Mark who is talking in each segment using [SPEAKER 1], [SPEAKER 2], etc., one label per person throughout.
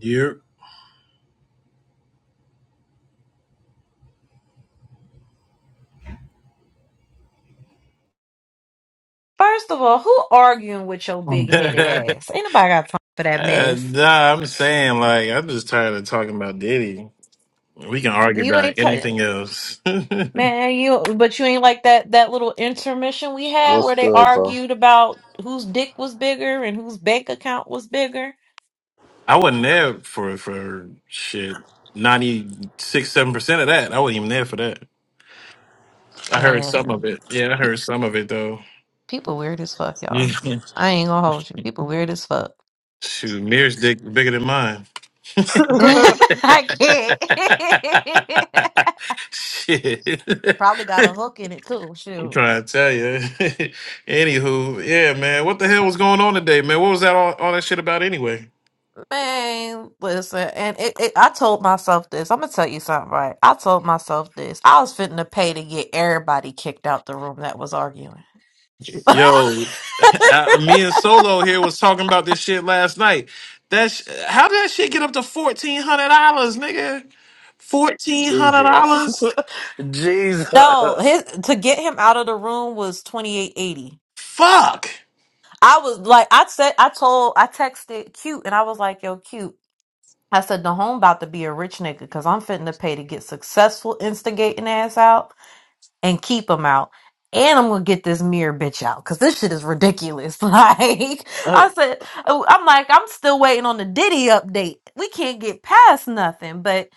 [SPEAKER 1] You're
[SPEAKER 2] First of all, who arguing with your big headed ass? Ain't nobody got time for that
[SPEAKER 1] Uh,
[SPEAKER 2] mess.
[SPEAKER 1] nah, I'm saying like I'm just tired of talking about Diddy. We can argue
[SPEAKER 2] You
[SPEAKER 1] about
[SPEAKER 2] ain't t-
[SPEAKER 1] anything else. I
[SPEAKER 2] man, you but you ain't like that that little intermission we had
[SPEAKER 3] What's
[SPEAKER 2] where they
[SPEAKER 3] good, bro?
[SPEAKER 2] argued about whose dick was bigger and whose bank account was bigger.
[SPEAKER 1] wasn't there for for shit. Ninety six, seven percent of that. I wasn't even there for that. I heard some of
[SPEAKER 2] Man,
[SPEAKER 1] it. Yeah, I
[SPEAKER 2] pe-
[SPEAKER 1] heard some of it though.
[SPEAKER 2] people weird as fuck, y'all. I ain't gonna hold you. People weird as fuck.
[SPEAKER 1] Shoot, Mir's dick bigger than mine.
[SPEAKER 2] I can't.
[SPEAKER 1] shit.
[SPEAKER 2] Probably got a hook in it too.
[SPEAKER 1] I'm
[SPEAKER 2] Shoot.
[SPEAKER 1] trying to tell you. Anywho, yeah, man, what the hell was going on today, man? What was that all, all that shit about anyway?
[SPEAKER 2] Man, listen, and it, it, I told myself this. I'm gonna tell you something, right? I told myself this. I was fitting to pay to get everybody kicked out the room that was arguing.
[SPEAKER 1] Yo, I, me and Solo here was talking about this shit last night. That sh- how did that shit get up to fourteen hundred dollars, nigga? Fourteen hundred
[SPEAKER 3] Jesus.
[SPEAKER 1] dollars?
[SPEAKER 2] no,
[SPEAKER 3] Jesus.
[SPEAKER 2] his to get him out of the room was twenty eight eighty.
[SPEAKER 1] Fuck.
[SPEAKER 2] I was like, I said, I told, I texted cute, and I was like, yo, cute. I said, the home about to be a rich nigga because I'm fitting to pay to get successful instigating ass out and keep them out. And I'm gonna get this mirror bitch out because this shit is ridiculous. Like I said, oh, I'm like I'm still waiting on the Diddy update. We can't get past nothing. But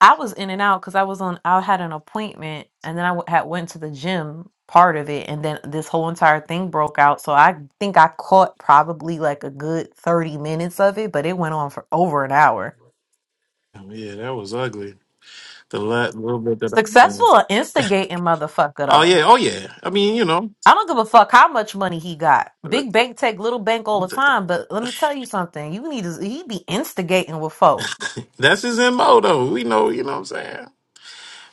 [SPEAKER 2] I was in and out because I was on. I had an appointment, and then I w- had went to the gym part of it, and then this whole entire thing broke out. So I think I caught probably like a good thirty minutes of it, but it went on for over an hour.
[SPEAKER 1] Oh, Yeah, that was ugly. The last little bit that I.
[SPEAKER 2] Successful at instigating motherfucker
[SPEAKER 1] Oh
[SPEAKER 2] though.
[SPEAKER 1] yeah, oh yeah. I mean, you know,
[SPEAKER 2] I don't give a fuck how much money he got. Big bank take little bank all the time, but let me tell you something. You need to he be instigating with folk.
[SPEAKER 1] that's his mo though. We know, you know what I'm saying.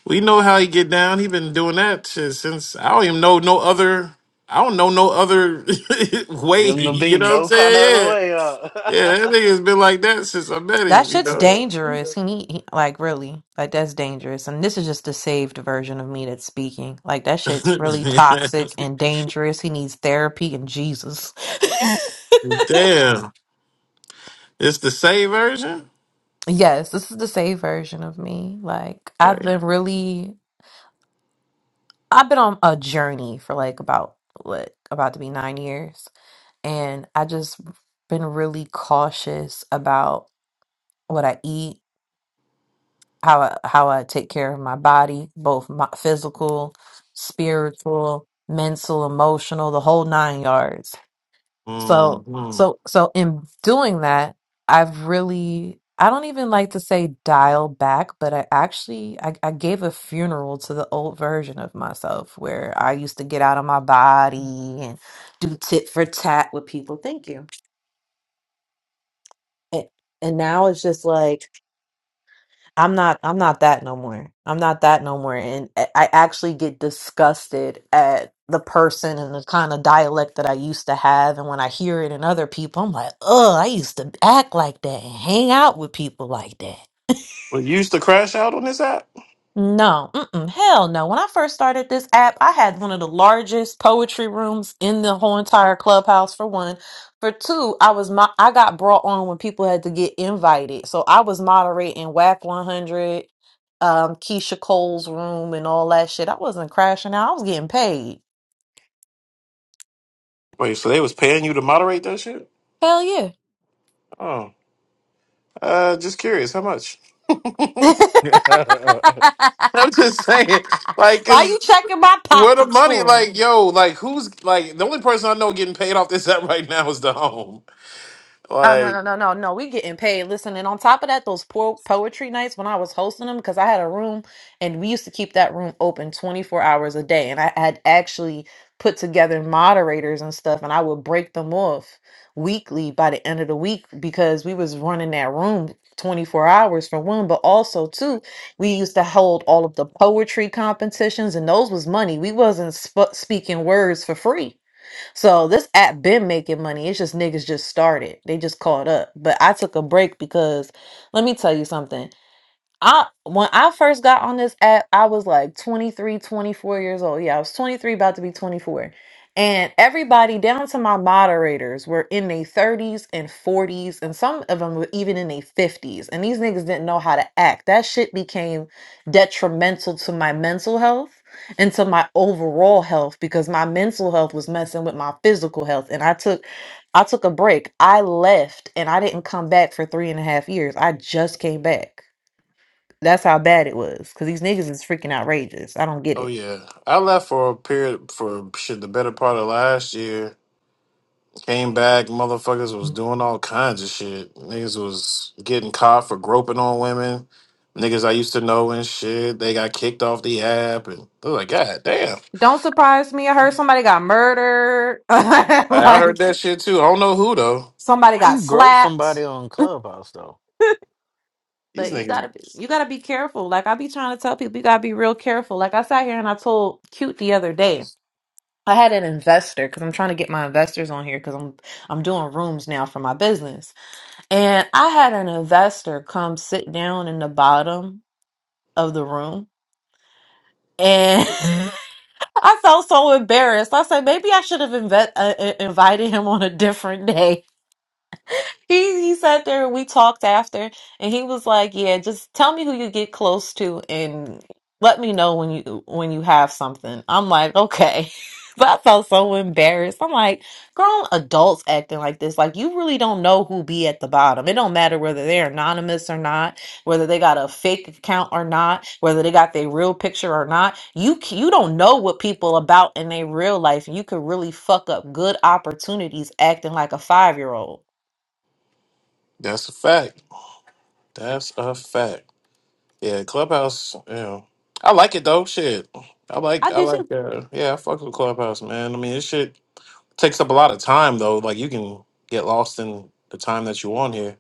[SPEAKER 1] We know how he get down. He been doing that shit since I don't even know no other. I don't know no other way.
[SPEAKER 3] Him to
[SPEAKER 1] You
[SPEAKER 3] be
[SPEAKER 1] know what I'm
[SPEAKER 3] no kind of other
[SPEAKER 1] saying?
[SPEAKER 3] way.
[SPEAKER 1] Yeah, yeah. That
[SPEAKER 3] huh?
[SPEAKER 1] nigga's been like that since I met
[SPEAKER 2] That
[SPEAKER 1] him. You
[SPEAKER 2] shit's
[SPEAKER 1] know.
[SPEAKER 2] dangerous. He need he, like really like that's dangerous. And this is just the saved version of me that's speaking. Like that shit's really toxic and dangerous. He needs therapy and Jesus.
[SPEAKER 1] Damn,
[SPEAKER 3] Uh.
[SPEAKER 1] it's the same version.
[SPEAKER 2] yes, this is the saved version of me. Like I've
[SPEAKER 1] Okay.
[SPEAKER 2] been really I've been on a journey for like about what about to be nine years, and I just been really cautious about what I eat, how I, how I take care of my body, both my physical, spiritual, mental, emotional, the whole nine yards.
[SPEAKER 1] hmm
[SPEAKER 2] So
[SPEAKER 1] Well,
[SPEAKER 2] so so in doing that, I've really I don't even like to say dial back, but I actually I, I gave a funeral to the old version of myself where I used to get out of my body and do tit for tat with people. Thank you. And, and now it's just like I'm not I'm not that no more. I'm not that no more and I I actually get disgusted at the person and the kind of dialect that I used to have and when I hear it in other people I'm like, "Oh, I used to act like that and hang out with people like that."
[SPEAKER 1] you used to crash out on this app.
[SPEAKER 2] No, mm-mm, hell no. When I first started this app, I had one of the largest poetry rooms in the whole entire clubhouse for one. For two, I was my I got brought on when people had to get invited. So I was moderating WAC 100, um, Keisha Cole's room and all that shit. I wasn't crashing out. I was getting paid.
[SPEAKER 1] Wait, so they was paying you to moderate that shit?
[SPEAKER 2] Hell yeah.
[SPEAKER 1] Oh, uh, just curious. How much? I'm just saying, like,
[SPEAKER 2] Why you
[SPEAKER 1] 'cause
[SPEAKER 2] checking my
[SPEAKER 1] Where the
[SPEAKER 2] pockets
[SPEAKER 1] money?
[SPEAKER 2] for?
[SPEAKER 1] Like, yo, like who's like the only person I know getting paid off this app right now is the home.
[SPEAKER 2] Oh no
[SPEAKER 1] Like,
[SPEAKER 2] no no no no! We getting paid. Listen, and on top of that, those po- poetry nights when I was hosting them, because I had a room, and we used to keep that room open twenty four hours a day, and I had actually put together moderators and stuff, and I would break them off weekly by the end of the week because we was running that room twenty four hours for one, but also too, we used to hold all of the poetry competitions, and those was money. We wasn't sp- speaking words for free so this app been making money. It's just niggas just started. They just caught up. But I took a break because let me tell you something. I when I first got on this app, I was like 23, 24 years old. Yeah, I was 23, about to be 24. And everybody down to my moderators were in their 30s and 40s, and some of them were even in their 50s. And these niggas didn't know how to act. That shit became detrimental to my mental health and to my overall health because my mental health was messing with my physical health. And I took I took a break. I left and I didn't come back for three and a half years. I just came back. That's how bad it was. Cause these niggas is freaking outrageous. I don't get
[SPEAKER 1] oh
[SPEAKER 2] it.
[SPEAKER 1] yeah, I left for a period for shit the better part of last year. Came back, motherfuckers was doing all kinds of shit. Niggas was getting caught for groping on women. Niggas I used to know and shit. They got kicked off the app, and I was like, God damn.
[SPEAKER 2] Don't surprise me. I heard somebody got murdered.
[SPEAKER 1] I, I heard
[SPEAKER 2] like
[SPEAKER 1] that shit too. I don't know who though.
[SPEAKER 2] somebody
[SPEAKER 3] How
[SPEAKER 2] got
[SPEAKER 3] you grope
[SPEAKER 2] slapped.
[SPEAKER 3] somebody on Clubhouse, though?
[SPEAKER 1] These
[SPEAKER 2] But you
[SPEAKER 1] niggas.
[SPEAKER 2] gotta be, you gotta be careful. Like I be trying to tell people, you gotta be real careful. Like I sat here and I told Cute the other day. I had an investor because I'm trying to get my investors on here because I'm I'm doing rooms now for my business. And I had an investor come sit down in the bottom of the room. and. I felt so embarrassed. I said maybe I should have inve- uh, uh, invited him on a different day. He he sat there, we talked after, and he was like, "Yeah, just tell me who you get close to and let me know when you when you have something." I'm like, "Okay." But I felt so embarrassed. I'm like, grown adults acting like this. Like you really don't know who be at the bottom. It don't matter whether they're anonymous or not, whether they got a fake account or not, whether they got their real picture or not. You c- you don't know what people about in their real life. You could really fuck up good opportunities acting like a five year old.
[SPEAKER 1] That's a fact. That's a fact. Yeah, Clubhouse. Yeah, I like it though. Shit, I like
[SPEAKER 2] I
[SPEAKER 1] I
[SPEAKER 2] did.
[SPEAKER 1] like. Uh, yeah, I fuck with Clubhouse, man. I mean, this shit takes up a lot of time though. Like you can get lost in the time that you on here.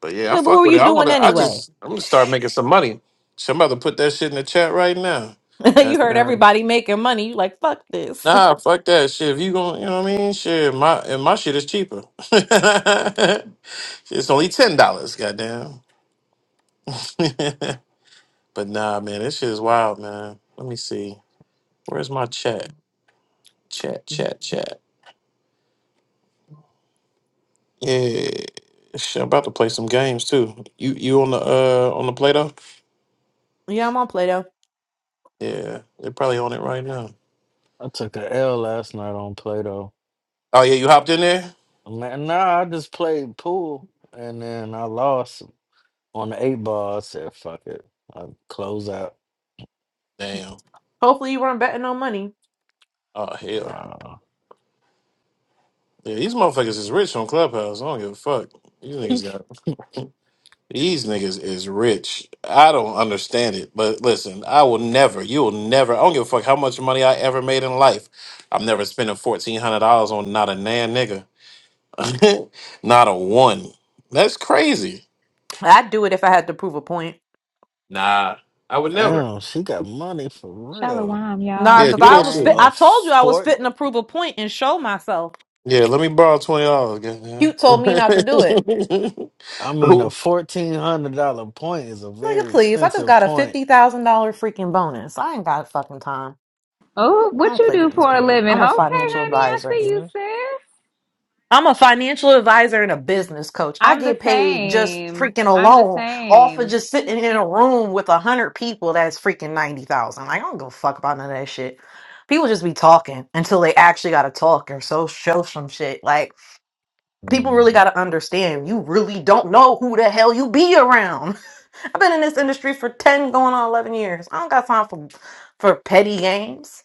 [SPEAKER 1] But yeah, I
[SPEAKER 2] But what
[SPEAKER 1] fuck
[SPEAKER 2] were
[SPEAKER 1] with it.
[SPEAKER 2] you
[SPEAKER 1] I
[SPEAKER 2] doing
[SPEAKER 1] wanna. I
[SPEAKER 2] anyway?
[SPEAKER 1] just I'm gonna start making some money. So I'm about to put that shit in the chat right now. Yeah,
[SPEAKER 2] you heard
[SPEAKER 1] yeah.
[SPEAKER 2] everybody making money. You like, fuck this.
[SPEAKER 1] Nah, fuck that shit. If you gonna, you know what I mean? Shit, my and my shit is cheaper. it's only ten dollars, goddamn. but nah, man, this shit is wild, man. Let me see. Where's my chat? Chat, chat, chat. Yeah. Shit, I'm about to play some games too. You you on the uh on the play doh?
[SPEAKER 2] yeah, I'm on Play Doh.
[SPEAKER 1] Yeah, they're probably on it right now.
[SPEAKER 3] I took a L last night on Play Doh.
[SPEAKER 1] Oh yeah, you hopped in there?
[SPEAKER 3] I'm like, nah, I just played pool and then I lost on the eight ball. I said, fuck it. I close out.
[SPEAKER 1] Damn.
[SPEAKER 2] Hopefully you weren't betting on money.
[SPEAKER 1] Oh hell. no.
[SPEAKER 3] Nah.
[SPEAKER 1] Yeah, these motherfuckers is rich on Clubhouse. I don't give a fuck. These niggas got these niggas is rich. I don't understand it. But listen, I will never, you will never I don't give a fuck how much money I ever made in life. I'm never spending fourteen hundred dollars on not a nan nigga. Not a one. That's crazy.
[SPEAKER 2] I'd do it if I had to prove a point.
[SPEAKER 1] Nah, I would never.
[SPEAKER 3] Damn, she got money for real.
[SPEAKER 4] Shalom, y'all.
[SPEAKER 2] Nah,
[SPEAKER 1] Yeah,
[SPEAKER 4] I'm
[SPEAKER 2] because
[SPEAKER 1] do
[SPEAKER 2] I
[SPEAKER 1] that
[SPEAKER 2] was
[SPEAKER 1] shit.
[SPEAKER 2] fit.
[SPEAKER 4] sorry.
[SPEAKER 2] I told you I was
[SPEAKER 3] A
[SPEAKER 2] fitting to prove a point and show myself.
[SPEAKER 1] Yeah, let me borrow twenty dollars. Goddamn.
[SPEAKER 2] Cute told me not to do it.
[SPEAKER 3] I mean, a fourteen hundred dollar point is a
[SPEAKER 2] Nigga,
[SPEAKER 3] very
[SPEAKER 2] please. I just
[SPEAKER 3] expensive
[SPEAKER 2] got a
[SPEAKER 3] point.
[SPEAKER 2] $50,000 freaking bonus. I ain't got fucking time.
[SPEAKER 4] Oh,
[SPEAKER 2] I
[SPEAKER 4] what
[SPEAKER 2] don't
[SPEAKER 4] you
[SPEAKER 2] play with
[SPEAKER 4] do
[SPEAKER 2] these
[SPEAKER 4] for a
[SPEAKER 2] people.
[SPEAKER 4] living? Okay,
[SPEAKER 2] I'm a
[SPEAKER 3] That's
[SPEAKER 2] financial
[SPEAKER 4] honey, I
[SPEAKER 2] advisor.
[SPEAKER 4] see you, sis.
[SPEAKER 2] I'm a financial advisor and a business coach. I
[SPEAKER 4] I'm the
[SPEAKER 2] get paid just
[SPEAKER 4] same.
[SPEAKER 2] freaking
[SPEAKER 4] I'm the
[SPEAKER 2] alone off of
[SPEAKER 4] same.
[SPEAKER 2] just sitting in a room with a hundred people. That's freaking ninety thousand. Like I don't give a fuck about none of that shit. People just be talking until they actually gotta talk or so show some shit. Like people really gotta understand. You really don't know who the hell you be around. I've been in this industry for ten, going on eleven years. I don't got time for for petty games.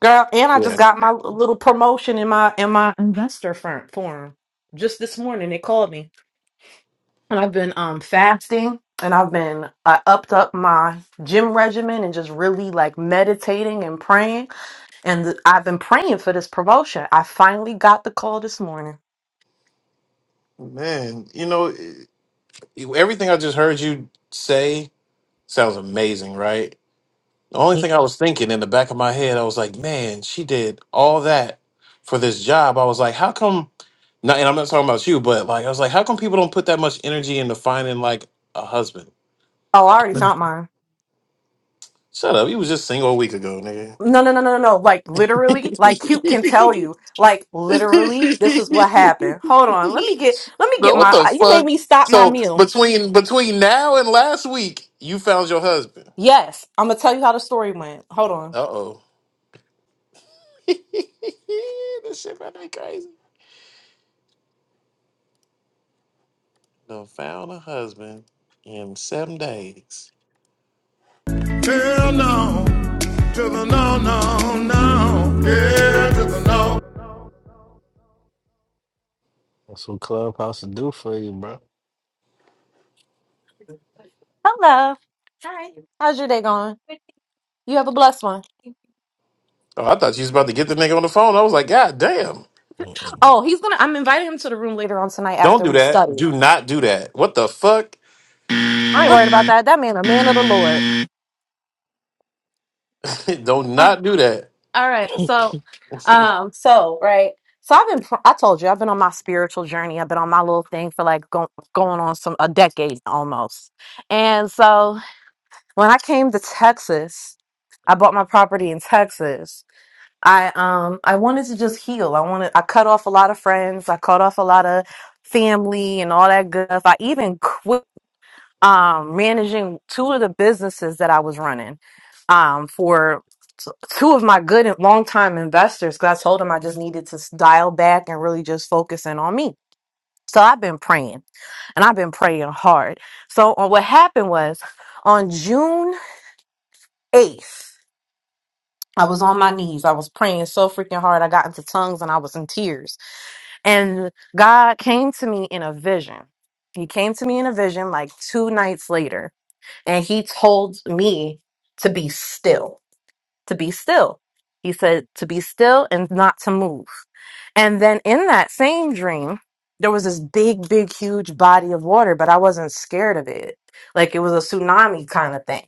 [SPEAKER 2] Girl, and I
[SPEAKER 1] yeah,
[SPEAKER 2] just got my little promotion in my in my investor firm forum just this morning. They called me, and I've been um fasting, and I've been I upped up my gym regimen and just really like meditating and praying. And th- I've been praying for this promotion. I finally got the call this morning.
[SPEAKER 1] man. You know, everything I just heard you say sounds amazing, right? The only thing I was thinking in the back of my head, I was like, man, she did all that for this job. I was like, how come? Not, and I'm not talking about you, but like, I was like, how come people don't put that much energy into finding like a husband?
[SPEAKER 2] Oh, I already found mine.
[SPEAKER 1] Shut up. You was just single a week ago, nigga.
[SPEAKER 2] No, no, no, no, no, no. Like literally, like Cute can tell you. Like literally, this is what happened. Hold on, let me get let me
[SPEAKER 1] no,
[SPEAKER 2] get
[SPEAKER 1] what
[SPEAKER 2] my.
[SPEAKER 1] the
[SPEAKER 2] You made
[SPEAKER 1] fuck?
[SPEAKER 2] me stop my
[SPEAKER 1] So
[SPEAKER 2] meal.
[SPEAKER 1] between between now and last week, you found your husband.
[SPEAKER 2] Yes, I'm gonna tell you how the story went. Hold on.
[SPEAKER 1] Uh oh. this shit about to be crazy. No, found a husband in seven days.
[SPEAKER 5] Hell no. To the no, no, no. Yeah, to the no.
[SPEAKER 3] what Clubhouse will do for you, bro.
[SPEAKER 2] Hello. Hi. How's your day going? You have a blessed one.
[SPEAKER 1] Oh, I thought you was about to get the nigga on the phone. I was like, God damn.
[SPEAKER 2] Oh, he's gonna. I'm inviting him to the room later on tonight
[SPEAKER 1] Don't
[SPEAKER 2] after
[SPEAKER 1] do
[SPEAKER 2] we
[SPEAKER 1] that.
[SPEAKER 2] study.
[SPEAKER 1] Do not do that. What the fuck?
[SPEAKER 2] I ain't
[SPEAKER 1] What?
[SPEAKER 2] worried about that. That man, a man of the Lord.
[SPEAKER 1] Don't
[SPEAKER 2] Uh,
[SPEAKER 1] not do that.
[SPEAKER 2] all right. So, um, so right. So I've been. pr- I told you I've been on my spiritual journey. I've been on my little thing for like go, going on some a decade almost. And so when I came to Texas, I bought my property in Texas I um I wanted to just heal. I wanted I cut off a lot of friends. I cut off a lot of family and all that good stuff. I even quit um managing two of the businesses that I was running um for t- two of my good and longtime investors because I told them I just needed to s- dial back and really just focus in on me. So I've been praying and I've been praying hard. So uh, what happened was on June 8th I was on my knees. I was praying so freaking hard. I got into tongues and I was in tears. And God came to me in a vision. He came to me in a vision like two nights later and he told me to be still to be still. He said to be still and not to move. And then in that same dream, there was this big, big, huge body of water, but I wasn't scared of it. Like it was a tsunami kind of thing.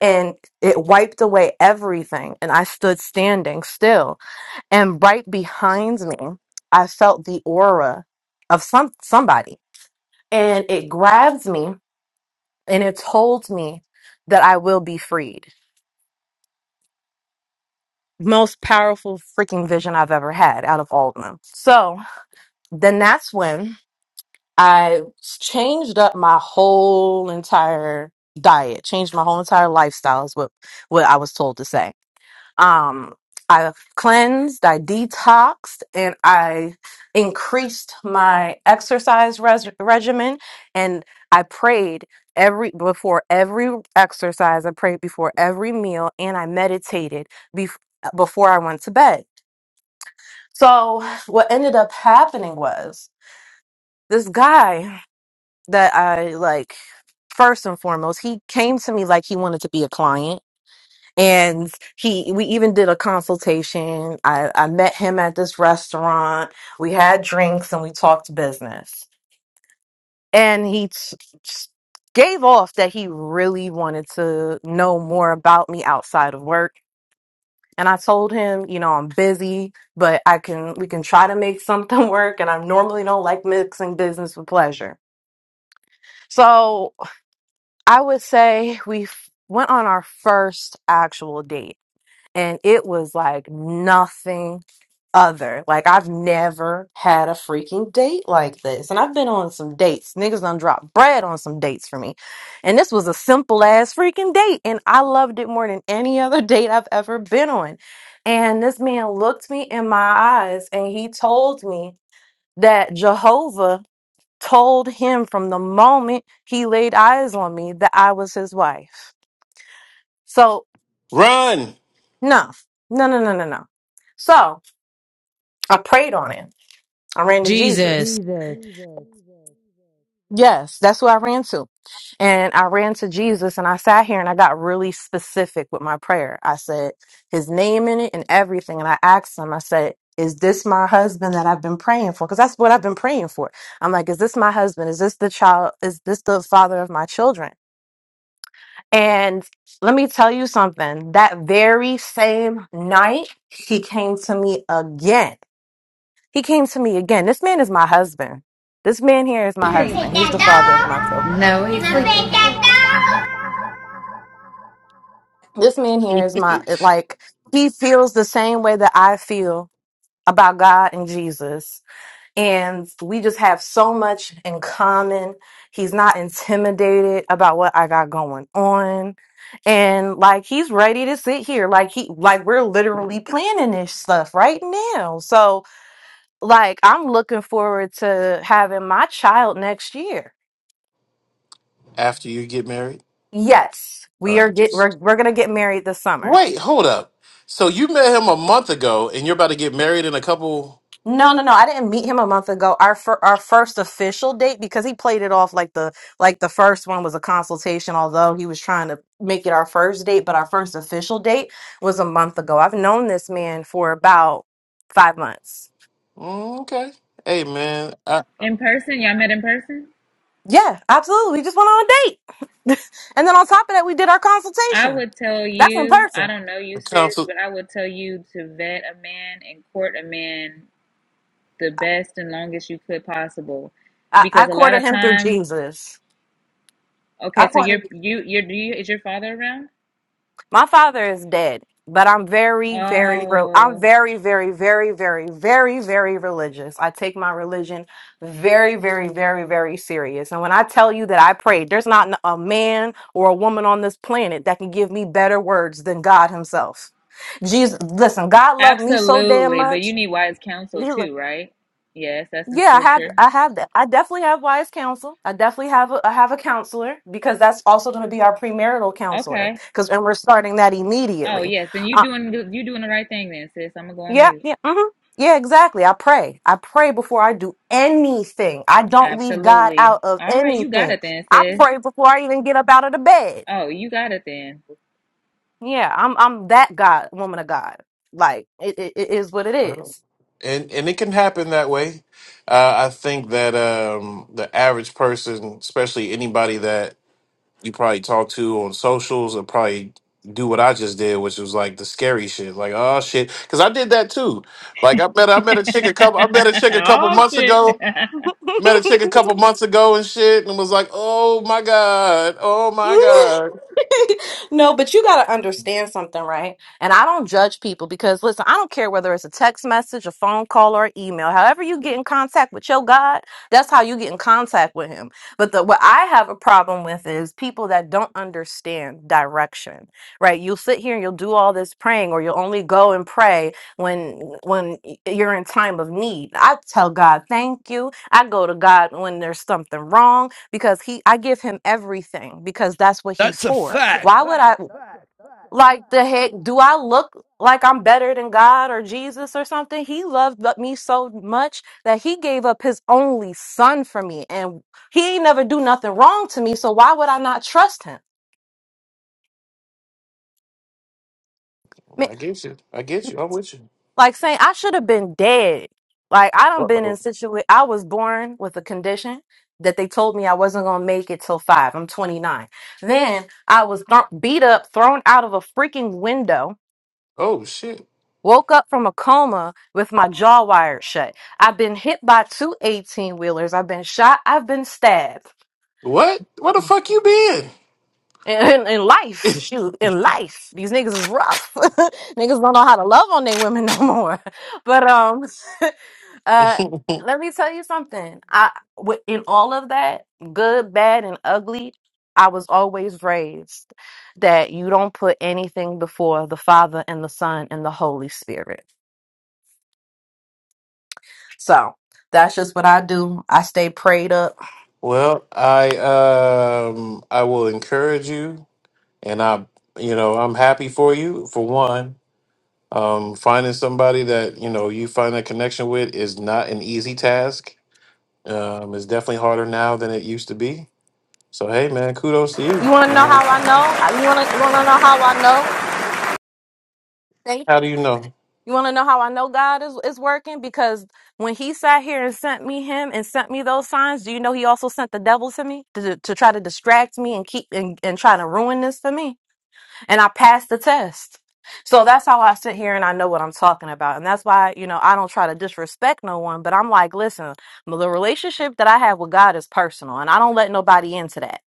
[SPEAKER 2] And it wiped away everything. And I stood standing still. And right behind me, I felt the aura of some somebody. And it grabbed me and it told me that I will be freed most powerful freaking vision I've ever had out of all of them. So then that's when I changed up my whole entire diet, changed my whole entire lifestyle is what, what I was told to say. Um, I cleansed, I detoxed, and I increased my exercise res- regimen. And I prayed every before every exercise. I prayed before every meal, and I meditated bef- before I went to bed. So what ended up happening was this guy that I like first and foremost, he came to me like he wanted to be a client. And he we even did a consultation. I, I met him at this restaurant. We had drinks and we talked business. And he t- t- gave off that he really wanted to know more about me outside of work And I told him, you know, I'm busy, but I can we can try to make something work and I normally don't like mixing business with pleasure. So, I would say we f- went on our first actual date and it was like nothing other. Like I've never had a freaking date like this. And I've been on some dates. Niggas done dropped bread on some dates for me. And this was a simple ass freaking date. And I loved it more than any other date I've ever been on. And this man looked me in my eyes and he told me that Jehovah told him from the moment he laid eyes on me that I was his wife. So
[SPEAKER 1] Run.
[SPEAKER 2] no, no, no, no, no, no. So I prayed on him. I ran to
[SPEAKER 5] Jesus.
[SPEAKER 2] Jesus.
[SPEAKER 5] Jesus.
[SPEAKER 2] Yes, that's who I ran to. And I ran to Jesus and I sat here and I got really specific with my prayer. I said his name in it and everything. And I asked him, I said, Is this my husband that I've been praying for? Because that's what I've been praying for. I'm like, Is this my husband? Is this the child? Is this the father of my children? And let me tell you something that very same night, he came to me again He came to me again. This man is my husband. This man here is my
[SPEAKER 5] Can I Pick
[SPEAKER 2] husband. He's
[SPEAKER 5] that
[SPEAKER 2] the father
[SPEAKER 5] dog.
[SPEAKER 2] of my children.
[SPEAKER 5] Can I pick that dog?
[SPEAKER 2] This man here is my, it- like, he feels the same way that I feel about God and Jesus. And we just have so much in common. He's not intimidated about what I got going on. And like, he's ready to sit here. Like, he, like, we're literally planning this stuff right now. So, like, I'm looking forward to having my child next year
[SPEAKER 1] after you get married?
[SPEAKER 2] Yes,
[SPEAKER 1] All
[SPEAKER 2] we are
[SPEAKER 1] right.
[SPEAKER 2] get
[SPEAKER 1] Just
[SPEAKER 2] we're we're gonna get married this summer.
[SPEAKER 1] wait. Hold up. So you met him a month ago, and you're about to get married in a couple.
[SPEAKER 2] No, no, no. I didn't meet him a month ago. Our fir- our first official date because he played it off like the like the first one was a consultation, although he was trying to make it our first date, but our first official date was a month ago. I've known this man for about five months.
[SPEAKER 1] Mm, okay. Hey, man. I,
[SPEAKER 4] In person, y'all met in person?
[SPEAKER 2] Yeah, absolutely. We just went on a date, and then on top of that, we did our
[SPEAKER 4] I
[SPEAKER 2] consultation.
[SPEAKER 4] would tell
[SPEAKER 2] That's in
[SPEAKER 4] you, I
[SPEAKER 2] person.
[SPEAKER 4] don't know you,
[SPEAKER 1] the
[SPEAKER 4] sis,
[SPEAKER 1] council.
[SPEAKER 4] but I would tell you to vet a man and court a man the
[SPEAKER 2] I,
[SPEAKER 4] best and longest you could possible,
[SPEAKER 2] I, I
[SPEAKER 4] because a lot
[SPEAKER 2] courted
[SPEAKER 4] of
[SPEAKER 2] him through
[SPEAKER 4] times,
[SPEAKER 2] Jesus. I
[SPEAKER 4] okay, so you're
[SPEAKER 2] courted.
[SPEAKER 4] you you're do you is your father around?
[SPEAKER 2] My father is dead, but I'm very, very, re- I'm
[SPEAKER 4] Oh.
[SPEAKER 2] very, very, very, very, very, very religious. I take my religion very, very, very, very serious. And when I tell you that I prayed, there's not n- a man or a woman on this planet that can give me better words than God Himself. Jesus, listen, God loved me so damn
[SPEAKER 4] Absolutely. But
[SPEAKER 2] much.
[SPEAKER 4] you need wise counsel
[SPEAKER 2] He lo-
[SPEAKER 4] too, right? Yes, that's in
[SPEAKER 2] yeah, I have,
[SPEAKER 4] scripture.
[SPEAKER 2] I have that. I definitely have wise counsel. I definitely have, a, I have a counselor because that's also going to be our premarital counselor
[SPEAKER 4] Okay.
[SPEAKER 2] because, and we're starting that
[SPEAKER 4] Oh
[SPEAKER 2] immediately
[SPEAKER 4] yes, then you doing good- you doing the right thing then, sis. I'm gonna go on
[SPEAKER 2] Yeah,
[SPEAKER 4] mute.
[SPEAKER 2] yeah, hmm yeah, exactly. I pray. I pray before I do anything. I don't leave God
[SPEAKER 4] Absolutely.
[SPEAKER 2] out of
[SPEAKER 4] All right, you got
[SPEAKER 2] anything.
[SPEAKER 4] it then,
[SPEAKER 2] I
[SPEAKER 4] sis.
[SPEAKER 2] pray before I even get up out of the bed.
[SPEAKER 4] Oh, you got it then.
[SPEAKER 2] Yeah, I'm I'm that God, woman of God. Like it, it, it is what it
[SPEAKER 1] Well,
[SPEAKER 2] is.
[SPEAKER 1] and and it can happen that way. Uh, I think that um, the average person, especially anybody that you probably talk to on socials, will probably do what I just did, which was like the scary shit. Like, oh shit, because I did that too. Like, I met I met a chick a couple I met a chick a couple
[SPEAKER 4] oh
[SPEAKER 1] months
[SPEAKER 4] shit.
[SPEAKER 1] ago. Met a chick a couple months ago and shit, and was like, "Oh my god, oh my god."
[SPEAKER 2] no, but you got to understand something, right? And I don't judge people because, listen, I don't care whether it's a text message, a phone call, or email. However, you get in contact with your God, that's how you get in contact with Him. But the, what I have a problem with is people that don't understand direction, right? You'll sit here and you'll do all this praying, or you'll only go and pray when when y- you're in time of need. I tell God, thank you. I go to God when there's something wrong because he I give him everything because that's what he's
[SPEAKER 5] It's a
[SPEAKER 2] for.
[SPEAKER 5] fact.
[SPEAKER 2] Why would I like the heck? Do I look like I'm better than God or Jesus or something? He loved bu- me so much that he gave up his only son for me, and he ain't never do nothing wrong to me. So why would I not trust him? I
[SPEAKER 1] I get you. I get you. I'm with you.
[SPEAKER 2] Like saying I should have been dead. Like I
[SPEAKER 1] Uh
[SPEAKER 2] done been in
[SPEAKER 1] oh.
[SPEAKER 2] situa. I was born with a condition that they told me I wasn't gonna make it till five. I'm 29. Then I was thro- beat up, thrown out of a freaking window
[SPEAKER 1] Oh shit.
[SPEAKER 2] Woke up from a coma with my jaw wired shut. I've been hit by two eighteen wheelers. I've been shot. I've been stabbed.
[SPEAKER 1] What? Where the fuck you been?
[SPEAKER 2] In, in, in life, shoot, in life, these niggas is rough. niggas don't know how to love on their women no more. But um, uh, let me tell you something. I wi- in all of that, good, bad, and ugly, I was always raised that you don't put anything before the Father and the Son and the Holy Spirit. So that's just what I do. I stay prayed up.
[SPEAKER 1] Well, I um I will encourage you and I you know, I'm happy for you for one. Um finding somebody that, you know, you find a connection with is not an easy task. Um it's definitely harder now than it used to be. So hey man, kudos to
[SPEAKER 2] You
[SPEAKER 1] you.
[SPEAKER 2] want to
[SPEAKER 1] You know
[SPEAKER 2] know
[SPEAKER 1] what I'm
[SPEAKER 2] how I
[SPEAKER 1] saying?
[SPEAKER 2] know? I- You want to you want to know how I know? Thank
[SPEAKER 1] How do you know?
[SPEAKER 2] you. want to know how I know God is is working because when He sat here and sent me Him and sent me those signs, do you know He also sent the devil to me to, to try to distract me and keep and, and try to ruin this for me? And I passed the test. So that's how I sit here and I know what I'm talking about. And that's why, you know, I don't try to disrespect no one, but I'm like, listen, the relationship that I have with God is personal and I don't let nobody into that.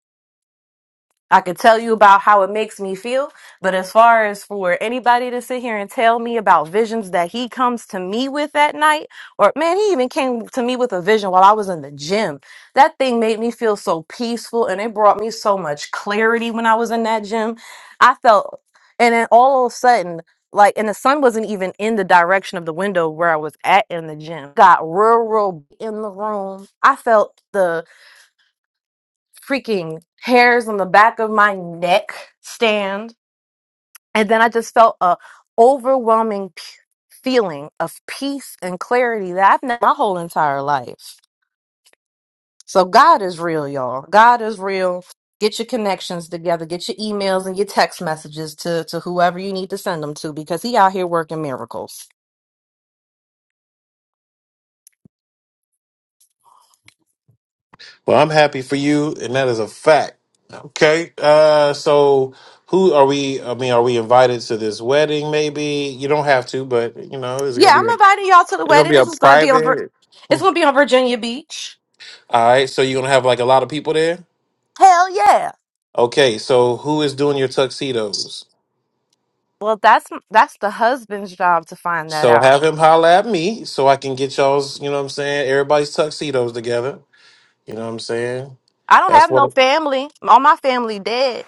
[SPEAKER 2] I could tell you about how it makes me feel, but as far as for anybody to sit here and tell me about visions that he comes to me with at night, or man, he even came to me with a vision while I was in the gym. That thing made me feel so peaceful and it brought me so much clarity when I was in that gym. I felt, and then all of a sudden, like, and the sun wasn't even in the direction of the window where I was at in the gym. Got real, real in the room. I felt the freaking hairs on the back of my neck stand. And then I just felt a overwhelming p- feeling of peace and clarity that I've known my whole entire life. So God is real, y'all. God is real. Get your connections together. Get your emails and your text messages to, to whoever you need to send them to because he out here working miracles.
[SPEAKER 1] Well, I'm happy for you, and that is a fact. Okay. Uh, so who are we? I mean, are we invited to this wedding? Maybe you don't have to, but you know, it's
[SPEAKER 2] Yeah,
[SPEAKER 1] gonna
[SPEAKER 2] I'm
[SPEAKER 1] be a
[SPEAKER 2] inviting y'all to the
[SPEAKER 1] it's gonna
[SPEAKER 2] wedding.
[SPEAKER 1] be
[SPEAKER 2] It's
[SPEAKER 1] a
[SPEAKER 2] just gonna be on Vir-
[SPEAKER 1] private.
[SPEAKER 2] it's
[SPEAKER 1] All
[SPEAKER 2] gonna be on Virginia Beach.
[SPEAKER 1] right. So you're gonna have like a lot of people there.
[SPEAKER 2] Hell yeah.
[SPEAKER 1] Okay. So who is doing your tuxedos?
[SPEAKER 2] Well, that's that's the husband's job to find that
[SPEAKER 1] So
[SPEAKER 2] out.
[SPEAKER 1] have him holla at me so I can get y'all's. You know what I'm saying? Everybody's tuxedos together. You know what I'm saying?
[SPEAKER 2] I don't
[SPEAKER 1] That's
[SPEAKER 2] have no
[SPEAKER 1] what.
[SPEAKER 2] family. All my family dead.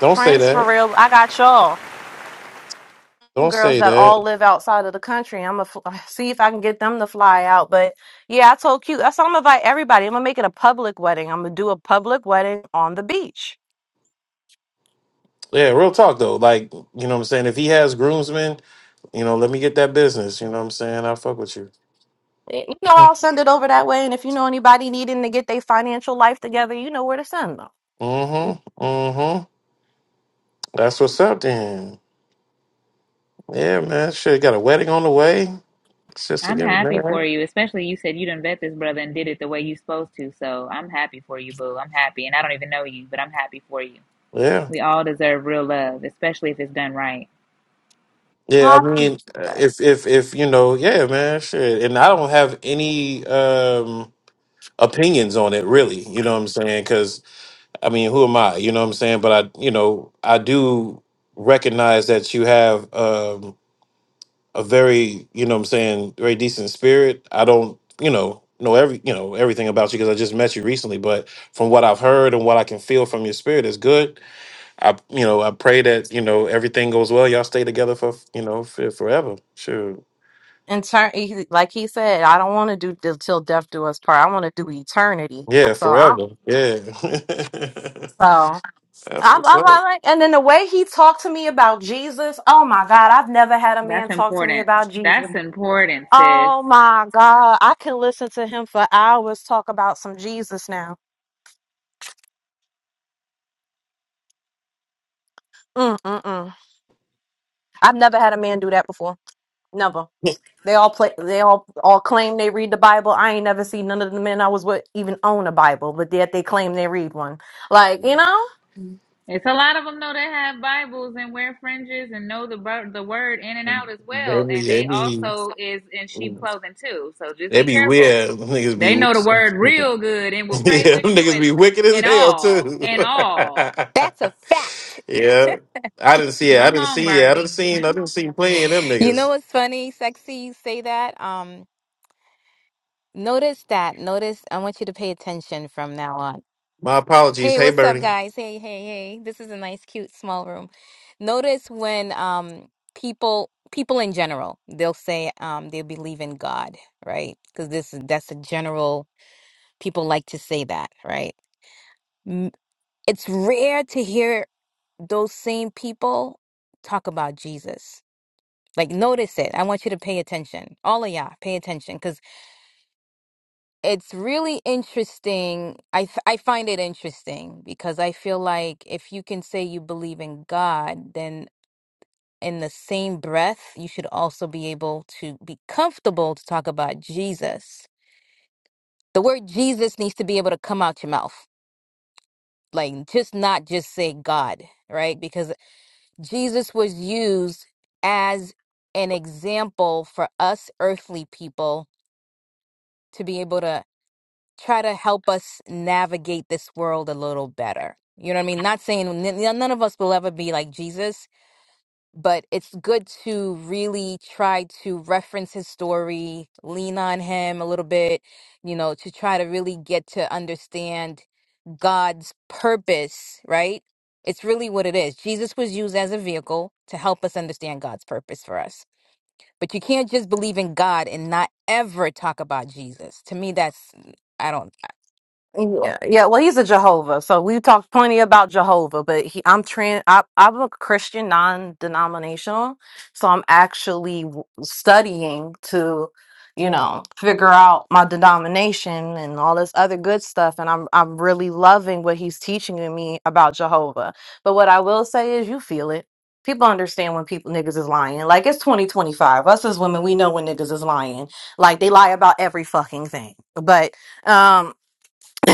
[SPEAKER 1] Don't say
[SPEAKER 2] Friends for
[SPEAKER 1] that.
[SPEAKER 2] real. I got y'all. Some
[SPEAKER 1] Don't
[SPEAKER 2] girls
[SPEAKER 1] say
[SPEAKER 2] that all
[SPEAKER 1] that.
[SPEAKER 2] live outside of the country. I'm gonna f- see if I can get them to fly out. But yeah, I told Q. That's how I'm gonna invite everybody. I'm gonna make it a public wedding. I'm gonna do a public wedding on the beach.
[SPEAKER 1] Yeah, real talk though. Like, you know what I'm saying? If he has groomsmen You know, let me get that business. You know what I'm saying? I fuck with you.
[SPEAKER 2] Eh, You know, I'll send it over that way. And if you know anybody needing to get their financial life together, you know where to send them. Well,
[SPEAKER 1] Mm-hmm. Mm-hmm. That's what's up then. Yeah, man. Shit, got a wedding on the way. Sister
[SPEAKER 4] I'm
[SPEAKER 1] getting
[SPEAKER 4] happy for
[SPEAKER 1] married.
[SPEAKER 4] you, especially you said you didn't vet this brother and did it the way you supposed to. So I'm happy for you, boo. I'm happy, and I don't even know you, but I'm happy for you.
[SPEAKER 1] Yeah.
[SPEAKER 4] We all deserve real love, especially if it's done right.
[SPEAKER 1] Yeah, I
[SPEAKER 2] I
[SPEAKER 1] mean,
[SPEAKER 2] appreciate
[SPEAKER 1] uh,
[SPEAKER 2] that.
[SPEAKER 1] if if if you know, yeah, man, shit. And I don't have any um opinions on it really, you know what I'm saying? Cuz I mean, who am I? You know what I'm saying? But I, you know, I do recognize that you have um a very, you know what I'm saying, very decent spirit. I don't, you know, know every, you know, everything about you because I just met you recently, but from what I've heard and what I can feel from your spirit is good. I, you know, I pray that, you know, everything goes well. Y'all stay together for, you know, for forever. Sure.
[SPEAKER 2] In turn, he- like he said, I don't want to do till till death do us part. I want to do eternity.
[SPEAKER 1] Yeah,
[SPEAKER 2] So I'm
[SPEAKER 1] forever. Yeah.
[SPEAKER 2] so.
[SPEAKER 1] That's
[SPEAKER 2] I'm,
[SPEAKER 1] what's
[SPEAKER 2] I'm,
[SPEAKER 1] up.
[SPEAKER 2] I'm like, and then the way he talked to me about Jesus, oh my God, I've never had a
[SPEAKER 4] That's
[SPEAKER 2] man talk to me
[SPEAKER 4] important.
[SPEAKER 2] about Jesus.
[SPEAKER 4] That's important, sis.
[SPEAKER 2] Oh my God, I can listen to him for hours talk about some Jesus now. Mm-mm-mm. I've never had a man do that before. Never. They all play. They all all claim they read the Bible. I ain't never seen none of the men I was with even own a Bible, but yet they claim they read one. Like you know.
[SPEAKER 4] It's a lot of them know that have Bibles and wear fringes and know the bu- the word in and out as well,
[SPEAKER 1] Maybe,
[SPEAKER 4] and they
[SPEAKER 1] maybe,
[SPEAKER 4] also is in sheep clothing too. So just be
[SPEAKER 1] maybe
[SPEAKER 4] careful.
[SPEAKER 1] weird. Niggas be.
[SPEAKER 4] They know the word real good and will pray
[SPEAKER 1] Yeah,
[SPEAKER 4] with
[SPEAKER 1] them
[SPEAKER 4] you
[SPEAKER 1] niggas
[SPEAKER 4] and
[SPEAKER 1] be wicked as
[SPEAKER 4] and
[SPEAKER 1] hell
[SPEAKER 4] all
[SPEAKER 1] too.
[SPEAKER 4] and all.
[SPEAKER 6] That's a fact.
[SPEAKER 1] yeah, I didn't see it. I
[SPEAKER 4] Come
[SPEAKER 1] didn't
[SPEAKER 4] on,
[SPEAKER 1] see it. I didn't
[SPEAKER 4] Bernie.
[SPEAKER 1] see. I didn't see plenty of them
[SPEAKER 6] You know
[SPEAKER 1] niggas.
[SPEAKER 6] what's funny, sexy? You say that. Um, notice that. Notice. I want you to pay attention from now on.
[SPEAKER 1] My apologies.
[SPEAKER 6] Hey,
[SPEAKER 1] Hey,
[SPEAKER 6] what's up,
[SPEAKER 1] Bernie.
[SPEAKER 6] guys? Hey, hey, hey. This is a nice, cute, small room. Notice when um people people in general they'll say um they believe in God, right? Because this is that's a general. People like to say that, right? M- It's rare to hear those same people talk about Jesus Like, notice it. I want you to pay attention. All of y'all, pay attention because it's really interesting. I, f- I find it interesting because I feel like if you can say you believe in God, then in the same breath, you should also be able to be comfortable to talk about Jesus. The word Jesus needs to be able to come out your mouth. Like, just not just say God, right? Because Jesus was used as an example for us earthly people to be able to try to help us navigate this world a little better. You know what I mean? Not saying n- none of us will ever be like Jesus, but it's good to really try to reference his story, lean on him a little bit, you know, to try to really get to understand God's purpose, right? It's really what it is. Jesus was used as a vehicle to help us understand God's purpose for us. But you can't just believe in God and not ever talk about Jesus. To me, that's I don't.
[SPEAKER 2] Yeah, yeah. Well, he's a Jehovah, so we've talked plenty about Jehovah. But he, I'm trans. I, I'm a Christian, non-denominational, so I'm actually w- studying to, you know, figure out my denomination and all this other good stuff. And I'm I'm really loving what he's teaching me about Jehovah. But what I will say is, you feel it. People understand when people niggas is lying. Like it's 2025. Us as women, we know when niggas is lying. Like they lie about every fucking thing. But um.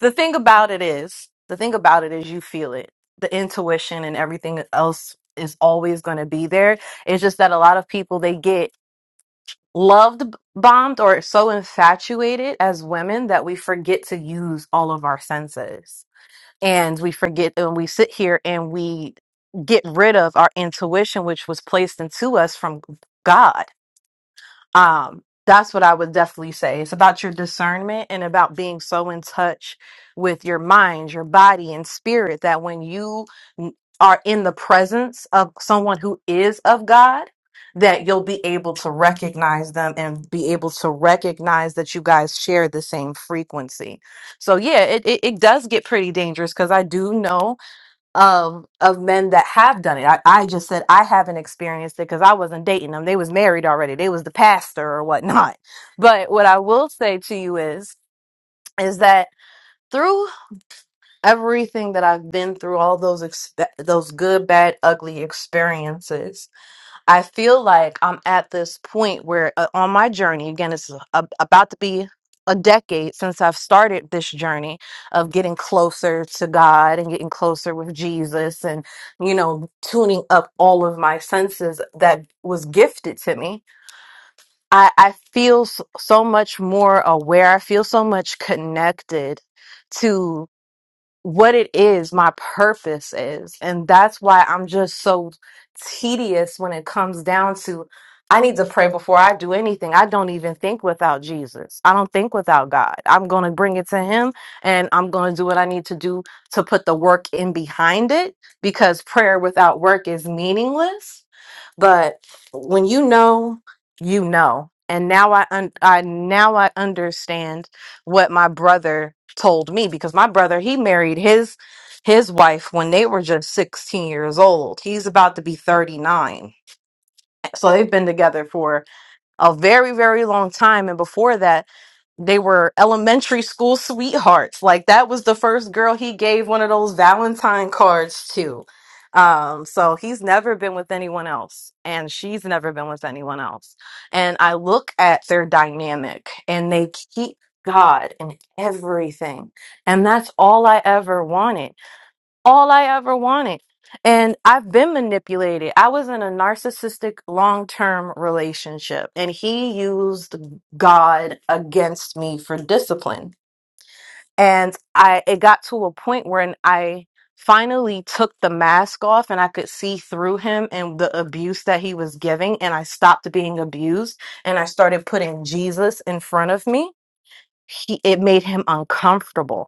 [SPEAKER 2] the thing about it is, the thing about it is you feel it. The intuition and everything else is always going to be there. It's just that a lot of people they get loved bombed or so infatuated as women that we forget to use all of our senses. And we forget and we sit here and we get rid of our intuition which was placed into us from God. Um, that's what I would definitely say. It's about your discernment and about being so in touch with your mind, your body, and spirit that when you n- are in the presence of someone who is of God, that you'll be able to recognize them and be able to recognize that you guys share the same frequency. So yeah, it it, it does get pretty dangerous because I do know of of men that have done it. I, I just said I haven't experienced it because I wasn't dating them. They was married already. They was the pastor or whatnot. But what I will say to you is is that through everything that I've been through, all those expe- those good, bad, ugly experiences, I feel like I'm at this point where, uh, on my journey, again, it's a, about to be a decade since I've started this journey of getting closer to God and getting closer with Jesus and, you know, tuning up all of my senses that was gifted to me. I, I feel s- so much more aware. I feel so much connected what it is my purpose is and that's why i'm just so tedious when it comes down to i need to pray before i do anything i don't even think without jesus i don't think without god i'm going to bring it to him and i'm going to do what i need to do to put the work in behind it because prayer without work is meaningless but when you know you know and now i un- i now i understand what my brother told me because my brother he married his his wife when they were just 16 years old. He's about to be 39. So they've been together for a very, very long time. And before that, they were elementary school sweethearts. Like that was the first girl he gave one of those Valentine cards to. Um, so he's never been with anyone else, and she's never been with anyone else. And I look at their dynamic, and they keep God in everything. And that's all I ever wanted all I ever wanted. And I've been manipulated. I was in a narcissistic long term relationship, and he used God against me for discipline. And I it got to a point when I finally took the mask off and I could see through him and the abuse that he was giving and I stopped being abused and I started putting Jesus in front of me. He it made him uncomfortable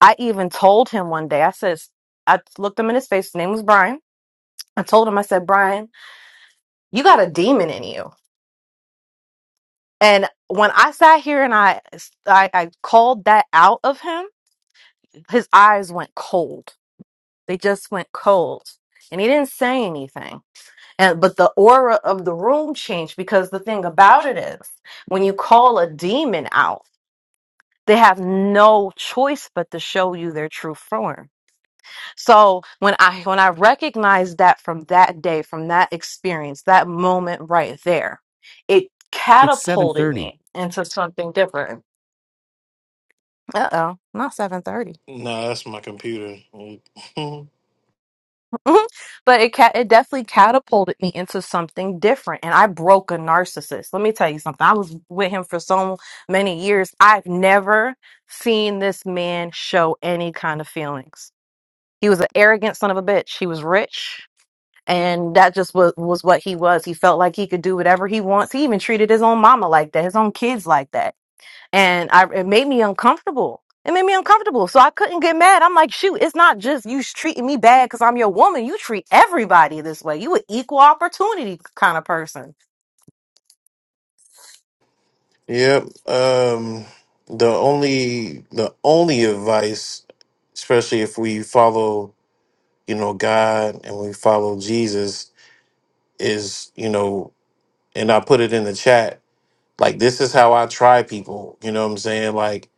[SPEAKER 2] I even told him one day, I said, I looked him in his face. His name was Brian. I told him, I said, Brian, you got a demon in you. And when I sat here and I, I, I called that out of him, his eyes went cold. They just went cold. And he didn't say anything. And, but the aura of the room changed because the thing about it is when you call a demon out, they have no choice but to show you their true form So when I when I recognized that from that day, from that experience, that moment right there, it catapulted me into something different. Uh oh, not seven thirty,
[SPEAKER 1] Nah, that's my computer.
[SPEAKER 2] but it ca- it definitely catapulted me into something different, and I broke a narcissist. Let me tell you something. I was with him for so many years. I've never seen this man show any kind of feelings. He was an arrogant son of a bitch. He was rich. and that just was, was what he was. He felt like he could do whatever he wants. He even treated his own mama like that, his own kids like that, and I it made me uncomfortable. It made me uncomfortable, so I couldn't get mad. I'm like, shoot, it's not just you treating me bad because I'm your woman. You treat everybody this way. You an equal opportunity kind of person.
[SPEAKER 1] Yep. Um, the only the only advice, especially if we follow, you know, God and we follow Jesus, is you know, and I put it in the chat. Like this is how I try people. You know what I'm saying? Like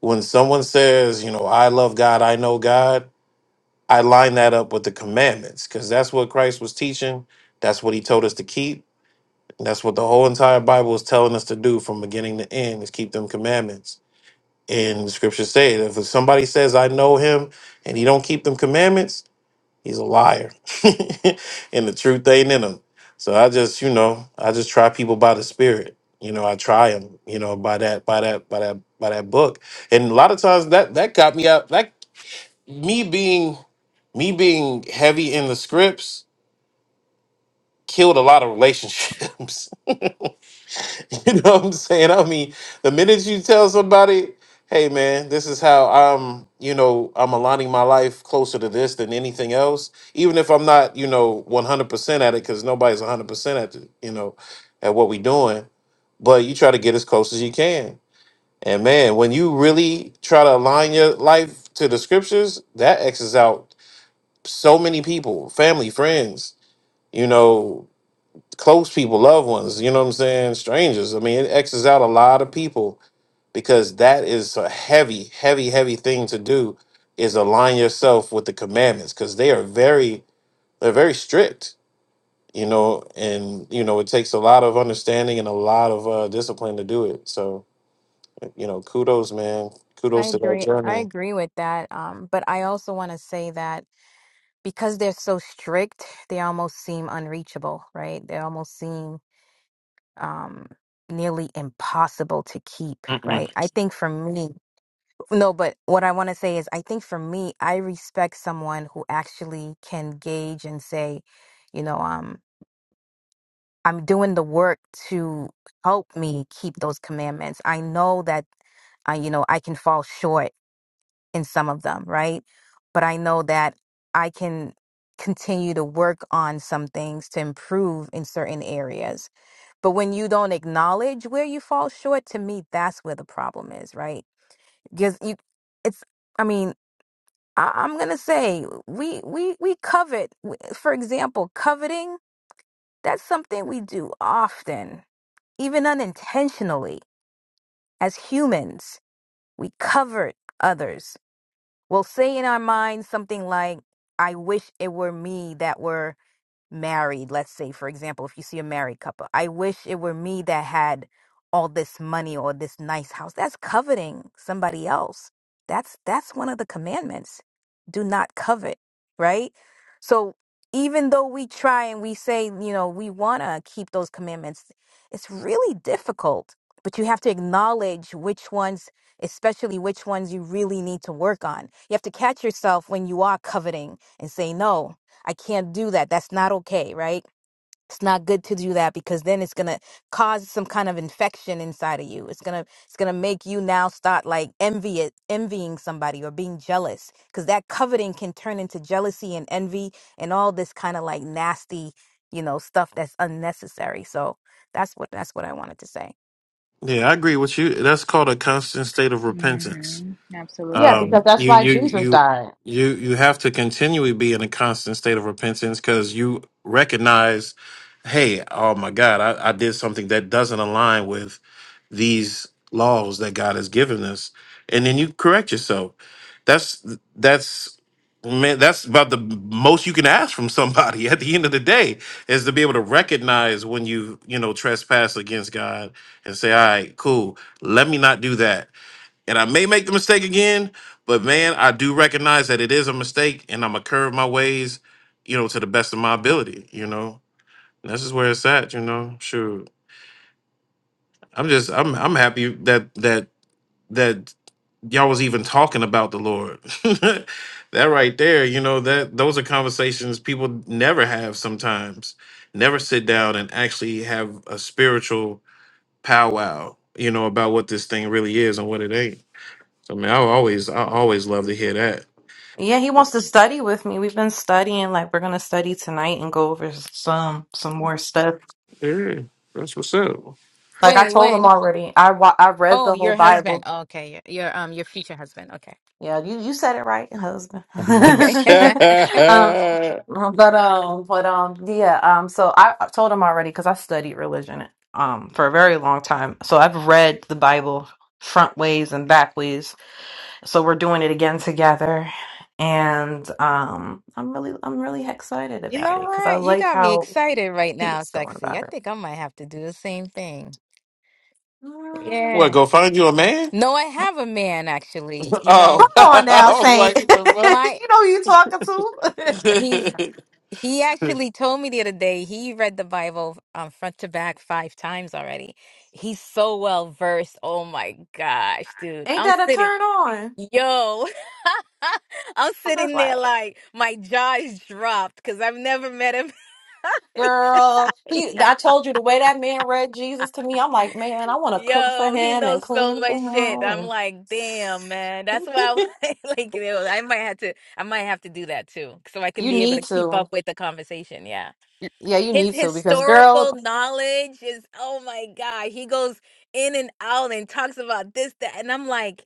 [SPEAKER 1] when someone says, you know, I love God, I know God, I line that up with the commandments because that's what Christ was teaching. That's what he told us to keep. And that's what the whole entire Bible is telling us to do from beginning to end is keep them commandments. And the scriptures say that if somebody says, I know him and he don't keep them commandments, He's a liar. and the truth ain't in him. So I just, you know, I just try people by the spirit. You know, I try them, you know, by that, by that, by that, by that book. And a lot of times that that got me out that me being me being heavy in the scripts killed a lot of relationships. You know what I'm saying? I mean, the minute you tell somebody, hey man, this is how I'm, you know, I'm aligning my life closer to this than anything else, even if I'm not, you know, 100% at it cuz nobody's 100% at the, you know, at what we doing, but you try to get as close as you can. And man, when you really try to align your life to the scriptures, that X's out so many people, family, friends, you know, close people, loved ones, you know what I'm saying? Strangers. I mean, it X's out a lot of people because that is a heavy, heavy, heavy thing to do is align yourself with the commandments because they are very, they're very strict, you know, and, you know, it takes a lot of understanding and a lot of uh, discipline to do it. So, you know, kudos, man.
[SPEAKER 6] I
[SPEAKER 1] Kudos to that
[SPEAKER 6] agree. I
[SPEAKER 1] journey.
[SPEAKER 6] agree with that. Um, but I also want to say that because they're so strict, they almost seem unreachable, right? They almost seem um, nearly impossible to keep,
[SPEAKER 1] Mm.
[SPEAKER 6] right? I think for me, no, but what I want to say is I think for me, I respect someone who actually can gauge and say, you know, um, I'm doing the work to help me keep those commandments. I know that I, you know, I can fall short in some of them, right? But I know that I can continue to work on some things to improve in certain areas. But when you don't acknowledge where you fall short, to me, that's where the problem is, right? Because you, it's, I mean, I, I'm gonna say we we we covet. For example, coveting that's something we do often, even unintentionally, as humans. We covet others We'll say in our minds something like, I wish it were me that were married, let's say, for example, if you see a married couple, I wish it were me that had all this money or this nice house. That's coveting somebody else. That's that's one of the commandments. Do not covet, right? So even though we try and we say, you know, we want to keep those commandments, it's really difficult. But you have to acknowledge which ones, especially which ones you really need to work on. You have to catch yourself when you are coveting and say, no, I can't do that. That's not okay, right? It's not good to do that because then it's gonna cause some kind of infection inside of you. It's gonna it's gonna make you now start like envy it, envying somebody or being jealous because that coveting can turn into jealousy and envy and all this kind of like nasty, you know, stuff that's unnecessary. So that's what that's what I wanted to say.
[SPEAKER 1] Yeah, I agree with you. That's called a constant state of repentance
[SPEAKER 4] hmm
[SPEAKER 2] Yeah,
[SPEAKER 4] Absolutely.
[SPEAKER 2] because
[SPEAKER 1] um,
[SPEAKER 2] that's
[SPEAKER 1] you
[SPEAKER 2] why
[SPEAKER 1] you
[SPEAKER 2] Jesus
[SPEAKER 1] you
[SPEAKER 2] died.
[SPEAKER 1] you you have to continually be in a constant state of repentance because you recognize, hey, oh my God, I, I did something that doesn't align with these laws that God has given us, and then you correct yourself. That's that's man, that's about the most you can ask from somebody at the end of the day is to be able to recognize when you you know trespass against God and say, all right, cool, let me not do that and I may make the mistake again, but man, I do recognize that it is a mistake, and I'm gonna curve my ways, you know, to the best of my ability. You know, and this is where it's at. You know, sure. I'm just, I'm, I'm happy that that that y'all was even talking about the Lord. that right there, you know, that those are conversations people never have sometimes. Never sit down and actually have a spiritual powwow, you know, about what this thing really is and what it ain't. So, I mean, I always, I always love to hear that.
[SPEAKER 2] Yeah, he wants to study with me. We've been studying, like we're gonna study tonight and go over some some more stuff.
[SPEAKER 1] Yeah, that's what's up.
[SPEAKER 2] Like I
[SPEAKER 6] Wait,
[SPEAKER 2] told him
[SPEAKER 6] when?
[SPEAKER 2] already, I wa- I read
[SPEAKER 6] Oh,
[SPEAKER 2] the whole
[SPEAKER 6] your
[SPEAKER 2] Bible
[SPEAKER 6] husband. Oh, okay, your, your um your future husband. Okay,
[SPEAKER 2] Yeah, you, you said it right, husband.
[SPEAKER 1] what?
[SPEAKER 6] okay.
[SPEAKER 2] um, but um, but um, yeah. Um, so I, I told him already because I studied religion um for a very long time. So I've read the Bible front ways and back ways. So we're doing it again together, and um, I'm really I'm really excited
[SPEAKER 6] You
[SPEAKER 2] about
[SPEAKER 6] know
[SPEAKER 2] it because I
[SPEAKER 6] what? You
[SPEAKER 2] like
[SPEAKER 6] got me
[SPEAKER 2] how
[SPEAKER 6] excited right now,
[SPEAKER 2] he's going
[SPEAKER 6] sexy. I
[SPEAKER 2] about it.
[SPEAKER 6] think I might have to do the same thing.
[SPEAKER 2] Mm,
[SPEAKER 6] Yeah.
[SPEAKER 1] Go find you a man?
[SPEAKER 6] No, I have a man actually. You know,
[SPEAKER 1] Oh,
[SPEAKER 2] Come on now,
[SPEAKER 1] I was
[SPEAKER 2] Saint.
[SPEAKER 1] like, what
[SPEAKER 6] my
[SPEAKER 2] you know who you talking to.
[SPEAKER 6] he's
[SPEAKER 1] the
[SPEAKER 6] he
[SPEAKER 1] fuck?
[SPEAKER 6] actually told me the other day he read the Bible um front to back five times already. He's so well versed. Oh my gosh, dude.
[SPEAKER 2] Ain't
[SPEAKER 6] I'm
[SPEAKER 2] that a
[SPEAKER 6] sitting,
[SPEAKER 2] turn on?
[SPEAKER 6] yo. I'm
[SPEAKER 2] I'm just
[SPEAKER 6] sitting there
[SPEAKER 2] like.
[SPEAKER 6] like my jaw's dropped because I've never met him.
[SPEAKER 2] Girl, he, I told you the way that man read Jesus to me, I'm like, man, I want to cook for
[SPEAKER 6] Yo, he
[SPEAKER 2] him and
[SPEAKER 6] knows so
[SPEAKER 2] clean for
[SPEAKER 6] much shit. I'm
[SPEAKER 2] him.
[SPEAKER 6] like, damn, man. That's why I was
[SPEAKER 2] And
[SPEAKER 6] like, you know, I might have to, I might have to do that too, so I can
[SPEAKER 2] you
[SPEAKER 6] be able to
[SPEAKER 2] need
[SPEAKER 6] keep
[SPEAKER 2] to.
[SPEAKER 6] up with the conversation. Yeah,
[SPEAKER 2] Yeah, you
[SPEAKER 6] his
[SPEAKER 2] need to because
[SPEAKER 6] historical
[SPEAKER 2] girl,
[SPEAKER 6] knowledge is, oh my god, he goes in and out and talks about this, that, and I'm like,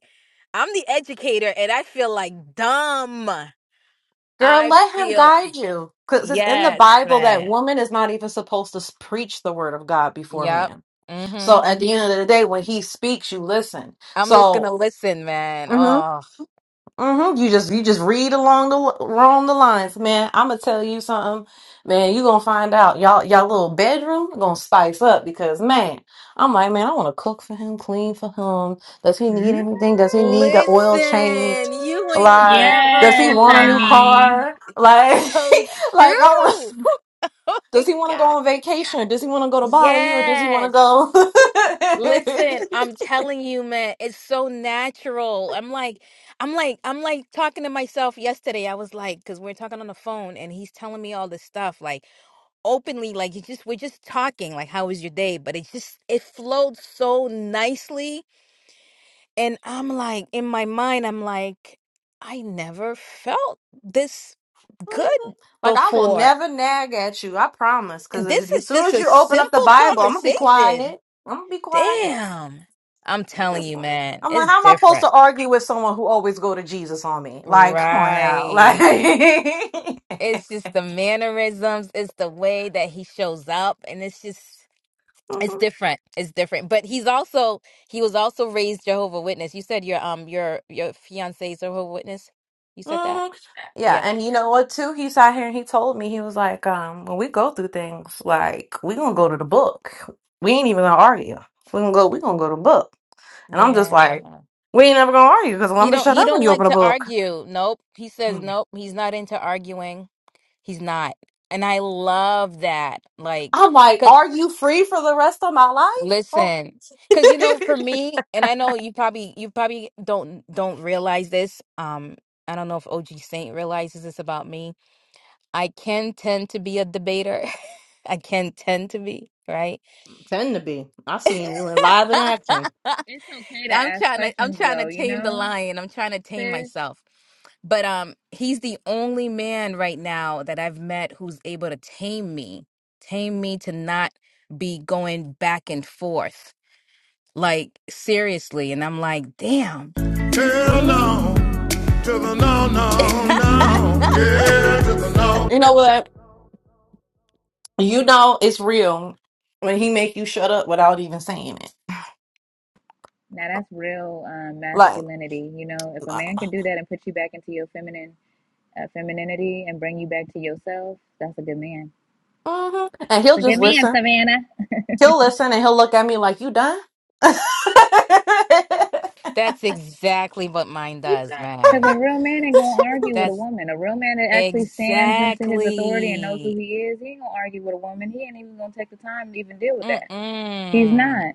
[SPEAKER 6] I'm the educator, and I feel like dumb.
[SPEAKER 2] girl,
[SPEAKER 6] I
[SPEAKER 2] let him
[SPEAKER 6] feel
[SPEAKER 2] guide you. Because it's in the
[SPEAKER 6] yes,
[SPEAKER 2] Bible that
[SPEAKER 6] man.
[SPEAKER 2] woman is not even supposed to s- preach the word of God before
[SPEAKER 6] Yep.
[SPEAKER 2] man.
[SPEAKER 6] Mm-hmm.
[SPEAKER 2] So at the end of the day, when he speaks, you listen.
[SPEAKER 6] I'm just
[SPEAKER 2] So,
[SPEAKER 6] gonna listen, man.
[SPEAKER 2] mm-hmm.
[SPEAKER 6] Oh.
[SPEAKER 2] Mm-hmm. You just you just read along the along the lines, man. I'm gonna tell you something, man. You gonna find out y'all y'all little bedroom gonna spice up because man, I'm like man, I want to cook for him, clean for him. Does he
[SPEAKER 4] Mm.
[SPEAKER 2] need anything? Does he need the oil change?
[SPEAKER 6] Listen, you ain't
[SPEAKER 2] Like,
[SPEAKER 6] never
[SPEAKER 2] does he
[SPEAKER 4] Yes,
[SPEAKER 2] want a new
[SPEAKER 6] lie.
[SPEAKER 4] honey.
[SPEAKER 2] car? Like,
[SPEAKER 6] It's so
[SPEAKER 2] like I want.
[SPEAKER 6] true. Oh
[SPEAKER 2] Does
[SPEAKER 6] my
[SPEAKER 2] he want to go
[SPEAKER 6] God.
[SPEAKER 2] on vacation? Does he want to go to Bali or does he want
[SPEAKER 6] Yes.
[SPEAKER 2] to
[SPEAKER 6] Listen,
[SPEAKER 2] go?
[SPEAKER 6] I'm telling you, man, it's so natural. I'm like, I'm like, I'm like talking to myself yesterday. I was like, because we're talking on the phone and he's telling me all this stuff, like openly, like you just, we're just talking, like, how was your day? But it just, it flowed so nicely And I'm like, in my mind, I'm like, I never felt this good
[SPEAKER 2] Mm-hmm. Like I will
[SPEAKER 6] before.
[SPEAKER 2] never nag at you, I promise. Because
[SPEAKER 6] And this
[SPEAKER 2] as
[SPEAKER 6] is
[SPEAKER 2] soon
[SPEAKER 6] just
[SPEAKER 2] as
[SPEAKER 6] a
[SPEAKER 2] you open up the
[SPEAKER 6] simple
[SPEAKER 2] Bible, I'm gonna be
[SPEAKER 6] conversation.
[SPEAKER 2] quiet. I'm gonna be quiet.
[SPEAKER 6] Damn. I'm
[SPEAKER 2] I'm
[SPEAKER 6] telling
[SPEAKER 2] just.
[SPEAKER 6] you,
[SPEAKER 2] like,
[SPEAKER 6] man,
[SPEAKER 2] I'm like,
[SPEAKER 6] it's
[SPEAKER 2] how am I supposed
[SPEAKER 6] different.
[SPEAKER 2] to argue with someone who always go to Jesus on me? Like, come on now, like.
[SPEAKER 6] Right. It's just the mannerisms, it's the way that he shows up, and it's just it's
[SPEAKER 2] Mhm,
[SPEAKER 6] different. It's different. But he's also he was also raised Jehovah Witness. You said your um your your fiance's Jehovah Witness. You said that?
[SPEAKER 2] mhm. Yeah,
[SPEAKER 6] Yeah.
[SPEAKER 2] and you know what too? He sat here and he told me he was like, um, when we go through things, like we gonna go to the book. We ain't even gonna argue. We gonna go. We gonna go to the book. And I'm just
[SPEAKER 6] Yeah.
[SPEAKER 2] like, we ain't never gonna argue because I'm
[SPEAKER 6] He
[SPEAKER 2] gonna
[SPEAKER 6] don't
[SPEAKER 2] shut
[SPEAKER 6] he
[SPEAKER 2] up when
[SPEAKER 6] don't
[SPEAKER 2] you
[SPEAKER 6] like
[SPEAKER 2] open a
[SPEAKER 6] to
[SPEAKER 2] book.
[SPEAKER 6] argue. Nope. He says nope, he's not into arguing. He's not. And I love that. Like
[SPEAKER 2] I'm like,
[SPEAKER 6] cuz
[SPEAKER 2] are you free for the rest of my life? Oh.
[SPEAKER 6] listen, cuz you know for me and I know you probably you probably don't don't realize this. Um I don't know if OG Saint realizes this about me. I can tend to be a debater. I can tend to be, right?
[SPEAKER 2] Tend to be. I seen you in live in action.
[SPEAKER 4] It's okay to
[SPEAKER 6] I'm
[SPEAKER 4] ask
[SPEAKER 6] trying to I'm
[SPEAKER 4] questions
[SPEAKER 6] trying to
[SPEAKER 4] though, you
[SPEAKER 6] tame the
[SPEAKER 4] know?
[SPEAKER 6] lion. I'm trying to tame
[SPEAKER 4] sis.
[SPEAKER 6] myself. But um he's the only man right now that I've met who's able to tame me. Tame me to not be going back and forth. Like seriously, and I'm like, "Damn.
[SPEAKER 5] Hell no.
[SPEAKER 2] hmm
[SPEAKER 5] To the no, no, no. Yeah, to the no.
[SPEAKER 2] You know what? You know it's real when he make you shut up without even saying it.
[SPEAKER 4] Now that's real um,
[SPEAKER 2] Like,
[SPEAKER 4] masculinity. You know, if a
[SPEAKER 2] hmm
[SPEAKER 4] man can do that and put you back into your feminine uh, femininity and bring you back to yourself, that's a good man.
[SPEAKER 2] and he'll
[SPEAKER 4] It's a good
[SPEAKER 2] just
[SPEAKER 4] man,
[SPEAKER 2] listen.
[SPEAKER 4] Savannah.
[SPEAKER 2] He'll listen and he'll look at me like, you done?
[SPEAKER 6] That's exactly what mine
[SPEAKER 2] You
[SPEAKER 6] does,
[SPEAKER 2] done.
[SPEAKER 4] Because
[SPEAKER 6] man.
[SPEAKER 4] a real man ain't gonna argue with a
[SPEAKER 6] That's
[SPEAKER 4] woman. A real man that actually stands into his authority and knows who
[SPEAKER 6] exactly.
[SPEAKER 4] he is, he ain't gonna argue with a woman. He ain't even gonna take the time to even deal with that. He's
[SPEAKER 6] Mm-mm.
[SPEAKER 4] not,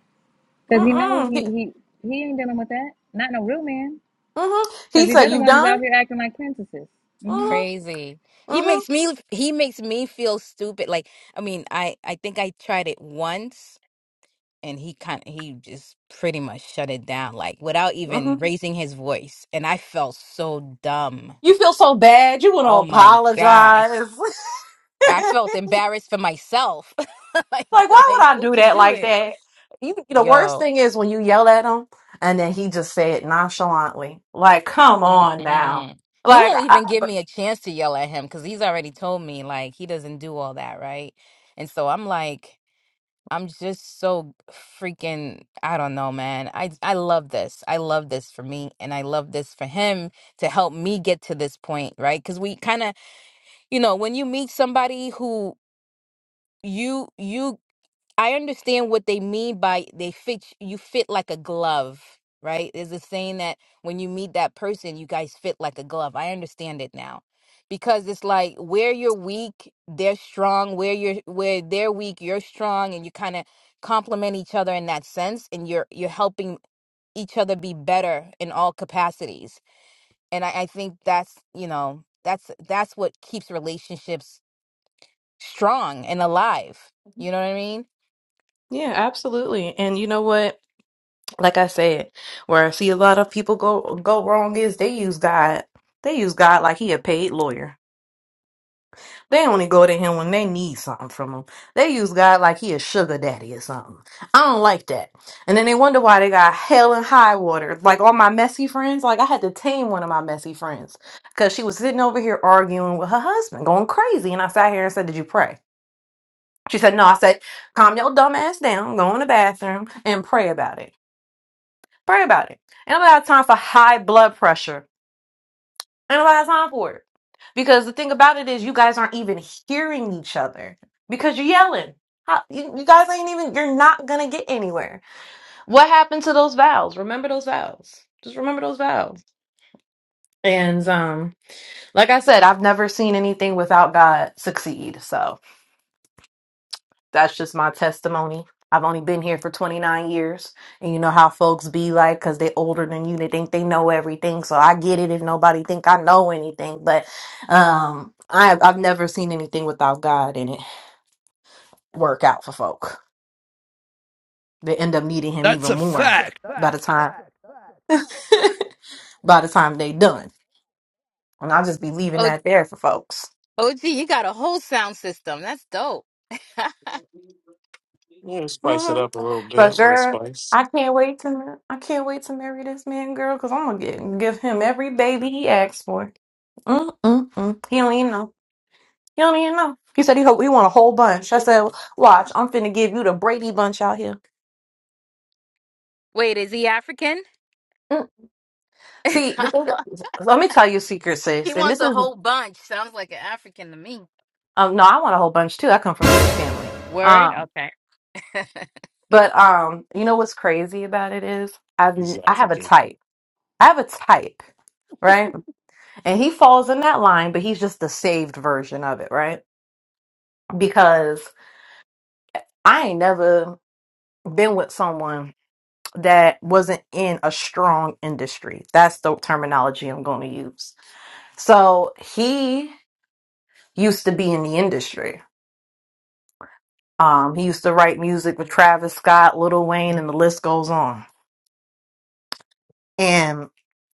[SPEAKER 4] because he knows
[SPEAKER 2] Mm-mm.
[SPEAKER 4] he
[SPEAKER 2] He,
[SPEAKER 4] he he ain't dealing with that. Not no real man,
[SPEAKER 2] hmm
[SPEAKER 4] because
[SPEAKER 2] he
[SPEAKER 4] these
[SPEAKER 2] said,
[SPEAKER 4] other
[SPEAKER 2] you
[SPEAKER 4] ones is
[SPEAKER 2] done?
[SPEAKER 4] out here acting like princesses. hmm
[SPEAKER 2] Mm-hmm.
[SPEAKER 6] Crazy. He makes me he makes me feel stupid. Like, I mean, I I think I tried it once and he kind he just pretty much shut it down like without
[SPEAKER 2] Mm-hmm.
[SPEAKER 6] even raising his voice and I felt so dumb.
[SPEAKER 2] You feel so bad. You want to
[SPEAKER 6] Oh my gosh.
[SPEAKER 2] apologize.
[SPEAKER 6] I felt embarrassed for myself. Like
[SPEAKER 2] like, why
[SPEAKER 6] like
[SPEAKER 2] would I
[SPEAKER 6] what
[SPEAKER 2] do
[SPEAKER 6] you
[SPEAKER 2] that
[SPEAKER 6] do
[SPEAKER 2] like
[SPEAKER 6] it?
[SPEAKER 2] that? You, the worst
[SPEAKER 6] Yo.
[SPEAKER 2] thing is when you yell at him and then he just said nonchalantly, like, come on now.
[SPEAKER 6] Mm-mm. He
[SPEAKER 2] Like,
[SPEAKER 6] won't
[SPEAKER 2] I,
[SPEAKER 6] even give me a chance to yell at him because he's already told me like he doesn't do all that, right? And so I'm like I'm just so freaking I don't know, man. I I love this. I love this for me and I love this for him to help me get to this point, right? Cuz we kind of, you know, when you meet somebody who you you I understand what they mean by they fit you fit like a glove, right? There's a saying that when you meet that person, you guys fit like a glove. I understand it now. Because it's like where you're weak, they're strong. Where you're where they're weak, you're strong and you kind of complement each other in that sense and you're you're helping each other be better in all capacities. And I, I think that's, you know, that's that's what keeps relationships strong and alive.
[SPEAKER 2] Mm-hmm.
[SPEAKER 6] You know what I mean?
[SPEAKER 2] yeah, absolutely. And you know what? Like I said, where I see a lot of people go go wrong is they use God. They use God like he a paid lawyer. They only go to him when they need something from him. They use God like he a sugar daddy or something. I don't like that. And then they wonder why they got hell and high water. Like all my messy friends, like I had to tame one of my messy friends because she was sitting over here arguing with her husband, going crazy. And I sat here and said, Did you pray? She said, No. I said, Calm your dumb ass down, go in the bathroom and pray about it. Pray about it. And I don't have time for high blood pressure I don't have time for it. Because the thing about it is, you guys aren't even hearing each other because you're yelling. How, you, you guys ain't even, you're not going to get anywhere. What happened to those vows? Remember those vows. Just remember those vows. And um, like I said, I've never seen anything without God succeed. So. that's just my testimony. I've only been here for 29 years, and you know how folks be like cuz they they're older than you, they think they know everything. So I get it if nobody think I know anything, but um I I've never seen anything without God in it work out for folk. They end up needing him even more by the time by the time they done. And I'll just be leaving that there for folks.
[SPEAKER 6] OG, you got a whole sound system. That's dope.
[SPEAKER 1] yeah, spice it
[SPEAKER 2] Mm-hmm.
[SPEAKER 1] up a little bit,
[SPEAKER 2] But
[SPEAKER 1] a little
[SPEAKER 2] girl,
[SPEAKER 1] spice.
[SPEAKER 2] I can't wait to I can't wait to marry this man, girl, because I'm gonna get, give him every baby he asks for. Mm-mm-mm. He don't even know. He don't even know. He said he hope he want a whole bunch. I said, watch, I'm finna give you the Brady bunch out here.
[SPEAKER 6] Wait, is he African?
[SPEAKER 2] Mm. See, the thing,
[SPEAKER 6] he
[SPEAKER 2] let me tell you a secret, sis. And
[SPEAKER 6] wants
[SPEAKER 2] this
[SPEAKER 6] a
[SPEAKER 2] is
[SPEAKER 6] whole bunch. Sounds like an African to me.
[SPEAKER 2] um no, I want a whole bunch too. I come from a big family.
[SPEAKER 6] Word?
[SPEAKER 2] Um,
[SPEAKER 6] Okay.
[SPEAKER 2] but um, you know what's crazy about it is I've
[SPEAKER 1] He's
[SPEAKER 2] n- I have a
[SPEAKER 1] African.
[SPEAKER 2] type. I have a type, right? And he falls in that line, but he's just the saved version of it, right? Because I ain't never been with someone that wasn't in a strong industry. That's the terminology I'm going to use. So he used to be in the industry. Um, he used to write music with Travis Scott, Lil Wayne, and the list goes on. And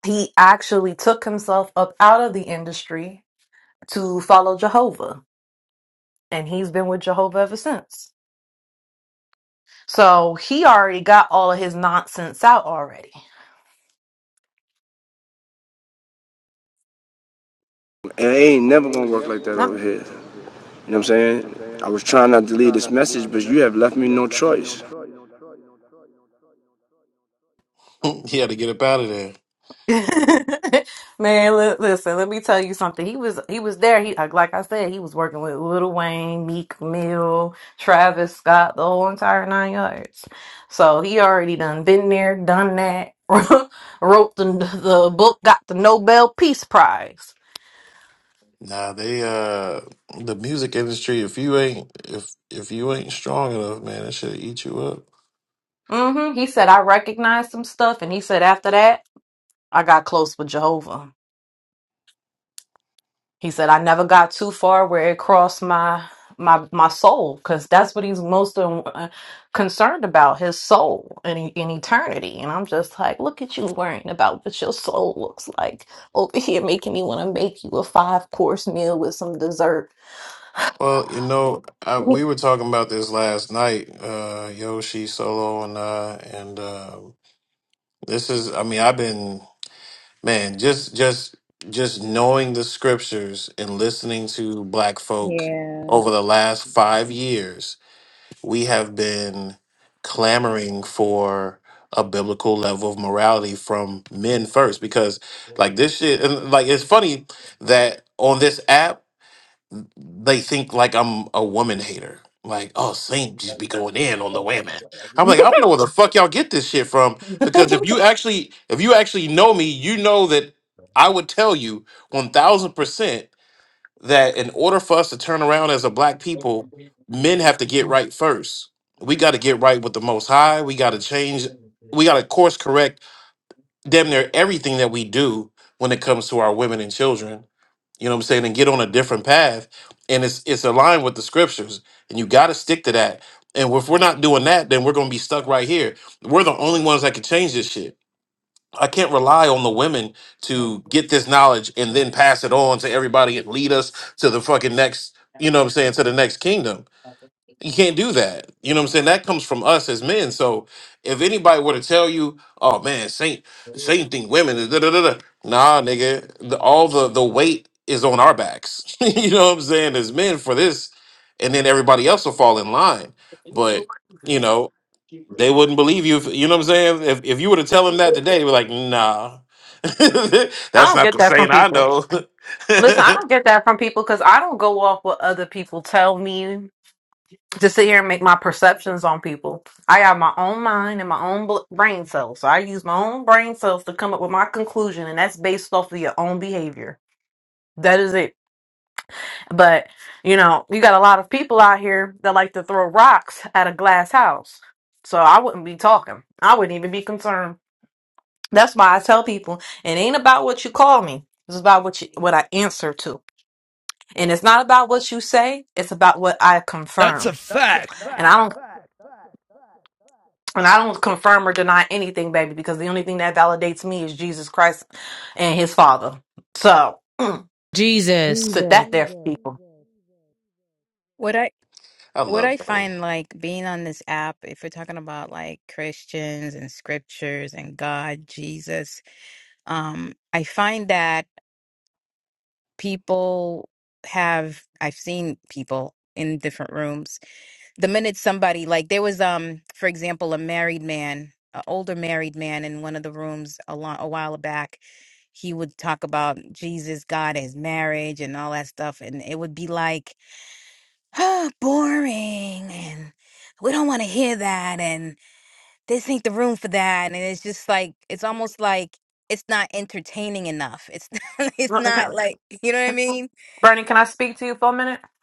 [SPEAKER 2] he actually took himself up out of the industry to follow Jehovah. And he's been with Jehovah ever since. So he already got all of his nonsense out already.
[SPEAKER 5] And it ain't never gonna work like that
[SPEAKER 2] Nah.
[SPEAKER 5] over here. You know what I'm saying? I was trying not to leave this message, but you have left me no choice.
[SPEAKER 1] he had to get up out of there.
[SPEAKER 2] Man, li- listen, let me tell you something. He was he was there. He like like I said, he was working with Lil Wayne, Meek Mill, Travis Scott, the whole entire nine yards. So he already done been there, done that. Wrote the the book, got the Nobel Peace Prize.
[SPEAKER 1] Nah, they uh the music industry, if you ain't if if you ain't strong enough, man, that should eat you up.
[SPEAKER 2] hmm He said I recognized some stuff, and he said after that I got close with Jehovah. He said, I never got too far where it crossed my my my soul because that's what he's most uh, concerned about his soul and in, in eternity and i'm just like look at you worrying about what your soul looks like over here making me want to make you a five course meal with some dessert
[SPEAKER 1] Well, you know, I, we were talking about this last night, uh Yoshi Solo and I and uh this is I mean, I've been man, just just just knowing the scriptures and listening to black folk
[SPEAKER 4] Yeah.
[SPEAKER 1] over the last 5 years we have been clamoring for a biblical level of morality from men first because like this shit and like it's funny that on this app they think like I'm a woman hater. Like, oh Saint just be going in on the
[SPEAKER 2] I
[SPEAKER 1] women. I'm like, I don't know where the fuck y'all get this shit from. Because if you actually if you actually know me, you know that I would tell you one thousand percent that in order for us to turn around as a black people, men have to get right first. We got to get right with the Most High. We got to change. We got to course correct damn near everything that we do when it comes to our women and children. You know what I'm saying? And get on a different path. And it's it's aligned with the scriptures. And you got to stick to that. And if we're not doing that, then we're going to be stuck right here. We're the only ones that can change this shit. I can't rely on the women to get this knowledge and then pass it on to everybody and lead us to the fucking next, you know what I'm saying, to the next kingdom. You can't do that. You know what I'm saying? That comes from us as men. So if anybody were to tell you, oh man, Saint, Saint thing women, da da da da. Nah, nigga. The, all the the weight is on our backs. you know what I'm saying? As men for this. And then everybody else will fall in line. But, you know, they wouldn't believe you. If, you know what I'm saying? If, if you were to tell them that today, they'd be like, nah, that's
[SPEAKER 2] don't
[SPEAKER 1] not
[SPEAKER 2] get
[SPEAKER 1] the
[SPEAKER 2] that
[SPEAKER 1] saying
[SPEAKER 2] from
[SPEAKER 1] I
[SPEAKER 2] people.
[SPEAKER 1] know.
[SPEAKER 2] Listen, I don't get that from people because I don't go off what other people tell me to sit here and make my perceptions on people. I have my own mind and my own bl- brain cells. So I use my own brain cells to come up with my conclusion, and that's based off of your own behavior. That is it. But, you know, you got a lot of people out here that like to throw rocks at a glass house. So I wouldn't be talking. I wouldn't even be concerned. That's why I tell people it ain't about what you call me. It's about what you, what I answer to. And it's not about what you say, it's about what I confirm.
[SPEAKER 5] Fact.
[SPEAKER 2] and I don't. And I don't confirm or deny anything, baby, because the only thing that validates me is Jesus Christ and his Father. So
[SPEAKER 5] Jesus. Jesus.
[SPEAKER 2] sit that there for people.
[SPEAKER 6] What I
[SPEAKER 1] I
[SPEAKER 6] what
[SPEAKER 1] love
[SPEAKER 6] I
[SPEAKER 1] that one.
[SPEAKER 6] find like being on this app, if we're talking about like Christians and scriptures and God, Jesus, um, I find that people have I've seen people in different rooms. the minute somebody like there was um for example a married man an older married man in one of the rooms a, lo- a while back he would talk about jesus god his marriage and all that stuff and it would be like oh, boring and we don't want to hear that and this ain't the room for that and it's just like it's almost like it's not entertaining enough it's it's not like you know what i mean
[SPEAKER 2] Bernie, can I speak to you for a minute?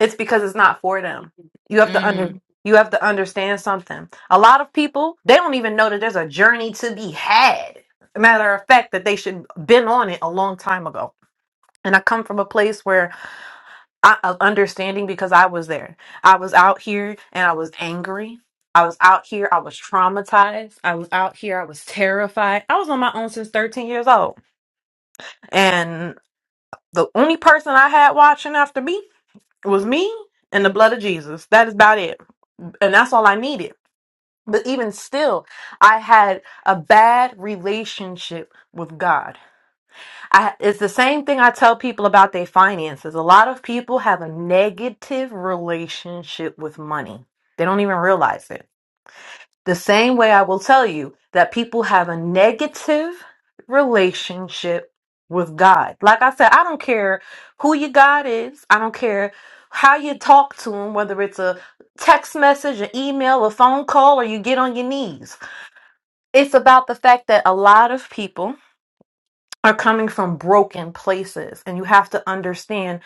[SPEAKER 2] It's because it's not for them. You have to
[SPEAKER 6] mhm
[SPEAKER 2] under you have to understand something. A lot of people they don't even know that there's a journey to be had. Matter of fact, that they should been on it a long time ago. And I come from a place where I of understanding because I was there. I was out here and I was angry. I was out here. I was traumatized. I was out here. I was terrified. I was on my own since 13 years old. And the only person I had watching after me was me and the blood of Jesus. That is about it and that's all I needed. But even still, I had a bad relationship with God. I, it's the same thing I tell people about their finances. A lot of people have a negative relationship with money. They don't even realize it. The same way I will tell you that people have a negative relationship with God. Like I said, I don't care who your God is, I don't care how you talk to him, whether it's a text message, an email, a phone call, or you get on your knees. It's about the fact that a lot of people are coming from broken places, and you have to understand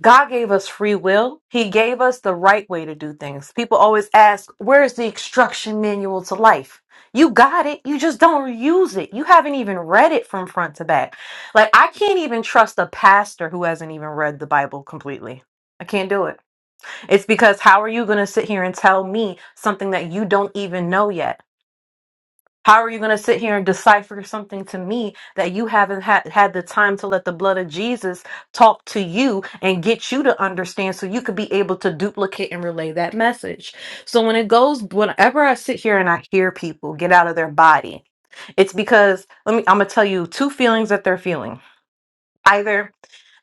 [SPEAKER 2] God gave us free will. He gave us the right way to do things. People always ask, where's the instruction manual to life? You got it. You just don't use it. You haven't even read it from front to back. Like, I can't even trust a pastor who hasn't even read the Bible completely. I can't do it. It's because how are you going to sit here and tell me something that you don't even know yet? How are you going to sit here and decipher something to me that you haven't had, had the time to let the blood of Jesus talk to you and get you to understand so you could be able to duplicate and relay that message? So, when it goes, whenever I sit here and I hear people get out of their body, it's because, let me, I'm going to tell you two feelings that they're feeling. Either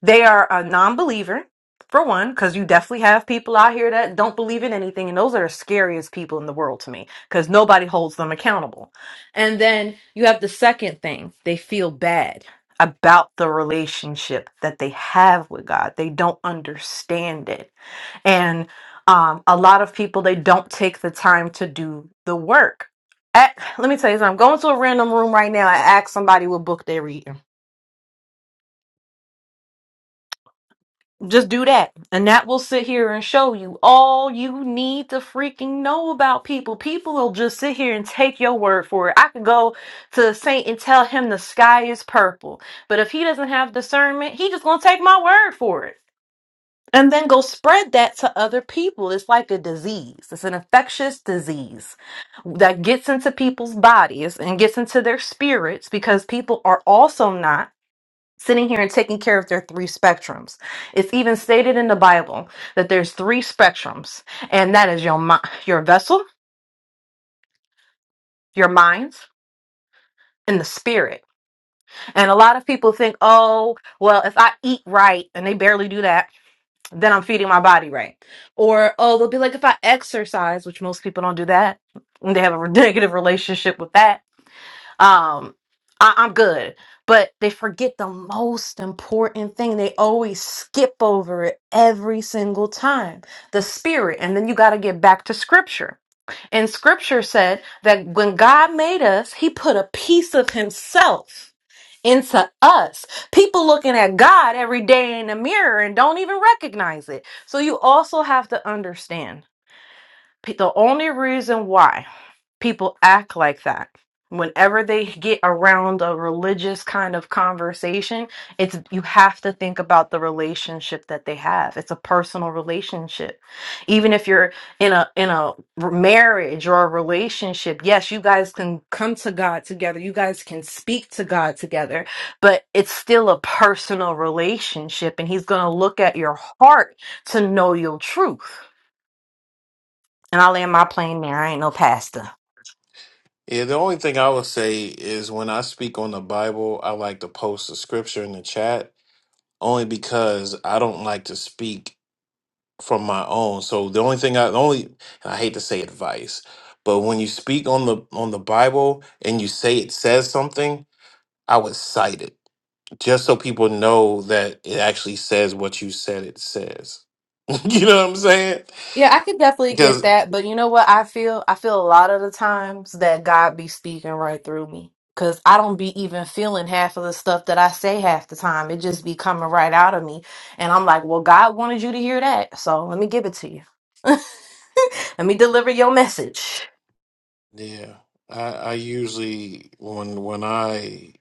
[SPEAKER 2] they are a non believer, for one, because you definitely have people out here that don't believe in anything. And those are the scariest people in the world to me because nobody holds them accountable. And then you have the second thing they feel bad about the relationship that they have with God, they don't understand it. And um, a lot of people, they don't take the time to do the work. At, let me tell you something. I'm going to a random room right now. I ask somebody what book they read. Just do that. And that will sit here and show you all you need to freaking know about people. People will just sit here and take your word for it. I could go to a saint and tell him the sky is purple. But if he doesn't have discernment, he just gonna take my word for it. And then go spread that to other people. It's like a disease. It's an infectious disease that gets into people's bodies and gets into their spirits because people are also not sitting here and taking care of their three spectrums. It's even stated in the Bible that there's three spectrums, and that is your mi- your vessel, your minds, and the spirit. And a lot of people think, "Oh, well, if I eat right," and they barely do that, then I'm feeding my body right. Or, "Oh, they'll be like if I exercise," which most people don't do that. and They have a negative relationship with that um I, i'm good but they forget the most important thing they always skip over it every single time the spirit and then you got to get back to scripture and scripture said that when god made us he put a piece of himself into us people looking at god every day in the mirror and don't even recognize it so you also have to understand pe- the only reason why people act like that. Whenever they get around a religious kind of conversation, it's you have to think about the relationship that they have. It's a personal relationship. Even if you're in a in a r- marriage or a relationship, yes, you guys can come to God together. You guys can speak to God together, but it's still a personal relationship and he's going to look at your heart to know your truth. And I land my plane there. I ain't no pastor.
[SPEAKER 1] Yeah, the only thing I would say is when I speak on the Bible, I like to post the scripture in the chat only because I don't like to speak from my own. So the only thing I the only and I hate to say advice, but when you speak on the on the Bible and you say it says something, I would cite it just so people know that it actually says what you said it says. you know what I'm saying?
[SPEAKER 2] Yeah, I could definitely get
[SPEAKER 1] Because
[SPEAKER 2] that, but you know what I feel? I feel a lot of the times that God be speaking right through me cuz I don't be even feeling half of the stuff that I say half the time. It just be coming right out of me, and I'm like, "Well, God wanted you to hear that, so let me give it to you. let me deliver your message."
[SPEAKER 1] yeah, I, I usually when when I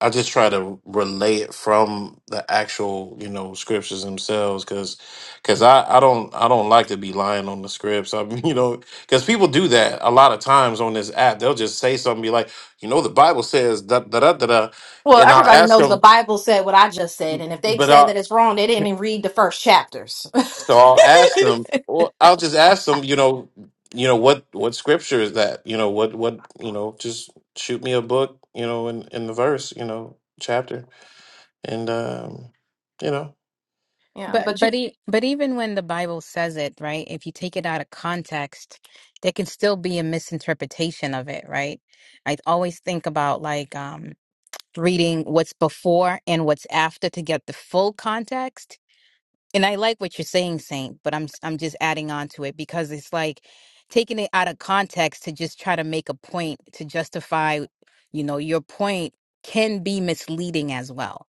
[SPEAKER 1] I just try to relay it from the actual you know scriptures themselves because because I I don't I don't like to be lying on the scripts. I mean, you know because people do that a lot of times on this app. They'll just say something be like, you know, the Bible says da da da da, da,"
[SPEAKER 2] Well,
[SPEAKER 1] and I'll
[SPEAKER 2] everybody
[SPEAKER 1] ask
[SPEAKER 2] knows the
[SPEAKER 1] them.
[SPEAKER 2] Bible said what I just said, and if they
[SPEAKER 1] But
[SPEAKER 2] say
[SPEAKER 1] I,
[SPEAKER 2] that it's wrong, they didn't even read the first chapters.
[SPEAKER 1] So I'll ask them. Well, I'll just ask them. You know, you know what what scripture is that? You know what what you know. Just shoot me a book. You know, in in the verse. You know, chapter. And um, you know,
[SPEAKER 2] yeah,
[SPEAKER 6] But
[SPEAKER 2] but
[SPEAKER 6] but
[SPEAKER 2] you.
[SPEAKER 6] e but even when the Bible says it, right? If you take it out of context, there can still be a misinterpretation of it, right? I always think about like um reading what's before and what's after to get the full context. And I like what you're saying, Saint, but I'm s- I'm just adding on to it because it's like taking it out of context to just try to make a point to justify, you know, your point can be misleading as well.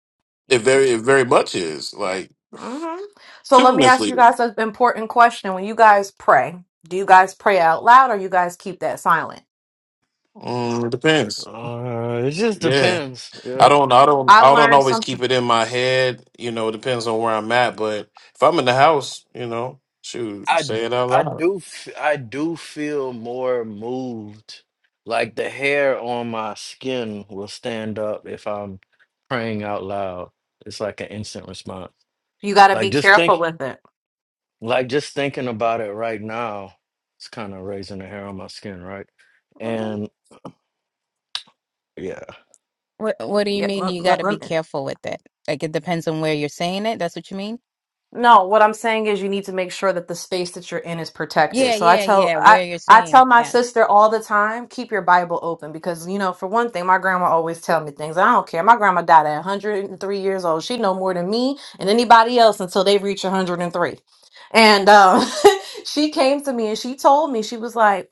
[SPEAKER 1] it very it very much is like
[SPEAKER 2] hmm So
[SPEAKER 1] super
[SPEAKER 2] let me ask you
[SPEAKER 1] misleading.
[SPEAKER 2] guys an important question. When you guys pray, do you guys pray out loud or you guys keep that silent?
[SPEAKER 1] Mm, it depends.
[SPEAKER 3] Uh, it just
[SPEAKER 1] Yeah,
[SPEAKER 3] depends.
[SPEAKER 1] I
[SPEAKER 3] Yeah,
[SPEAKER 1] don't I don't
[SPEAKER 2] I
[SPEAKER 1] I don't
[SPEAKER 2] learned
[SPEAKER 1] always keep
[SPEAKER 2] something.
[SPEAKER 1] it in my head. You know, it depends on where I'm at. But if I'm in the house, you know, shoot,
[SPEAKER 3] I
[SPEAKER 1] say it out
[SPEAKER 3] I
[SPEAKER 1] loud.
[SPEAKER 3] do f- I do feel more moved. Like the hair on my skin will stand up if I'm praying out loud. It's like an instant response.
[SPEAKER 2] You got to
[SPEAKER 3] Like
[SPEAKER 2] be
[SPEAKER 3] just
[SPEAKER 2] careful
[SPEAKER 3] think
[SPEAKER 2] with it.
[SPEAKER 3] Like just thinking about it right now, it's kind of raising the hair on my skin, right?
[SPEAKER 2] hmm
[SPEAKER 3] And yeah,
[SPEAKER 6] What What do you
[SPEAKER 2] Yeah,
[SPEAKER 6] mean? You got to be
[SPEAKER 2] let,
[SPEAKER 6] careful with it. Like it depends on where you're saying it. That's what you mean.
[SPEAKER 2] No, what I'm saying is you need to make sure that the space that you're in is
[SPEAKER 6] Yeah,
[SPEAKER 2] protected. So I
[SPEAKER 6] yeah,
[SPEAKER 2] tell
[SPEAKER 6] yeah.
[SPEAKER 2] I
[SPEAKER 6] Where you're
[SPEAKER 2] I
[SPEAKER 6] saying
[SPEAKER 2] tell
[SPEAKER 6] it.
[SPEAKER 2] my
[SPEAKER 6] Yeah.
[SPEAKER 2] sister all the time, keep your Bible open because you know, for one thing, my grandma always tell me things. I don't care. My grandma died at 103 years old. She know more than me and anybody else until they reach 103. And um she came to me and she told me she was like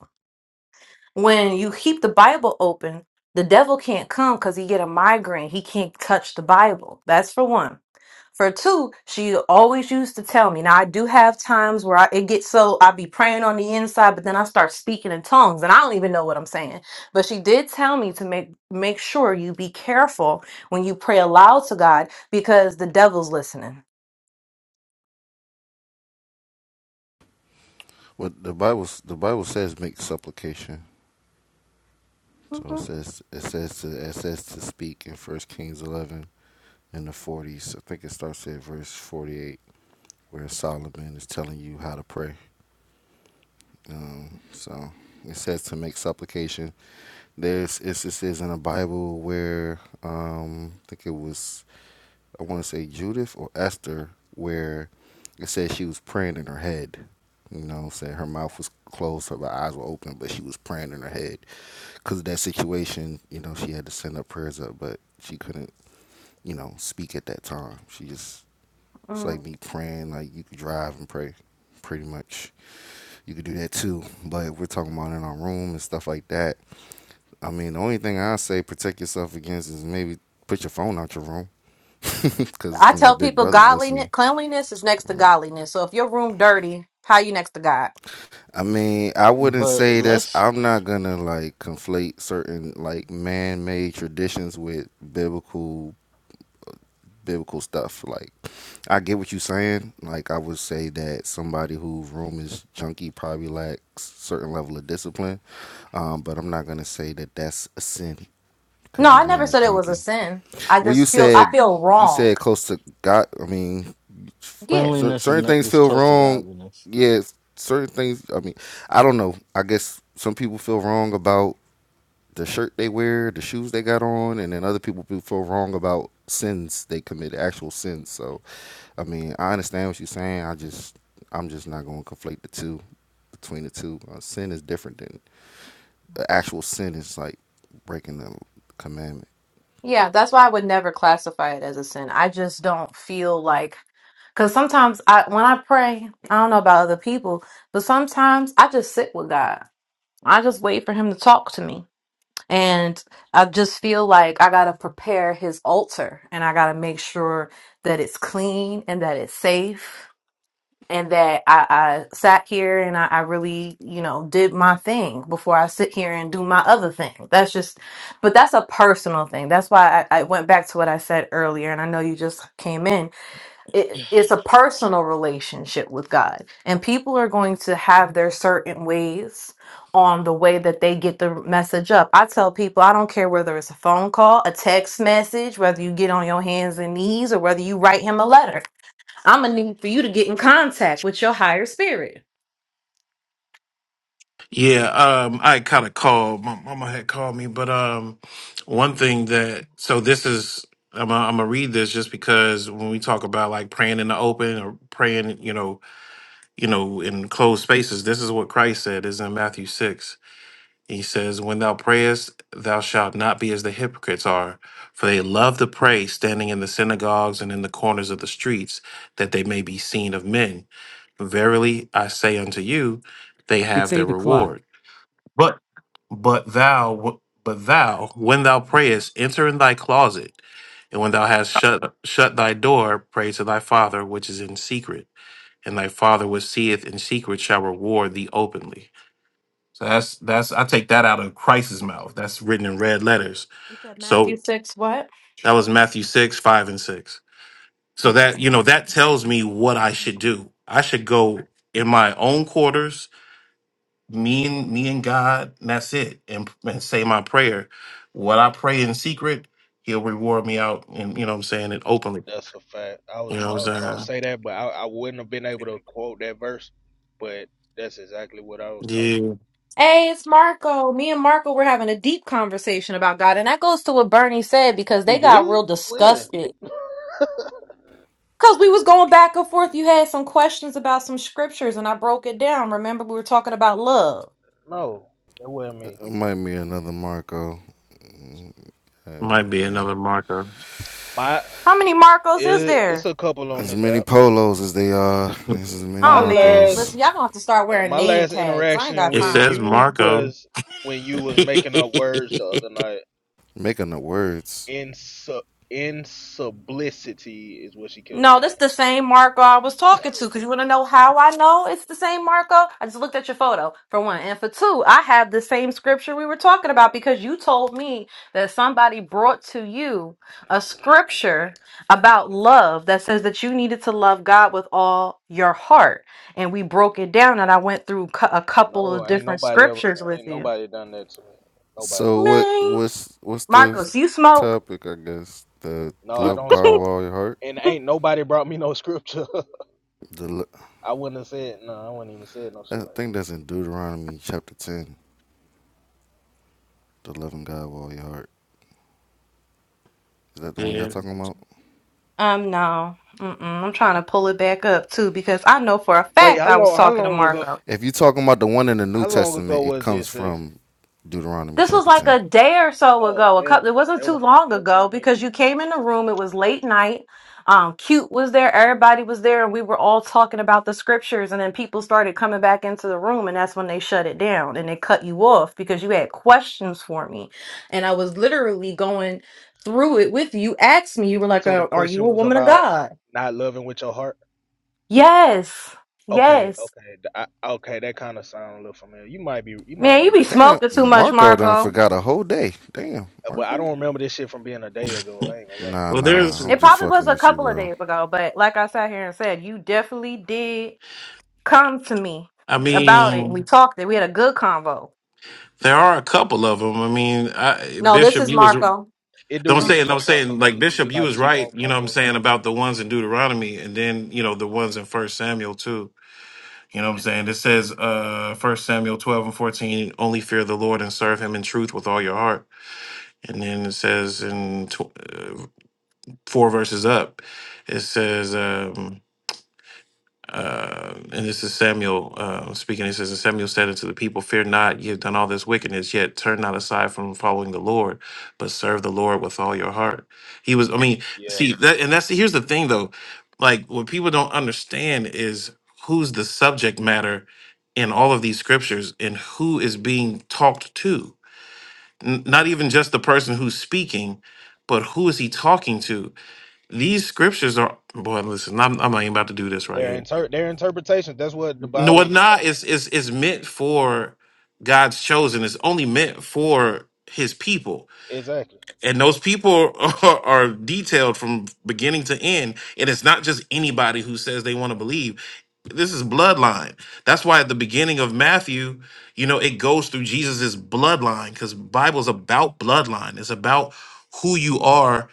[SPEAKER 2] when you keep the bible open the devil can't come because he get a migraine he can't touch the bible that's for one for two she always used to tell me now i do have times where I, it gets so i be praying on the inside but then i start speaking in tongues and i don't even know what i'm saying but she did tell me to make make sure you be careful when you pray aloud to god because the devil's listening
[SPEAKER 7] Well, the Bible the Bible says make supplication. So it
[SPEAKER 2] Mhm,
[SPEAKER 7] says it says to it says to speak in First Kings eleven in the forties. I think it starts at verse forty eight, where Solomon is telling you how to pray. Um, so it says to make supplication. There's instances in the Bible where um, I think it was I want to say Judith or Esther, where it says she was praying in her head. You know, saying her mouth was closed, her eyes were open, but she was praying in her head. because of that situation, you know, she had to send her prayers up, but she couldn't, you know, speak at that time. She just, it's like
[SPEAKER 2] mhm.
[SPEAKER 7] me praying, like you could drive and pray, pretty much. You could do that too, but if we're talking about in our room and stuff like that, I mean, the only thing I say protect yourself against is maybe put your phone out your room. Because,
[SPEAKER 2] I
[SPEAKER 7] you know,
[SPEAKER 2] tell
[SPEAKER 7] Big
[SPEAKER 2] people
[SPEAKER 7] Brother's
[SPEAKER 2] godliness,
[SPEAKER 7] listening.
[SPEAKER 2] cleanliness is next to
[SPEAKER 7] Mm.
[SPEAKER 2] godliness. So if your room dirty, how you next to God?
[SPEAKER 7] I mean, I wouldn't
[SPEAKER 3] but
[SPEAKER 7] say that's,
[SPEAKER 3] let's
[SPEAKER 7] I'm not going to like conflate certain like man made traditions with biblical biblical stuff. Like, I get what you're saying. Like, I would say that somebody whose room is junky probably lacks certain level of discipline. Um, but I'm not gonna say that that's a sin
[SPEAKER 2] No,
[SPEAKER 7] because your
[SPEAKER 2] I never
[SPEAKER 7] room is
[SPEAKER 2] said it was a
[SPEAKER 7] junky.
[SPEAKER 2] sin. I
[SPEAKER 7] Well, you
[SPEAKER 2] just feel I
[SPEAKER 7] said
[SPEAKER 2] feel
[SPEAKER 7] you
[SPEAKER 2] wrong.
[SPEAKER 7] said close to God. I mean,
[SPEAKER 2] Yeah.
[SPEAKER 7] cer-
[SPEAKER 3] cleanliness is
[SPEAKER 7] certain
[SPEAKER 3] not,
[SPEAKER 7] things
[SPEAKER 3] is
[SPEAKER 7] feel
[SPEAKER 3] close to
[SPEAKER 7] wrong.
[SPEAKER 3] godliness.
[SPEAKER 7] Yeah, certain things. I mean, I don't know. I guess some people feel wrong about the shirt they wear, the shoes they got on, and then other people feel wrong about sins they commit, actual sins. So I mean, I understand what you're saying. I just I'm just not going to conflate the two between the two. Uh, sin is different than the actual sin is like breaking the commandment.
[SPEAKER 2] Yeah, that's why I would never classify it as a sin. I just don't feel like cuz sometimes I when I pray, I don't know about other people, but sometimes I just sit with God. I just wait for him to talk to me. And I just feel like I got to prepare his altar and I got to make sure that it's clean and that it's safe and that I, I sat here and I, I really, you know, did my thing before I sit here and do my other thing. That's just, but that's a personal thing. That's why I, I went back to what I said earlier, and I know you just came in. It, it's a personal relationship with God, and people are going to have their certain ways on the way that they get the message up. I tell people, I don't care whether it's a phone call, a text message, whether you get on your hands and knees, or whether you write him a letter. I'm gonna need for you to get in contact with your higher spirit.
[SPEAKER 1] Yeah, um, I kind of called. My mama had called me, but um, one thing that so this is I'm gonna I'm gonna read this just because when we talk about like praying in the open or praying, you know, you know, in closed spaces, this is what Christ said is in Matthew six. He says, "When thou prayest, thou shalt not be as the hypocrites are, for they love to pray standing in the synagogues and in the corners of the streets, that they may be seen of men. Verily, I say unto you, they have their reward." But but thou but thou when thou prayest, enter in thy closet, and when thou hast shut shut thy door, pray to thy father which is in secret, and thy father which seeth in secret shall reward thee openly. So that's that's I take that out of Christ's mouth. That's written in red letters.
[SPEAKER 2] You said Matthew
[SPEAKER 1] So
[SPEAKER 2] 6, what?
[SPEAKER 1] that was Matthew six, five and six. So that
[SPEAKER 2] Okay.
[SPEAKER 1] you know that tells me what I should do. I should go in my own quarters me and me and God, and that's it. And, and say my prayer. What I pray in secret, He'll reward me out, and you know what I'm saying it openly.
[SPEAKER 8] That's a fact. I
[SPEAKER 1] You
[SPEAKER 8] was
[SPEAKER 1] know
[SPEAKER 8] I
[SPEAKER 1] what
[SPEAKER 8] was gonna
[SPEAKER 1] I'm
[SPEAKER 8] say that, but I, I wouldn't have been able to quote that verse. But that's exactly what I was taught.
[SPEAKER 1] saying?
[SPEAKER 2] Hey, it's Marco. Me and Marco were having a deep conversation about God, and that goes to what Bernie said because they
[SPEAKER 8] We
[SPEAKER 2] got
[SPEAKER 8] did
[SPEAKER 2] real
[SPEAKER 8] when?
[SPEAKER 2] disgusted. Because we was going back and forth. You had some questions about some scriptures, and I broke it down. Remember, we were talking about love.
[SPEAKER 8] No, that wasn't me.
[SPEAKER 7] It might be another Marco. Mm,
[SPEAKER 1] Yeah,
[SPEAKER 7] Uh,
[SPEAKER 1] might be
[SPEAKER 7] yeah.
[SPEAKER 1] another Marco.
[SPEAKER 8] My
[SPEAKER 2] How many Marcos is
[SPEAKER 8] it, it's
[SPEAKER 2] there?
[SPEAKER 8] a couple on
[SPEAKER 7] As
[SPEAKER 8] this
[SPEAKER 7] many
[SPEAKER 8] app.
[SPEAKER 7] polos as they are, there's as many
[SPEAKER 8] My
[SPEAKER 2] Oh man,
[SPEAKER 7] Marcos.
[SPEAKER 8] last
[SPEAKER 2] listen, y'all gonna have to start
[SPEAKER 8] uh,
[SPEAKER 2] wearing
[SPEAKER 8] my
[SPEAKER 2] name
[SPEAKER 8] last
[SPEAKER 2] tags. I ain't
[SPEAKER 8] interaction
[SPEAKER 2] got
[SPEAKER 1] It
[SPEAKER 8] with
[SPEAKER 2] time.
[SPEAKER 1] says
[SPEAKER 8] you
[SPEAKER 1] Marco.
[SPEAKER 8] was when you was making up words the other night.
[SPEAKER 7] Making the words.
[SPEAKER 8] In su- in sublicity is what she kept
[SPEAKER 2] No,
[SPEAKER 8] saying.
[SPEAKER 2] that's the same Marco I was talking to. Because you want to know how I know it's the same Marco? I just looked at your photo, for one. And for two, I have the same scripture we were talking about because you told me that somebody brought to you a scripture about love that says that you needed to love God with all your heart. And we broke it down, and I went through cou- a couple
[SPEAKER 8] No,
[SPEAKER 2] of
[SPEAKER 8] ain't
[SPEAKER 2] different
[SPEAKER 8] nobody ever
[SPEAKER 2] scriptures with
[SPEAKER 8] ain't
[SPEAKER 2] you.
[SPEAKER 8] nobody done that to me. Nobody.
[SPEAKER 7] So what?
[SPEAKER 2] Man,
[SPEAKER 7] What's what's the
[SPEAKER 2] Marcos, you smoke.
[SPEAKER 7] topic, I guess, the
[SPEAKER 8] No, I
[SPEAKER 7] love
[SPEAKER 8] don't
[SPEAKER 7] God with
[SPEAKER 8] smoke.
[SPEAKER 7] all your heart.
[SPEAKER 8] And ain't nobody brought me no scripture.
[SPEAKER 7] The lo-
[SPEAKER 8] I wouldn't have said no. I wouldn't even said no shit
[SPEAKER 7] I
[SPEAKER 8] like
[SPEAKER 7] think
[SPEAKER 8] that.
[SPEAKER 7] that's in Deuteronomy chapter ten. The loving God with all your heart. Is that the one y'all
[SPEAKER 1] yeah.
[SPEAKER 7] talking about?
[SPEAKER 2] Um, no. Mm-mm. I'm trying to pull it back up too because I know for a
[SPEAKER 8] Wait,
[SPEAKER 2] fact
[SPEAKER 8] how
[SPEAKER 2] I was
[SPEAKER 8] long? How
[SPEAKER 2] talking to
[SPEAKER 8] long ago?
[SPEAKER 2] Marco.
[SPEAKER 7] If you talking about the one in the New
[SPEAKER 8] How long ago
[SPEAKER 7] Testament, it
[SPEAKER 8] was
[SPEAKER 7] comes
[SPEAKER 8] this, six?
[SPEAKER 7] from Deuteronomy
[SPEAKER 2] This was
[SPEAKER 7] chapter
[SPEAKER 2] like
[SPEAKER 7] ten.
[SPEAKER 2] a day or so
[SPEAKER 8] Oh
[SPEAKER 2] ago. A
[SPEAKER 8] hell
[SPEAKER 2] couple. It
[SPEAKER 8] no,
[SPEAKER 2] wasn't
[SPEAKER 8] that
[SPEAKER 2] too
[SPEAKER 8] wasn't
[SPEAKER 2] long
[SPEAKER 8] that
[SPEAKER 2] ago
[SPEAKER 8] wasn't me.
[SPEAKER 2] because you came in the room. It was late night. Um, cute was there. Everybody was there, and we were all talking about the scriptures. And then people started coming back into the room, and that's when they shut it down and they cut you off because you had questions for me, and I was literally going through it with you. You Asked me, you were like,
[SPEAKER 8] So the
[SPEAKER 2] "Uh, "Are you
[SPEAKER 8] question
[SPEAKER 2] a
[SPEAKER 8] was
[SPEAKER 2] woman of
[SPEAKER 8] about
[SPEAKER 2] God?"
[SPEAKER 8] not loving with your heart.
[SPEAKER 2] Yes.
[SPEAKER 8] Okay,
[SPEAKER 2] Yes.
[SPEAKER 8] okay, th- I, okay. That kind of sound a little familiar. You might be, you might
[SPEAKER 2] Man,
[SPEAKER 8] be
[SPEAKER 2] you be
[SPEAKER 8] right,
[SPEAKER 7] Damn,
[SPEAKER 2] smoking too much,
[SPEAKER 7] Marco done
[SPEAKER 2] Marco.
[SPEAKER 7] forgot a whole day. Damn,
[SPEAKER 8] Uh, but I
[SPEAKER 7] Marco.
[SPEAKER 8] don't remember this shit from being a day ago. I ain't gonna lie.
[SPEAKER 7] Nah,
[SPEAKER 1] well,
[SPEAKER 7] nah,
[SPEAKER 1] there's.
[SPEAKER 7] I'm
[SPEAKER 2] It
[SPEAKER 7] just
[SPEAKER 2] probably was
[SPEAKER 7] fucking
[SPEAKER 2] a
[SPEAKER 7] with you,
[SPEAKER 2] couple of
[SPEAKER 7] bro.
[SPEAKER 2] days ago, but like I sat here and said, you definitely did come to me
[SPEAKER 1] I
[SPEAKER 2] about it. We
[SPEAKER 1] mean,
[SPEAKER 2] talked it. We had a good convo.
[SPEAKER 1] there are a couple of them. I mean, I,
[SPEAKER 2] No, this
[SPEAKER 1] Bishop,
[SPEAKER 2] is
[SPEAKER 1] you was.
[SPEAKER 2] Marco.
[SPEAKER 8] It
[SPEAKER 1] So
[SPEAKER 8] do
[SPEAKER 1] I'm
[SPEAKER 8] be
[SPEAKER 2] Mm,
[SPEAKER 8] some
[SPEAKER 1] saying, I'm
[SPEAKER 8] more
[SPEAKER 1] saying,
[SPEAKER 8] Marcos.
[SPEAKER 1] like
[SPEAKER 8] It do be
[SPEAKER 1] Bishop, you
[SPEAKER 8] like
[SPEAKER 1] was
[SPEAKER 8] two
[SPEAKER 1] right.
[SPEAKER 8] more
[SPEAKER 1] You know what I'm
[SPEAKER 8] Marcos.
[SPEAKER 1] saying about the ones in Deuteronomy, and then you know the ones in First Samuel too. You know what I'm saying? It says, uh, First Samuel 12 and 14, only fear the Lord and serve Him in truth with all your heart. And then it says in tw- uh, four verses up, it says. Um, uh, and this is Samuel uh, speaking. It says, And Samuel said unto the people, Fear not, ye have done all this wickedness, yet turn not aside from following the Lord, but serve the Lord with all your heart. He was, I mean,
[SPEAKER 8] Yeah,
[SPEAKER 1] see, that, and that's here's the thing though. Like, what people don't understand is who's the subject matter in all of these scriptures and who is being talked to. N- not even just the person who's speaking, but who is he talking to? These scriptures are, boy, listen, I'm, I'm not even about to do this right
[SPEAKER 8] their
[SPEAKER 1] here
[SPEAKER 8] inter their interpretations. That's what the
[SPEAKER 1] no,
[SPEAKER 8] Bible
[SPEAKER 1] what
[SPEAKER 8] is
[SPEAKER 1] not
[SPEAKER 8] about.
[SPEAKER 1] is is is meant for God's chosen. It's only meant for His people,
[SPEAKER 8] Exactly.
[SPEAKER 1] and those people are, are detailed from beginning to end. And it's not just anybody who says they want to believe. This is bloodline. That's why at the beginning of Matthew, you know, it goes through Jesus's bloodline because Bible's about bloodline. It's about who you are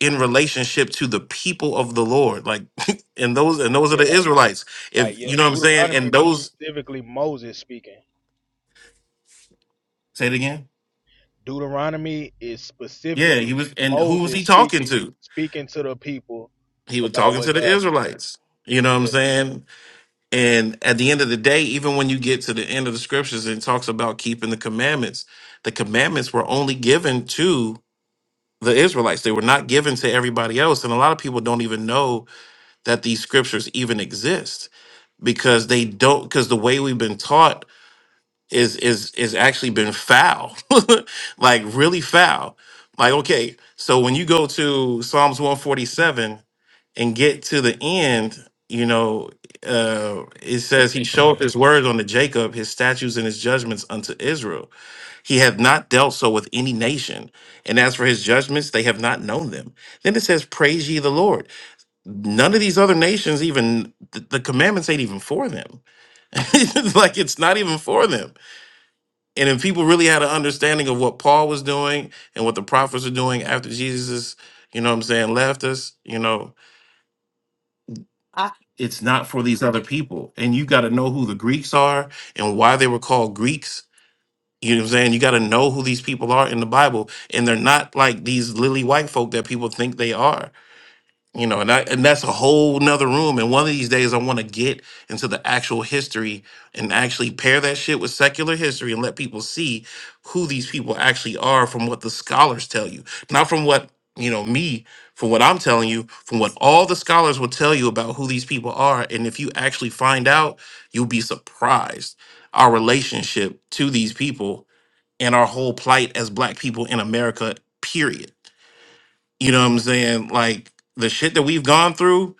[SPEAKER 1] in relationship to the people of the Lord, like and those and those are
[SPEAKER 8] Yeah,
[SPEAKER 1] the
[SPEAKER 8] like
[SPEAKER 1] Israelites.
[SPEAKER 8] like
[SPEAKER 1] If
[SPEAKER 8] yeah,
[SPEAKER 1] you know what I'm saying,
[SPEAKER 8] Deuteronomy
[SPEAKER 1] and
[SPEAKER 8] was
[SPEAKER 1] those
[SPEAKER 8] specifically Moses speaking.
[SPEAKER 1] Say it again.
[SPEAKER 8] Deuteronomy is
[SPEAKER 1] Yeah, he
[SPEAKER 8] specifically
[SPEAKER 1] was, and who was
[SPEAKER 8] Moses
[SPEAKER 1] he talking
[SPEAKER 8] speaking
[SPEAKER 1] to?
[SPEAKER 8] speaking to the people
[SPEAKER 1] He was
[SPEAKER 8] about
[SPEAKER 1] talking
[SPEAKER 8] what
[SPEAKER 1] to the
[SPEAKER 8] God said.
[SPEAKER 1] Israelites. You know what I'm
[SPEAKER 8] Yeah,
[SPEAKER 1] saying? And at the end of the day, even when you get to the end of the scriptures and it talks about keeping the commandments, the commandments were only given to the Israelites. They were not given to everybody else. And a lot of people don't even know that these scriptures even exist because they don't, because the way we've been taught is is is actually been foul, like really foul. Like okay, so when you go to Psalms one forty seven and get to the end, you know, uh, it says he showed his words unto Jacob, his statutes and his judgments unto Israel. He hath not dealt so with any nation, and as for his judgments, they have not known them. Then it says, "Praise ye the Lord." None of these other nations even th- the commandments ain't even for them. like it's not even for them and if people really had an understanding of what Paul was doing and what the prophets are doing after Jesus, you know what I'm saying, left us, you know,
[SPEAKER 2] I,
[SPEAKER 1] it's not for these other people. And you got to know who the Greeks are and why they were called Greeks. You know what I'm saying? You got to know who these people are in the Bible. And they're not like these lily white folk that people think they are you know, and I, and that's a whole nother room. And one of these days, I want to get into the actual history and actually pair that shit with secular history and let people see who these people actually are from what the scholars tell you, not from what you know me, from what I'm telling you, from what all the scholars will tell you about who these people are. And if you actually find out, you'll be surprised our relationship to these people and our whole plight as Black people in America. Period you know what I'm saying? Like the shit that we've gone through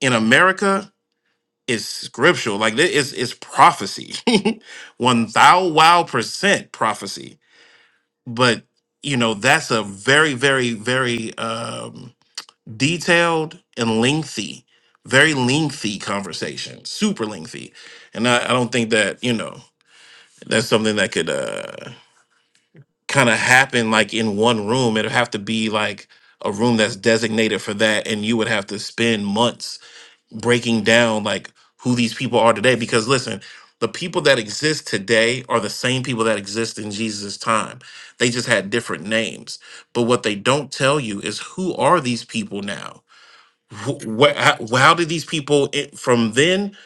[SPEAKER 1] in America is scriptural. Like thi- it's it's prophecy. One thou wow percent prophecy. But you know, that's a very, very, very um detailed and lengthy, very lengthy conversation. Super lengthy. And I, I don't think that, you know, that's something that could uh kind of happen like in one room. it would have to be like a room that's designated for that, and you would have to spend months breaking down like who these people are today. Because listen, the people that exist today are the same people that exist in Jesus' time. They just had different names. But what they don't tell you is who are these people now? Wh- wh- how, how did these people i- from then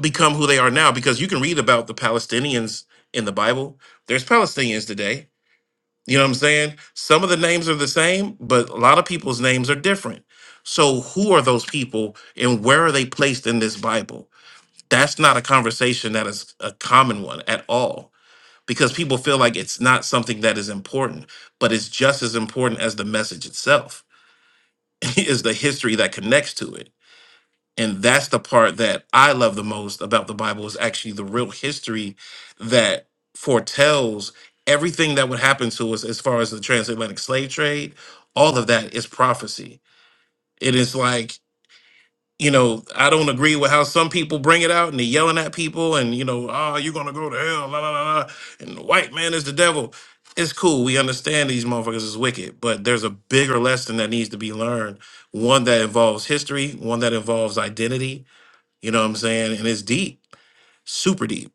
[SPEAKER 1] become who they are now? Because you can read about the Palestinians in the Bible. There's Palestinians today you know what I'm saying? Some of the names are the same, but a lot of people's names are different. So, who are those people and where are they placed in this Bible? That's not a conversation that is a common one at all because people feel like it's not something that is important, but it's just as important as the message itself is the history that connects to it and that's the part that i love the most about the bible is actually the real history that foretells everything that would happen to us as far as the transatlantic slave trade all of that is prophecy it is like you know i don't agree with how some people bring it out and they're yelling at people and you know oh you're gonna go to hell la, la, la, la, and the white man is the devil it's cool we understand these motherfuckers is wicked but there's a bigger lesson that needs to be learned one that involves history one that involves identity you know what I'm saying? And it's deep, super deep.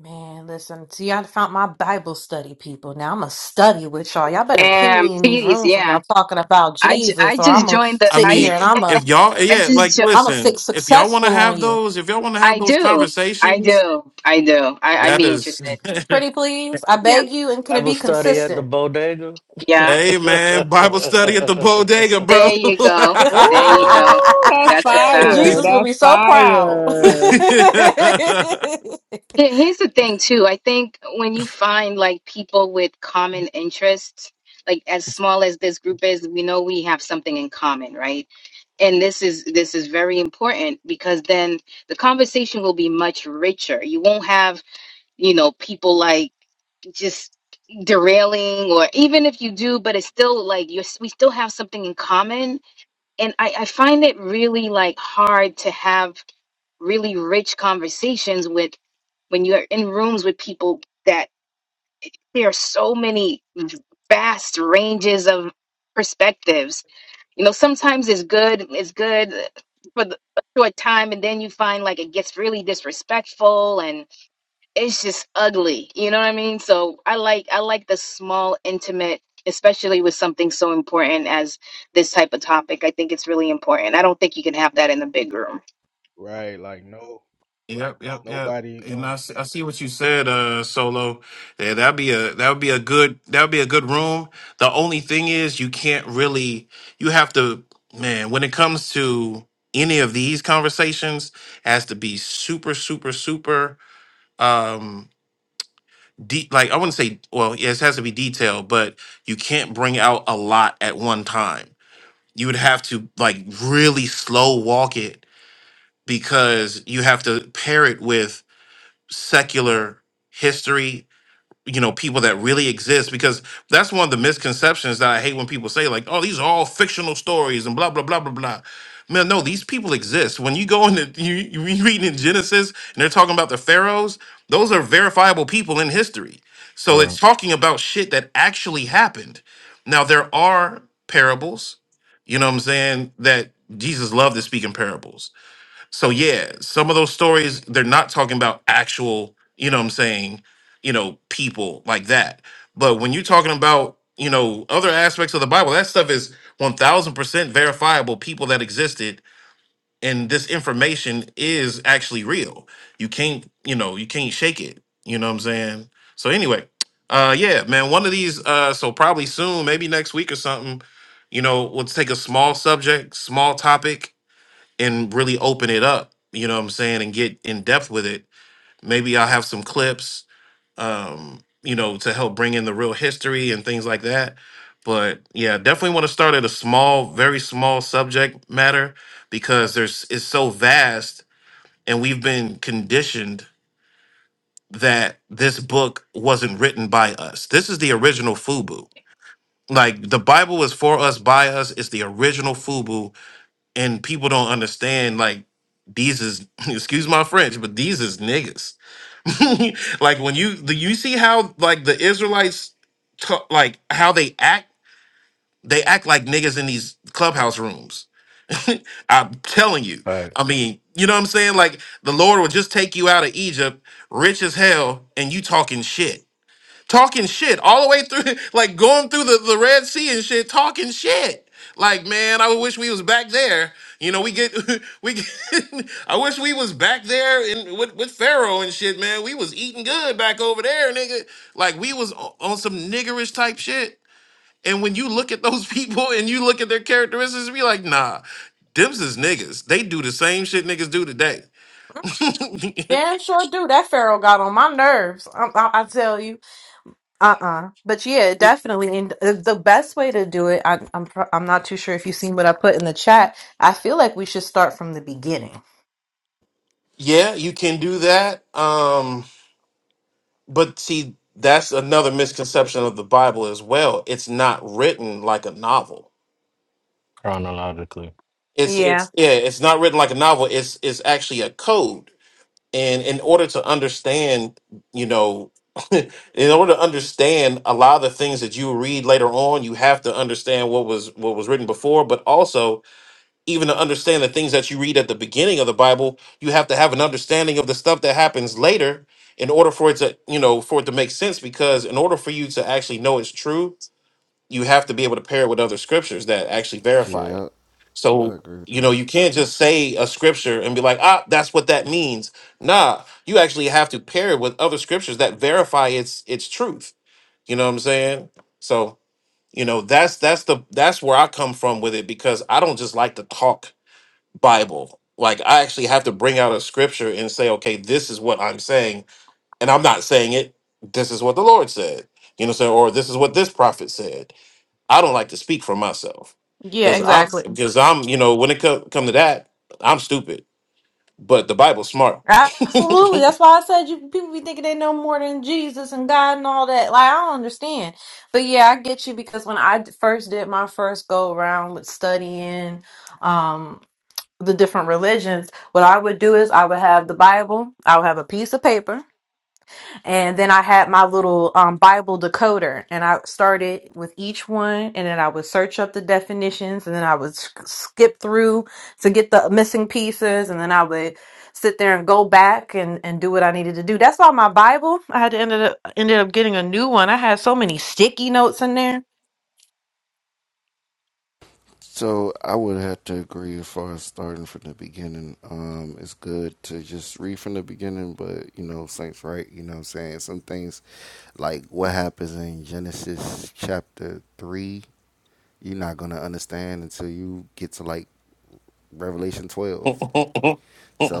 [SPEAKER 2] man, listen. See, I found my Bible study, people. Now I'm going to study with y'all. Y'all better ping
[SPEAKER 6] Damn,
[SPEAKER 2] me in these
[SPEAKER 6] please,
[SPEAKER 2] rooms when
[SPEAKER 6] yeah.
[SPEAKER 2] I'm talking about
[SPEAKER 6] I, ju- I
[SPEAKER 2] Jesus, or I'm
[SPEAKER 6] just
[SPEAKER 2] going to
[SPEAKER 6] joined the
[SPEAKER 1] I
[SPEAKER 2] sit
[SPEAKER 6] I
[SPEAKER 2] here
[SPEAKER 1] mean,
[SPEAKER 2] and I'm going to
[SPEAKER 1] if y'all,
[SPEAKER 6] I
[SPEAKER 1] yeah,
[SPEAKER 6] just
[SPEAKER 1] like,
[SPEAKER 6] jo-
[SPEAKER 2] I'm going to sit
[SPEAKER 1] listen, if y'all want to
[SPEAKER 2] successful on
[SPEAKER 1] have
[SPEAKER 2] you.
[SPEAKER 1] those, if y'all want to have
[SPEAKER 6] I
[SPEAKER 1] those
[SPEAKER 6] do I
[SPEAKER 1] conversations,
[SPEAKER 6] do I do I I'd
[SPEAKER 1] that
[SPEAKER 6] be
[SPEAKER 1] is,
[SPEAKER 6] interested.
[SPEAKER 2] Pretty please, I
[SPEAKER 6] Yeah,
[SPEAKER 2] beg you, and can it
[SPEAKER 3] Bible
[SPEAKER 2] be
[SPEAKER 3] study at the
[SPEAKER 2] consistent?
[SPEAKER 3] bodega.
[SPEAKER 6] yeah.
[SPEAKER 1] hey man, Bible study at the bodega,
[SPEAKER 6] There you go. There you go.
[SPEAKER 4] Oh, that's
[SPEAKER 6] That's what's up.
[SPEAKER 4] fire.
[SPEAKER 2] Jesus will
[SPEAKER 1] bro.
[SPEAKER 4] That's
[SPEAKER 2] be so proud.
[SPEAKER 4] fire.
[SPEAKER 6] Here- Here's the thing too. I think when you find like people with common interests, like as small as this group is, we know we have something in common, right? And this is this is very important because then the conversation will be much richer. You won't have, you know, people like just derailing or even if you do, but it's still like you're we still have something in common. And I, I find it really like hard to have really rich conversations with when you're in rooms with people that there are so many vast ranges of perspectives you know sometimes it's good it's good for the, a short time and then you find like it gets really disrespectful and it's just ugly you know what i mean so i like i like the small intimate especially with something so important as this type of topic i think it's really important i don't think you can have that in a big room
[SPEAKER 8] right. Like no
[SPEAKER 1] Yep, yep, yep.
[SPEAKER 8] nobody.
[SPEAKER 1] And
[SPEAKER 8] Uh,
[SPEAKER 1] I see, I see what you said, uh, Solo. Yeah, that'd be a that would be a good that would be a good room. The only thing is, you can't really you have to man when it comes to any of these conversations it has to be super super super um deep like i wouldn't say well yes it has to be detailed but you can't bring out a lot at one time you would have to like really slow walk it because you have to pair it with secular history you know people that really exist because that's one of the misconceptions that i hate when people say like oh these are all fictional stories and blah blah blah blah blah man no these people exist when you go into you, you you read in genesis and they're talking about the pharaohs those are verifiable people in history so it's
[SPEAKER 3] or
[SPEAKER 1] talking about shit that actually happened now there are parables you know what i'm saying that jesus loved to speak in parables so yeah, some of those stories they're not talking about actual, you know what I'm saying, you know, people like that. But when you're talking about, you know, other aspects of the Bible, that stuff is 1000% verifiable people that existed and this information is actually real. You can't, you know, you can't shake it, you know what I'm saying? So anyway, uh yeah, man, one of these uh so probably soon, maybe next week or something, you know, we'll take a small subject, small topic and really open it up you know what i'm saying and get in depth with it maybe i'll have some clips um you know to help bring in the real history and things like that but yeah definitely want to start at a small very small subject matter because there's it's so vast and we've been conditioned that this book wasn't written by us this is the original fubu like the bible is for us by us it's the original fubu and people don't understand like these is excuse my french but these is niggas like when you the you see how like the israelites ta- like how they act they act like niggas in these clubhouse rooms i'm telling you
[SPEAKER 3] right,
[SPEAKER 1] i mean you know what i'm saying like the lord will just take you out of egypt rich as hell and you talking shit talking shit all the way through, like going through the, the Red Sea and shit, talking shit. Like, man, I wish we was back there. You know, we get, we get, I wish we was back there in, with, with Pharaoh and shit, man. We was eating good back over there, nigga. Like, we was o- on some niggerish type shit. And when you look at those people and you look at their characteristics, be like, nah, dims is niggas. They do the same shit niggas do today.
[SPEAKER 2] Damn sure do. That Pharaoh got on my nerves. I, I, I tell you, uh uh But yeah,
[SPEAKER 1] Y-
[SPEAKER 2] definitely. And the the best way to do it, I, I'm pr- I'm not too sure if you've seen what I put in the chat. I feel like we should start from the beginning.
[SPEAKER 1] yeah, you can do that. Um, But see, that's another misconception of the Bible as well. It's not written like a novel.
[SPEAKER 3] chronologically.
[SPEAKER 1] It's
[SPEAKER 2] Yeah.
[SPEAKER 1] it's yeah, it's not written like a novel. It's it's actually a code. And in order to understand, you know, in order to understand a lot of the things that you read later on, you have to understand what was what was written before, but also even to understand the things that you read at the beginning of the Bible, you have to have an understanding of the stuff that happens later in order for it to, you know, for it to make sense. Because in order for you to actually know it's true, you have to be able to pair it with other scriptures that actually verify it.
[SPEAKER 7] Yeah, I, I
[SPEAKER 1] So,
[SPEAKER 7] agree with
[SPEAKER 1] you
[SPEAKER 7] that.
[SPEAKER 1] know, you can't just say a scripture and be like, ah, that's what that means. Nah, you actually have to pair it with other scriptures that verify its its truth. You know what I'm saying? So, you know, that's that's the that's where I come from with it because I don't just like to talk Bible. Like I actually have to bring out a scripture and say, okay, this is what I'm saying, and I'm not saying it. This is what the Lord said. You know, what I'm saying, or this is what this prophet said. I don't like to speak for myself
[SPEAKER 2] Yeah.
[SPEAKER 1] because I'm
[SPEAKER 2] Exactly.
[SPEAKER 1] because I'm you know when it co- come to that, I'm stupid, but the Bible's smart.
[SPEAKER 2] Absolutely. That's why I said you people be thinking they know more than Jesus and God and all that. Like I don't understand. But yeah, I get you because when I d- first did my first go around with studying um the different religions, what I would do is I would have the Bible, I would have a piece of paper, and then I had my little um, Bible decoder, and I started with each one, and then I would search up the definitions, and then I would sk- skip through to get the missing pieces, and then I would sit there and go back and, and do what I needed to do. That's why my Bible, I had to ended up ended up getting a new one. I had so many sticky notes in there.
[SPEAKER 7] So I would have to agree as far as starting from the beginning. Um, it's good to just read from the beginning, but you know, Saints right, you know what I'm saying? Some things like what happens in Genesis chapter three, you're not gonna understand until you get to like Revelation twelve.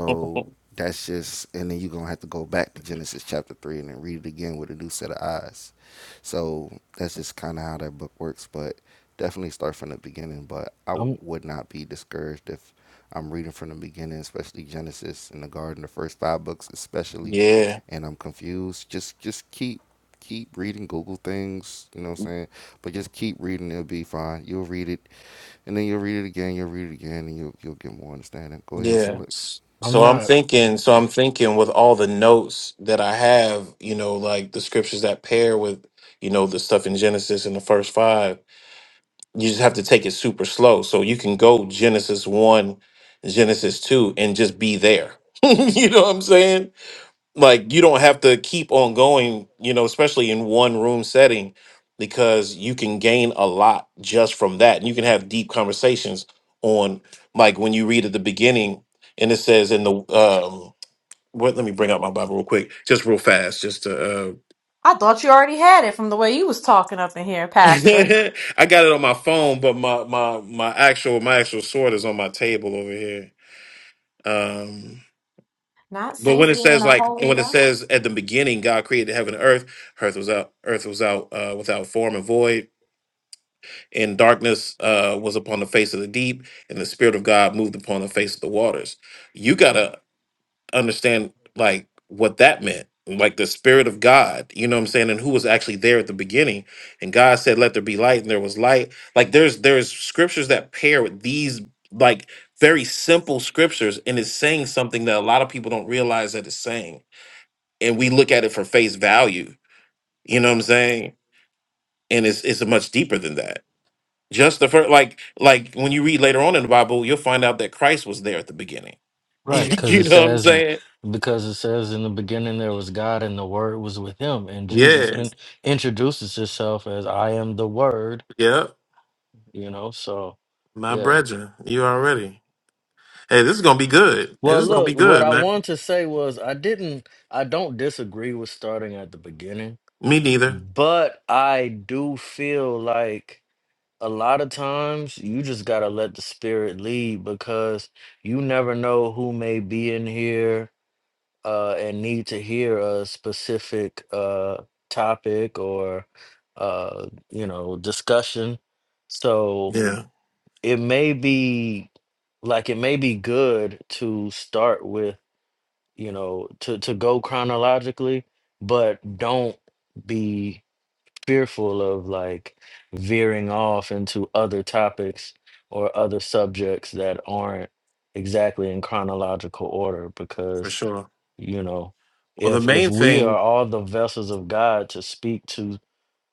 [SPEAKER 7] that's just, and then you're going to have to go back to Genesis chapter 3 and then read it again with a new set of eyes. So that's just kind of how that book works. But definitely start from the beginning. But I
[SPEAKER 3] I'm
[SPEAKER 7] would not be discouraged if I'm reading from the beginning, especially Genesis and the garden, the first five books, especially,
[SPEAKER 1] yeah.
[SPEAKER 7] and I'm confused. Just, just keep. Keep reading, Google things, you know what I'm saying? But just keep reading, it'll be fine. You'll read it, and then you'll read it again, you'll read it again, and you'll, you'll get more understanding. Go ahead,
[SPEAKER 1] Yeah.
[SPEAKER 7] Solix.
[SPEAKER 1] S-
[SPEAKER 3] I'm
[SPEAKER 1] So I'm
[SPEAKER 3] not
[SPEAKER 1] thinking, so I'm thinking with all the notes that I have, you know, like the scriptures that pair with, you know, the stuff in Genesis in the first five, you just have to take it super slow. So you can go Genesis one, Genesis two, and just be there. you know what I'm saying? like you don't have to keep on going you know especially in one room setting because you can gain a lot just from that and you can have deep conversations on like when you read at the beginning and it says in the um what let me bring up my bible real quick just real fast just to uh
[SPEAKER 2] I thought you already had it from the way you was talking up in here, Pastor.
[SPEAKER 1] i got it on my phone but my my my actual my actual sword is on my table over here Um.
[SPEAKER 2] Not
[SPEAKER 1] But when
[SPEAKER 2] Saint
[SPEAKER 1] it
[SPEAKER 2] being
[SPEAKER 1] says
[SPEAKER 2] a
[SPEAKER 1] like
[SPEAKER 2] holy
[SPEAKER 1] when it
[SPEAKER 2] God.
[SPEAKER 1] says at the beginning God created heaven and earth, earth was out earth was out uh, without form and void, and darkness uh, was upon the face of the deep, and the spirit of God moved upon the face of the waters. You gotta understand like what that meant. Like the spirit of God, you know what I'm saying, and who was actually there at the beginning. And God said, Let there be light, and there was light. Like there's there's scriptures that pair with these like very simple scriptures, and it's saying something that a lot of people don't realize that it's saying and we look at it for face value. You know what I'm saying? And it's it's much deeper than that. Just the first, like like when you read later on in the Bible, you'll find out that Christ was there at the beginning.
[SPEAKER 3] right because
[SPEAKER 1] you
[SPEAKER 3] it
[SPEAKER 1] know what I'm
[SPEAKER 3] says
[SPEAKER 1] saying?
[SPEAKER 3] because it says in the beginning there was God and the Word was with Him and Jesus
[SPEAKER 1] Yeah,
[SPEAKER 3] in, introduces Himself as I am the Word
[SPEAKER 1] Yep.
[SPEAKER 3] you know so
[SPEAKER 1] My
[SPEAKER 3] yeah
[SPEAKER 1] brethren, you already. Hey, this is gonna be good. Hey, this
[SPEAKER 3] well
[SPEAKER 1] is gonna
[SPEAKER 3] look
[SPEAKER 1] be
[SPEAKER 3] what
[SPEAKER 1] good,
[SPEAKER 3] i
[SPEAKER 1] man.
[SPEAKER 3] wanted to say was i didn't i don't disagree with starting at the beginning
[SPEAKER 1] Me neither.
[SPEAKER 3] but i do feel like a lot of times you just gotta let the spirit lead because you never know who may be in here uh and need to hear a specific uh topic or uh you know discussion so
[SPEAKER 1] Yeah,
[SPEAKER 3] it may be like it may be good to start with you know to to go chronologically but don't be fearful of like veering off into other topics or other subjects that aren't exactly in chronological order
[SPEAKER 1] for
[SPEAKER 3] because
[SPEAKER 1] sure.
[SPEAKER 3] you know
[SPEAKER 1] Well, the
[SPEAKER 3] if if
[SPEAKER 1] main
[SPEAKER 3] we are
[SPEAKER 1] thing.
[SPEAKER 3] all the vessels of God to speak to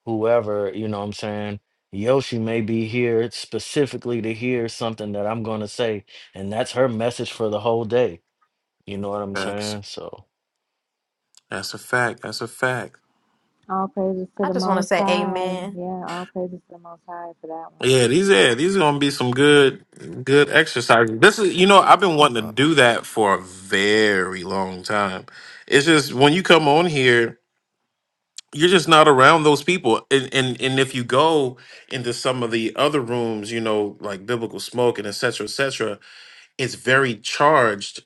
[SPEAKER 3] whoever, you know what I'm saying? Yoshi may be here specifically to hear something that I'm going to say, and that's her message for the whole day. You know what I'm
[SPEAKER 1] Facts.
[SPEAKER 3] saying? So
[SPEAKER 1] That's a fact. That's a fact.
[SPEAKER 4] All praises to
[SPEAKER 2] I
[SPEAKER 4] the
[SPEAKER 2] just want to
[SPEAKER 4] Most
[SPEAKER 2] say
[SPEAKER 4] High.
[SPEAKER 2] amen.
[SPEAKER 4] Yeah, all praises to the Most High for that one.
[SPEAKER 1] Yeah, these yeah, these are gonna be some good good exercises. This is you know, I've been wanting to do that for a very long time. It's just when you come on here, you're just not around those people. And and, and if you go into some of the other rooms, you know, like biblical smoke and et cetera, et cetera, it's very charged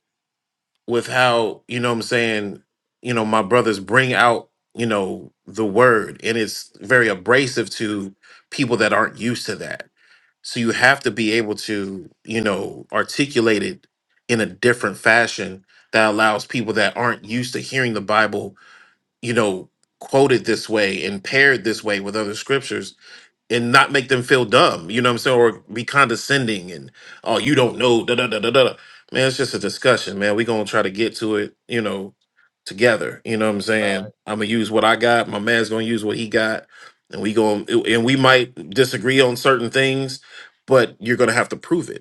[SPEAKER 1] with how, you know what I'm saying, you know, my brothers bring out, you know, the word. And it's very abrasive to people that aren't used to that so you have to be able to, you know, articulate it in a different fashion that allows people that aren't used to hearing the Bible, you know, quoted this way and paired this way with other scriptures and not make them feel dumb. You know what I'm saying? Or be condescending and oh, you don't know. Da da da da da. da." Man, it's just a discussion, man. We gonna try to get to it. You know, together. You know what I'm
[SPEAKER 8] right.
[SPEAKER 1] saying? I'm gonna use what I got. My man's gonna use what he got, and we going and we might disagree on certain things, but you're gonna have to prove it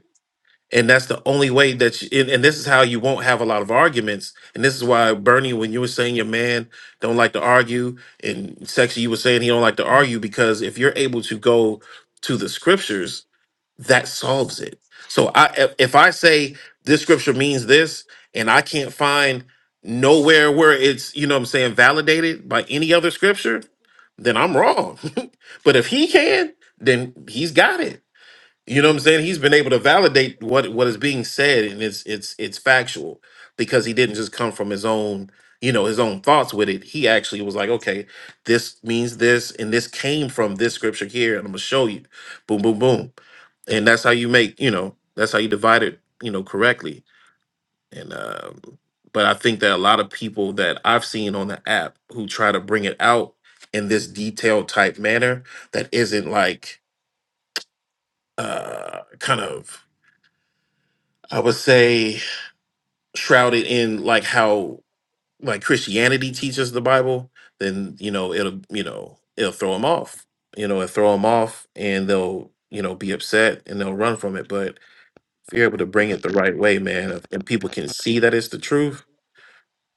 [SPEAKER 1] and that's the only way that you, and, and this is how you won't have a lot of arguments and this is why bernie when you were saying your man don't like to argue and sexy you were saying he don't like to argue because if you're able to go to the scriptures that solves it so i if if i say this scripture means this and i can't find nowhere where it's you know what i'm saying validated by any other scripture then i'm wrong but if he can then he's got it you know what I'm saying? He's been able to validate what what is being said, and it's it's it's factual because he didn't just come from his own you know his own thoughts with it. He actually was like, okay, this means this, and this came from this scripture here, and I'm gonna show you, boom, boom, boom, and that's how you make you know that's how you divide it you know correctly. And um, but I think that a lot of people that I've seen on the app who try to bring it out in this detailed type manner that isn't like uh kind of I would say shrouded in like how like Christianity teaches the Bible, then you know it'll you know it'll throw them off. You know, it'll throw them off, and they'll you know be upset and they'll run from it. But if you're able to bring it the right way, man, and people can see that it's the truth,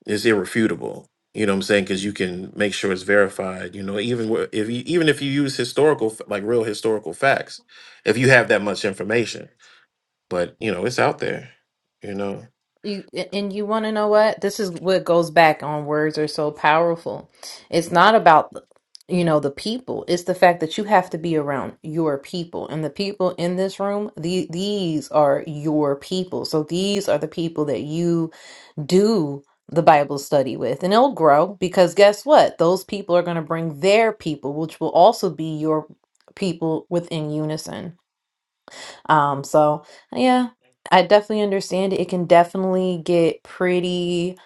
[SPEAKER 1] it's irrefutable. You know what I'm saying? Because you can make sure it's verified. You know, even wh- if you even if you use historical f- like real historical facts, if you have that much information, but you know it's out there. You know.
[SPEAKER 2] You and you want to know what? This is what goes back on words are so powerful. It's not about you know the people. It's the fact that you have to be around your people. And the people in this room, the, these are your people. So these are the people that you do the Bible study with. And it'll grow because guess what? Those people are going to bring their people, which will also be your people within unison. Um, so yeah, I definitely understand it. It can definitely get pretty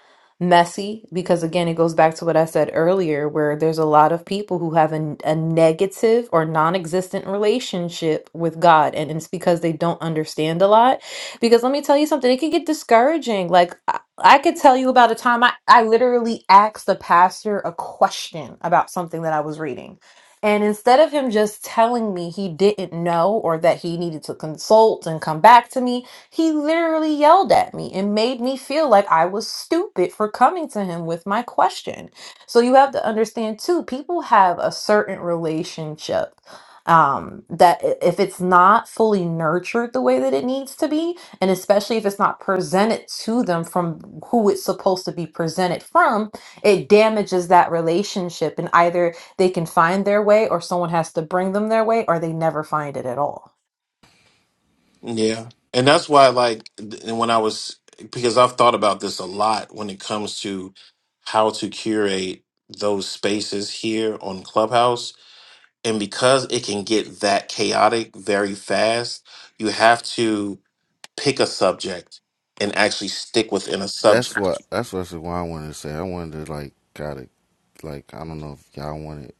[SPEAKER 2] messy because again, it goes back to what I said earlier, where there's a lot of people who have a, a negative or non-existent relationship with God, and it's because they don't understand a lot. Because let me tell you something, it can get discouraging. Like I, I could tell you about a time I, I literally asked the pastor a question about something that I was reading and instead of him just telling me he didn't know or that he needed to consult and come back to me, he literally yelled at me and made me feel like I was stupid for coming to him with my question. So you have to understand too, people have a certain relationship um that i- if it's not fully nurtured the way that it needs to be and especially if it's not presented to them from who it's supposed to be presented from it damages that relationship and either they can find their way or someone has to bring them their way or they never find it at all.
[SPEAKER 1] Yeah. And
[SPEAKER 8] Yeah.
[SPEAKER 1] that's why, like, th- and when I was, because I've thought about this a lot when it comes to how to curate those spaces here on Clubhouse. And because it can get that chaotic very fast, you have to pick a subject and actually stick within a
[SPEAKER 7] that's
[SPEAKER 1] subject.
[SPEAKER 7] what that's what, what I wanted to say. I wanted to like gotta like I don't know if y'all wanted.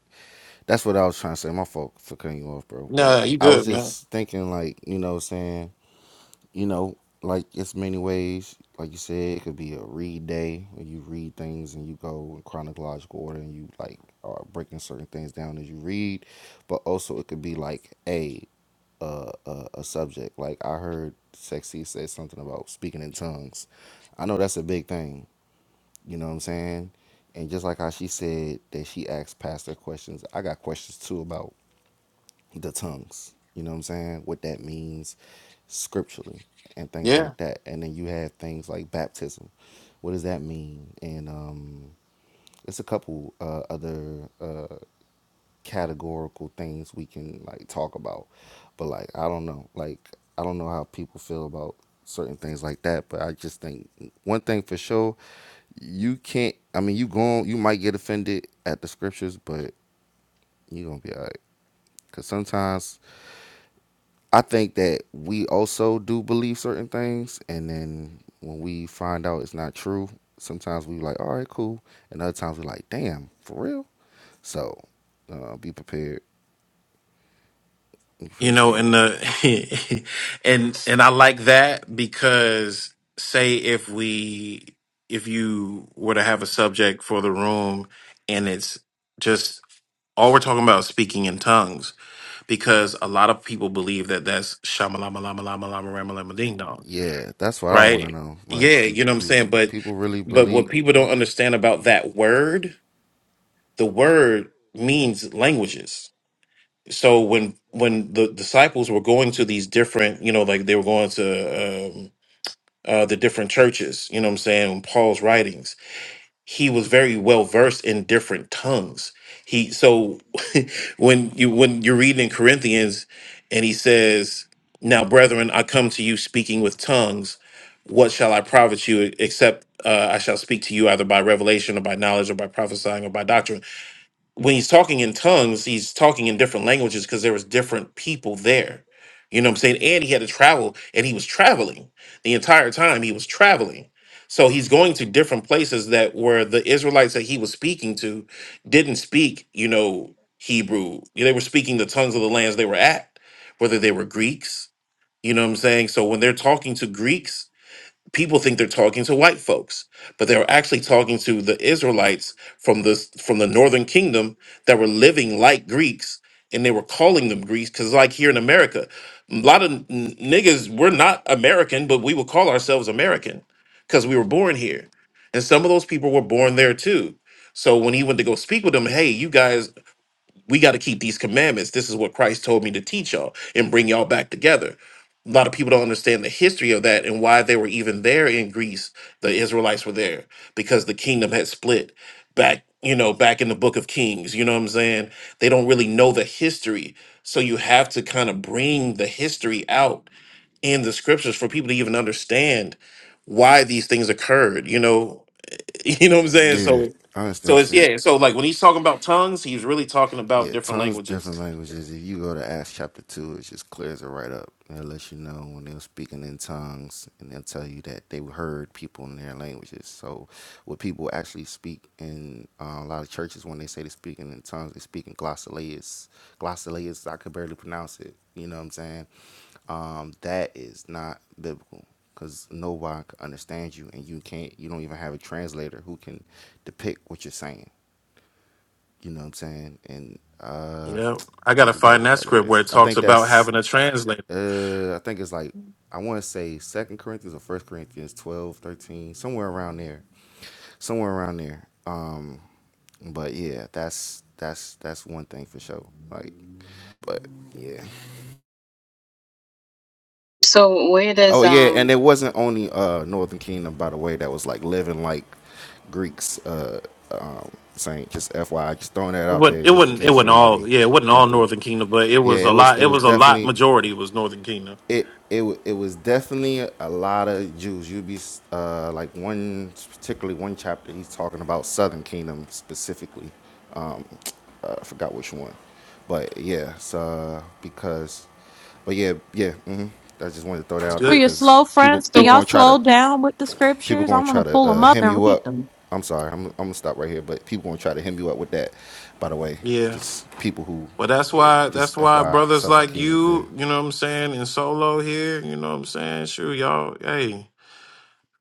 [SPEAKER 7] That's what I was trying to say. My fault for cutting you off, bro. But
[SPEAKER 1] No, you
[SPEAKER 7] I was
[SPEAKER 1] good, man.
[SPEAKER 7] just thinking like you know saying you know like it's many ways. Like you said, it could be a read day where you read things and you go in chronological order and you like are breaking certain things down as you read. But also it could be like a a, a, a subject. Like I heard Sexy say something about speaking in tongues. I know that's a big thing you know what I'm saying? And just like how she said that she asked pastor questions, I got questions too about the tongues. You know what I'm saying? What that means scripturally and things
[SPEAKER 1] Yeah.
[SPEAKER 7] like that. And then you had things like baptism. What does that mean? And um, it's a couple uh, other uh, categorical things we can like talk about. But like I don't know. Like I don't know how people feel about certain things like that. But I just think one thing for sure, you can't I mean you going you might get offended at the scriptures, but you're gonna be alright. Cause sometimes I think that we also do believe certain things and then when we find out it's not true, sometimes we like, all right, cool. And other times we are like, damn, for real? So uh, be prepared. Be
[SPEAKER 1] You
[SPEAKER 7] prepared for
[SPEAKER 1] know,
[SPEAKER 7] that.
[SPEAKER 1] and the and and I like that because say if we if you were to have a subject for the room and it's just all we're talking about is speaking in tongues because a lot of people believe that that's shamalama lama lama lama rama lama ding dong,
[SPEAKER 7] Yeah, that's what I want to
[SPEAKER 1] right?
[SPEAKER 7] know. Like,
[SPEAKER 1] Yeah,
[SPEAKER 7] do
[SPEAKER 1] you know what I'm
[SPEAKER 7] do
[SPEAKER 1] saying. But
[SPEAKER 7] people really
[SPEAKER 1] but
[SPEAKER 7] believe?
[SPEAKER 1] what people don't
[SPEAKER 7] that?
[SPEAKER 1] understand about that word, the word means languages so when when the disciples were going to these different you know like they were going to um, uh, the different churches you know what i'm saying in paul's writings he was very well versed in different tongues he so when you when you're reading in corinthians and he says now brethren i come to you speaking with tongues what shall i profit you except uh, i shall speak to you either by revelation or by knowledge or by prophesying or by doctrine when he's talking in tongues, he's talking in different languages because there was different people there. You know what I'm saying? And he had to travel and he was traveling the entire time he was traveling. So he's going to different places that where the Israelites that he was speaking to didn't speak, you know, Hebrew. They were speaking the tongues of the lands they were at, whether they were Greeks, you know what I'm saying? So when they're talking to Greeks, people think they're talking to white folks, but they were actually talking to the Israelites from the from the northern kingdom that were living like Greeks, and they were calling them Greeks because, like here in America, a lot of n- niggas we're not American, but we will call ourselves American because we were born here, and some of those people were born there too. So when he went to go speak with them, hey, you guys we got to keep these commandments. This is what Christ told me to teach y'all and bring y'all back together. A lot of people don't understand the history of that and why they were even there in Greece. The Israelites were there because the kingdom had split back, you know, back in the book of Kings. You know what I'm saying? They don't really know the history. So you have to kind of bring the history out in the scriptures for people to even understand why these things occurred. You know, You know what I'm saying?
[SPEAKER 7] Yeah,
[SPEAKER 1] So,
[SPEAKER 7] I
[SPEAKER 1] so
[SPEAKER 7] understand.
[SPEAKER 1] it's
[SPEAKER 7] Shit.
[SPEAKER 1] yeah. So like when he's talking about tongues, he's really talking about
[SPEAKER 7] Yeah,
[SPEAKER 1] different
[SPEAKER 7] tons of
[SPEAKER 1] languages.
[SPEAKER 7] different languages. If you go to Acts chapter 2, it just clears it right up. And it lets you know when they're speaking in tongues, and they'll tell you that they heard people in their languages. So, what people actually speak in uh, a lot of churches, when they say they're speaking in tongues, they speak in glossolalia. Glossolalia, I could barely pronounce it. You know what I'm saying? Um, that is not biblical because nobody can understand you, and you can't, you don't even have a translator who can depict what you're saying. You know what I'm saying? And
[SPEAKER 1] You
[SPEAKER 7] uh
[SPEAKER 1] know, I
[SPEAKER 7] I
[SPEAKER 1] gotta
[SPEAKER 7] forgot
[SPEAKER 1] find
[SPEAKER 7] what
[SPEAKER 1] that
[SPEAKER 7] that
[SPEAKER 1] script where
[SPEAKER 7] is.
[SPEAKER 1] it
[SPEAKER 7] I
[SPEAKER 1] talks
[SPEAKER 7] think
[SPEAKER 1] about
[SPEAKER 7] that's
[SPEAKER 1] having a translator.
[SPEAKER 7] uh I think it's like I want to say Second Corinthians or First Corinthians 12, 13, somewhere around there. Somewhere around there. Um but yeah, that's that's that's one thing for sure. Like but yeah.
[SPEAKER 6] so where
[SPEAKER 7] Oh
[SPEAKER 6] does
[SPEAKER 7] yeah, and
[SPEAKER 6] um
[SPEAKER 7] it wasn't only uh Northern Kingdom by the way that was like living like Greeks uh um saying just FYI just throwing that out
[SPEAKER 1] But
[SPEAKER 7] there
[SPEAKER 1] it
[SPEAKER 7] just in
[SPEAKER 1] wouldn't. It
[SPEAKER 7] case
[SPEAKER 1] wasn't all.
[SPEAKER 7] somebody
[SPEAKER 1] Yeah, it wasn't
[SPEAKER 7] come
[SPEAKER 1] all
[SPEAKER 7] through.
[SPEAKER 1] Northern Kingdom, but it was
[SPEAKER 7] Yeah, it
[SPEAKER 1] a
[SPEAKER 7] was
[SPEAKER 1] lot.
[SPEAKER 7] it
[SPEAKER 1] It
[SPEAKER 7] was
[SPEAKER 1] was a lot.
[SPEAKER 7] definitely
[SPEAKER 1] Majority was Northern Kingdom.
[SPEAKER 7] it it it was definitely a lot of Jews. You'd be uh, like one, particularly one chapter. He's talking about Southern Kingdom specifically. Um, uh, I forgot which one, but yeah, it's, uh, because, but yeah, yeah. hmm I just wanted to throw that
[SPEAKER 1] It's
[SPEAKER 7] out
[SPEAKER 2] For
[SPEAKER 7] there
[SPEAKER 2] your
[SPEAKER 1] good.
[SPEAKER 7] because
[SPEAKER 2] slow
[SPEAKER 7] people
[SPEAKER 2] friends, can
[SPEAKER 7] people
[SPEAKER 6] so
[SPEAKER 2] y'all
[SPEAKER 7] gonna try
[SPEAKER 2] slow
[SPEAKER 7] to
[SPEAKER 2] down with the
[SPEAKER 7] people
[SPEAKER 2] scriptures?
[SPEAKER 7] gonna
[SPEAKER 2] I'm
[SPEAKER 7] try
[SPEAKER 2] gonna
[SPEAKER 7] to
[SPEAKER 2] pull them
[SPEAKER 7] uh,
[SPEAKER 2] up
[SPEAKER 7] hem
[SPEAKER 2] and
[SPEAKER 7] you
[SPEAKER 2] read
[SPEAKER 7] up.
[SPEAKER 2] them.
[SPEAKER 7] I'm sorry, I'm, I'm gonna stop right here, but people gonna try to hem you up with that. By the way,
[SPEAKER 1] Yeah.
[SPEAKER 7] just people who,
[SPEAKER 1] Well, that's
[SPEAKER 7] yeah,
[SPEAKER 1] why. That's
[SPEAKER 7] just
[SPEAKER 1] why
[SPEAKER 7] FYI,
[SPEAKER 1] brothers
[SPEAKER 7] Southern
[SPEAKER 1] like
[SPEAKER 7] Kingdom's there.
[SPEAKER 1] you. You know what I'm saying? And solo here. You know what I'm saying? Sure, y'all. Hey,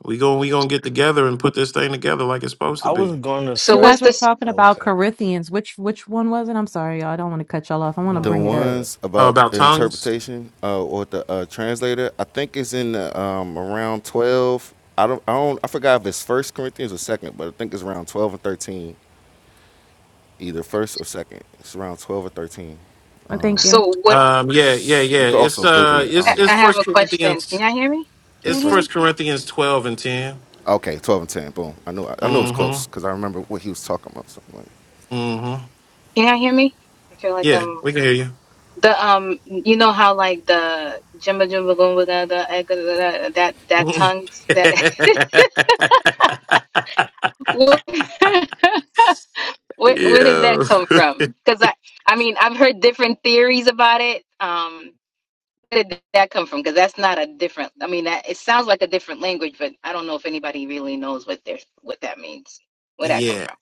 [SPEAKER 1] we going we gonna get together and put this thing together like it's supposed to
[SPEAKER 3] I was
[SPEAKER 1] be.
[SPEAKER 3] going to
[SPEAKER 6] So
[SPEAKER 2] You
[SPEAKER 3] say,
[SPEAKER 6] what's
[SPEAKER 2] guys were
[SPEAKER 6] this?
[SPEAKER 2] talking about
[SPEAKER 3] okay,
[SPEAKER 2] Corinthians. Which which one was it? I'm sorry, y'all. I don't want to cut y'all off. I want to
[SPEAKER 3] no,
[SPEAKER 7] the
[SPEAKER 2] bring
[SPEAKER 3] go
[SPEAKER 2] it up.
[SPEAKER 3] ahead.
[SPEAKER 7] ones
[SPEAKER 1] Uh,
[SPEAKER 7] about
[SPEAKER 1] about
[SPEAKER 7] the
[SPEAKER 1] tongues.
[SPEAKER 7] interpretation uh, or the uh, translator. I think it's in the, um, around twelve. I don't, I don't. I forgot if it's First Corinthians or Second, but I think it's around twelve and thirteen, either first or second. It's around twelve or thirteen.
[SPEAKER 2] Oh, thank you.
[SPEAKER 6] So what?
[SPEAKER 1] Um, yeah, yeah,
[SPEAKER 7] You
[SPEAKER 1] yeah.
[SPEAKER 7] can
[SPEAKER 1] It's
[SPEAKER 7] also Google
[SPEAKER 1] uh,
[SPEAKER 7] it. I
[SPEAKER 1] it's
[SPEAKER 6] I
[SPEAKER 7] don't know.
[SPEAKER 1] it's
[SPEAKER 6] I have
[SPEAKER 1] First
[SPEAKER 6] a question.
[SPEAKER 1] Corinthians.
[SPEAKER 6] Can y'all hear me? Can
[SPEAKER 7] It's
[SPEAKER 6] y'all
[SPEAKER 1] It's
[SPEAKER 6] hear
[SPEAKER 7] first.
[SPEAKER 6] me?
[SPEAKER 1] First Corinthians twelve and ten.
[SPEAKER 7] Okay, twelve and ten. Boom. I knew. I knew it was close
[SPEAKER 1] Mm-hmm.
[SPEAKER 7] because I remember what he was talking about. Something like. N-
[SPEAKER 1] Mm-hmm.
[SPEAKER 6] Can y'all hear me? I feel like
[SPEAKER 1] Yeah,
[SPEAKER 6] I'm
[SPEAKER 1] we can hear you.
[SPEAKER 6] the um. You know how like the jumba jumba goomba da da eh, da da da that that tongues that. what- Where, where did
[SPEAKER 1] yeah.
[SPEAKER 6] that come from? Because I, I mean, I've heard different theories about it. Um, where did that come from? Because that's not a different. I mean, that, it sounds like a different language, but I don't know if anybody really knows what they're what that means. Where that come
[SPEAKER 1] yeah.
[SPEAKER 6] from?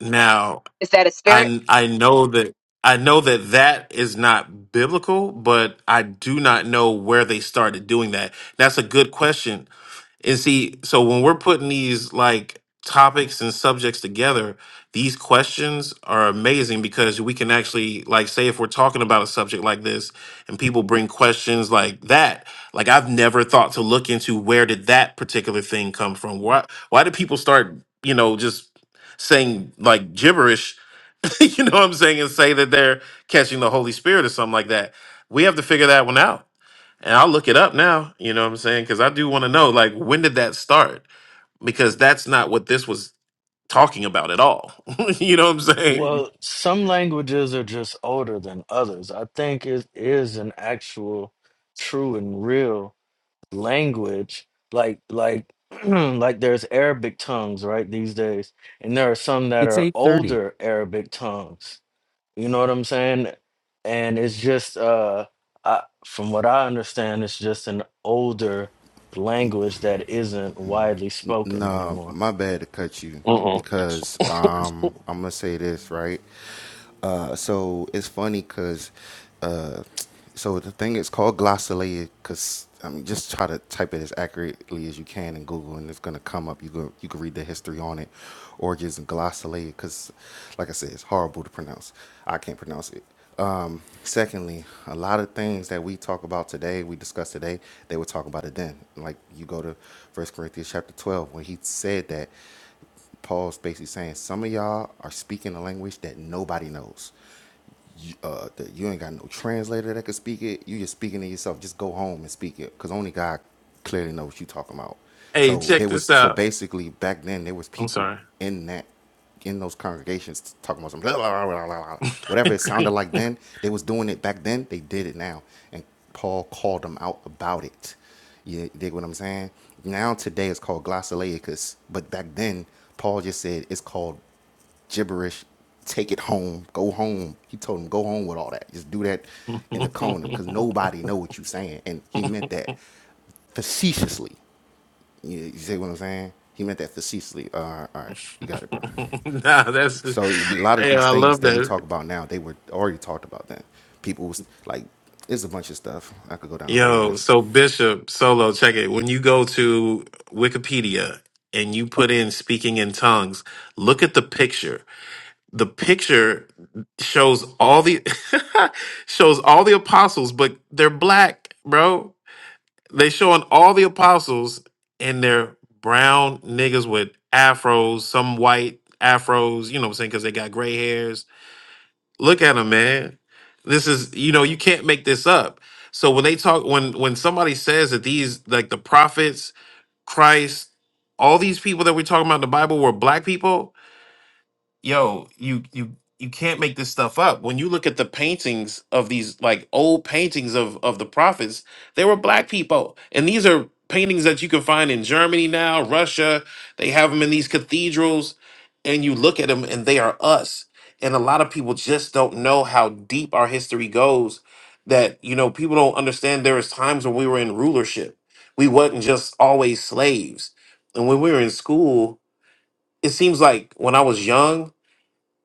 [SPEAKER 1] Now,
[SPEAKER 6] Is that a spirit?
[SPEAKER 1] I I know that I know that that is not biblical, but I do not know where they started doing that. That's a good question. And see, so when we're putting these like topics and subjects together, these questions are amazing because we can actually like say if we're talking about a subject like this and people bring questions like that, like I've never thought to look into where did that particular thing come from? Why why do people start, you know, just saying like gibberish, you know what I'm saying, and say that they're catching the Holy Spirit or something like that. We have to figure that one out and I'll look it up now, you know what I'm saying? Because I do want to know, like, when did that start? Because that's not what this was talking about at all. you know what I'm saying?
[SPEAKER 3] Well, some languages are just older than others. I think it is an actual, true and real language. Like, like, like there's Arabic tongues, right, these days, and there are some that are older Arabic tongues You know what I'm saying? And it's just, uh, I, from what I understand, it's just an older language that isn't widely spoken
[SPEAKER 7] Nah,
[SPEAKER 3] anymore.
[SPEAKER 7] my bad to cut you
[SPEAKER 1] Uh-uh.
[SPEAKER 7] because um, I'm gonna say this right. Uh, so it's funny because, uh, so the thing is called glossolalia because I mean just try to type it as accurately as you can in Google and it's gonna come up. You go you can read the history on it, origins and glossolalia because, like I said, it's horrible to pronounce. I can't pronounce it. Um, secondly, a lot of things that we talk about today, we discuss today, they were talking about it then. Like you go to First Corinthians chapter twelve when he said that Paul's basically saying some of y'all are speaking a language that nobody knows you, uh, that you ain't got no translator that could speak it. You just speaking to yourself. Just go home and speak it, cause only God clearly knows what you talking about.
[SPEAKER 1] Hey,
[SPEAKER 7] So
[SPEAKER 1] check
[SPEAKER 7] there
[SPEAKER 1] this
[SPEAKER 7] was so
[SPEAKER 1] out.
[SPEAKER 7] basically back then there was
[SPEAKER 1] I'm
[SPEAKER 7] people
[SPEAKER 1] sorry.
[SPEAKER 7] in that in those congregations talking about some blah, blah, blah, blah, blah, blah. whatever it sounded like then. They was doing it back then. They did it now, and Paul called them out about it. You dig what I'm saying? Now today it's called glossolaicus, but back then Paul just said it's called gibberish. Take it home. Go home. He told him, go home with all that. Just do that
[SPEAKER 1] nah,
[SPEAKER 7] in the corner because nobody know what you saying. And he meant that facetiously. You, you see what I'm saying? He meant that facetiously. Uh, all right. You got it, bro.
[SPEAKER 1] that's
[SPEAKER 7] So a lot of
[SPEAKER 1] yeah,
[SPEAKER 7] these
[SPEAKER 1] I
[SPEAKER 7] things
[SPEAKER 1] love
[SPEAKER 7] that we
[SPEAKER 1] that.
[SPEAKER 7] talk about now, they were already talked about then. People was like, it's a bunch of stuff. I could go down a whole
[SPEAKER 1] Yo,
[SPEAKER 7] list.
[SPEAKER 1] so Bishop Solo, check it. When you go to Wikipedia and you put in speaking in tongues, look at the picture the picture shows all the shows all the apostles, but they're black, bro. They showing all the apostles and they're brown niggas with afros, some white afros, you know what I'm saying, because they got gray hairs. Look at them, man. This is, you know, you can't make this up. So when they talk, when when somebody says that these, like the prophets, Christ, all these people that we're talking about in the Bible were black people, yo, you you you can't make this stuff up. When you look at the paintings of these like old paintings of of the prophets, they were black people, and these are paintings that you can find in Germany now, Russia. They have them in these cathedrals, and you look at them, and they are us. And a lot of people just don't know how deep our history goes. That you know, people don't understand. There was times when we were in rulership. We wasn't just always slaves. And when we were in school, it seems like when I was young,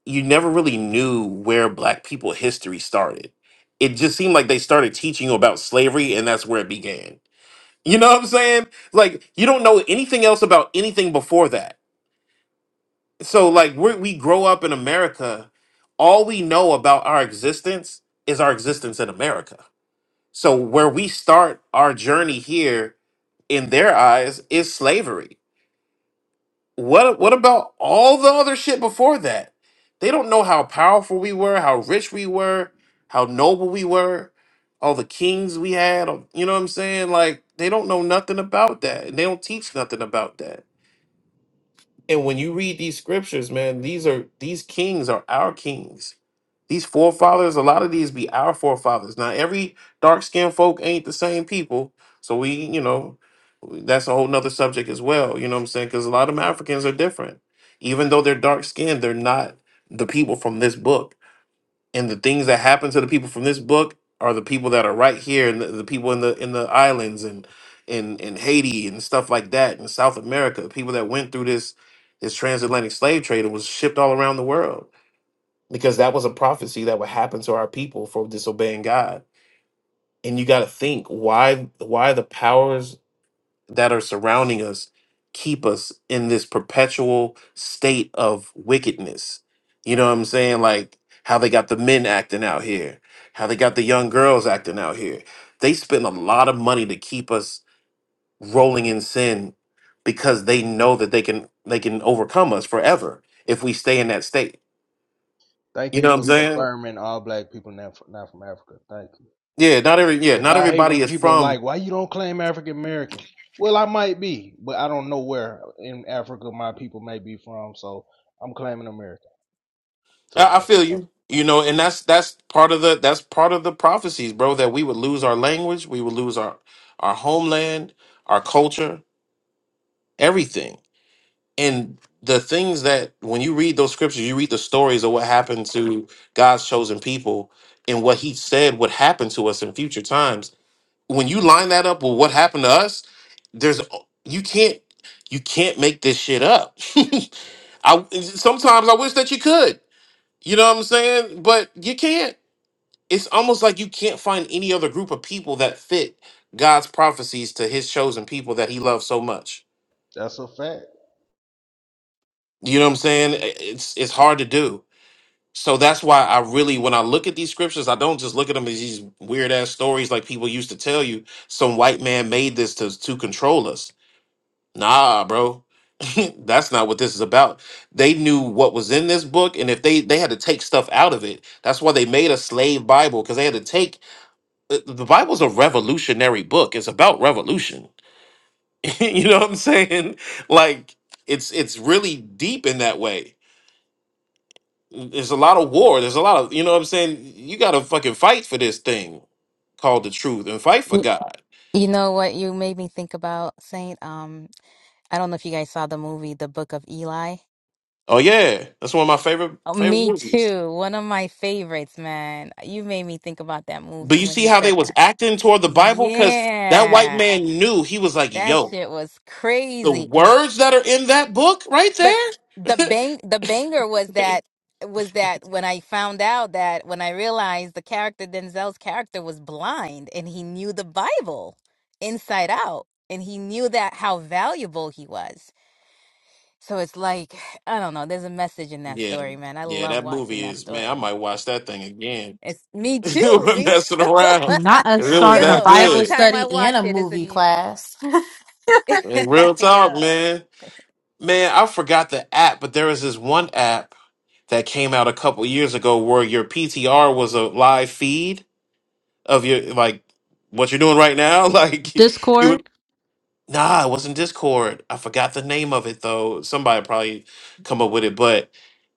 [SPEAKER 1] you never really knew where black people history started. It just seemed like they started teaching you about slavery and that's where it began. You know what I'm saying? Like you don't know anything else about anything before that. So like we we grow up in America, all we know about our existence is our existence in America. So where we start our journey here in their eyes is slavery What what about all the other shit before that? They don't know how powerful we were, how rich we were, how noble we were, all the kings we had. all- You know what I'm saying? Like they don't know nothing about that, and they don't teach nothing about that. And when you read these scriptures, man, these are these kings are our kings. These forefathers, a lot of these be our forefathers. Now, every dark skinned folk ain't the same people. So we, you know, that's a whole nother subject as well. You know what I'm saying? Because a lot of them Africans are different. Even though they're dark skinned, they're not the people from this book and the things that happen to the people from this book are the people that are right here and the, the people in the in the islands and in in Haiti and stuff like that in South America people that went through this this transatlantic slave trade and was shipped all around the world because that was a prophecy that would happen to our people for disobeying God and you got to think why why the powers that are surrounding us keep us in this perpetual state of wickedness. You know what I'm saying? Like how they got the men acting out here, how they got the young girls acting out here. They spend a lot of money to keep us rolling in sin because they know that they can they can overcome us forever if we stay in that state.
[SPEAKER 8] Thank
[SPEAKER 1] You know
[SPEAKER 8] you
[SPEAKER 1] what I'm
[SPEAKER 8] for
[SPEAKER 1] saying?
[SPEAKER 8] confirming all black people not from, not from Africa. Thank you.
[SPEAKER 1] Yeah, not every yeah,
[SPEAKER 8] Cause
[SPEAKER 1] not
[SPEAKER 8] I hate
[SPEAKER 1] everybody
[SPEAKER 8] when
[SPEAKER 1] is
[SPEAKER 8] people are
[SPEAKER 1] from
[SPEAKER 8] like, why you don't claim African American? Well, I might be, but I don't know where in Africa my people may be from, so I'm claiming America. So
[SPEAKER 1] I, I
[SPEAKER 8] further
[SPEAKER 1] feel
[SPEAKER 8] notice.
[SPEAKER 1] you. You know, and that's that's part of the that's part of the prophecies, bro. That we would lose our language, we would lose our our homeland, our culture, everything. And the things that when you read those scriptures, you read the stories of what happened to God's chosen people and what He said would happen to us in future times. When you line that up with what happened to us, there's you can't you can't make this shit up. I sometimes I wish that you could you know what I'm saying? But you can't. It's almost like you can't find any other group of people that fit God's prophecies to his chosen people that he loves so much.
[SPEAKER 8] That's a fact.
[SPEAKER 1] You know what I'm saying? I- It's it's hard to do. So that's why I really when I look at these scriptures, I don't just look at them as these weird ass stories like people used to tell you some white man made this to to control us. Nah, bro. that's not what this is about. They knew what was in this book and if they they had to take stuff out of it. That's why they made a slave bible cuz they had to take the the Bible's a revolutionary book. It's about revolution. you know what I'm saying? Like it's it's really deep in that way. There's a lot of war. There's a lot of you know what I'm saying. You got to fucking fight for this thing called the truth and fight for
[SPEAKER 6] Y-
[SPEAKER 1] God.
[SPEAKER 6] You know what you made me think about, Saint? Um, I don't know if you guys saw the movie The Book of Eli.
[SPEAKER 1] Oh yeah, that's one of my favorite
[SPEAKER 6] Oh,
[SPEAKER 1] favorite
[SPEAKER 6] me
[SPEAKER 1] movies.
[SPEAKER 6] too. One of my favorites, man. You made me think about that
[SPEAKER 1] But
[SPEAKER 6] movie
[SPEAKER 1] you
[SPEAKER 6] when
[SPEAKER 1] see
[SPEAKER 6] you
[SPEAKER 1] how they
[SPEAKER 6] said
[SPEAKER 1] was
[SPEAKER 6] that.
[SPEAKER 1] acting toward the Bible because that white
[SPEAKER 6] Yeah.
[SPEAKER 1] man knew he was like,
[SPEAKER 6] That
[SPEAKER 1] yo,
[SPEAKER 6] shit was
[SPEAKER 1] the
[SPEAKER 6] crazy.
[SPEAKER 1] words that are in that book right
[SPEAKER 6] But
[SPEAKER 1] there.
[SPEAKER 6] the bang the banger was that was that when I found out that when I realized the character Denzel's character was blind and he knew the Bible inside out and he knew that how valuable he was. So it's like I don't know, there's a message in that
[SPEAKER 1] Yeah,
[SPEAKER 6] story, man. I
[SPEAKER 1] yeah,
[SPEAKER 6] love
[SPEAKER 1] that
[SPEAKER 6] watching
[SPEAKER 1] movie
[SPEAKER 6] that
[SPEAKER 1] is man. I
[SPEAKER 6] story.
[SPEAKER 1] might watch that thing again.
[SPEAKER 6] It's me too,
[SPEAKER 1] We're
[SPEAKER 6] me
[SPEAKER 1] messing
[SPEAKER 6] too.
[SPEAKER 1] around.
[SPEAKER 2] Not
[SPEAKER 1] If
[SPEAKER 2] us
[SPEAKER 1] it was
[SPEAKER 2] starting a
[SPEAKER 1] that
[SPEAKER 6] Yo, every
[SPEAKER 2] Bible
[SPEAKER 1] good.
[SPEAKER 6] time I
[SPEAKER 2] study and
[SPEAKER 6] watch
[SPEAKER 2] a
[SPEAKER 6] it, it's a
[SPEAKER 2] movie
[SPEAKER 6] new.
[SPEAKER 2] class.
[SPEAKER 1] Man, real talk,
[SPEAKER 6] Yo,
[SPEAKER 1] man. Man, I forgot the app, but there was this one app that came out a couple years ago where your PTR was a live feed of your like what you're doing right now. Like you would
[SPEAKER 2] Discord.
[SPEAKER 1] nah, it wasn't Discord. I forgot the name of it though. Somebody probably come up with it, but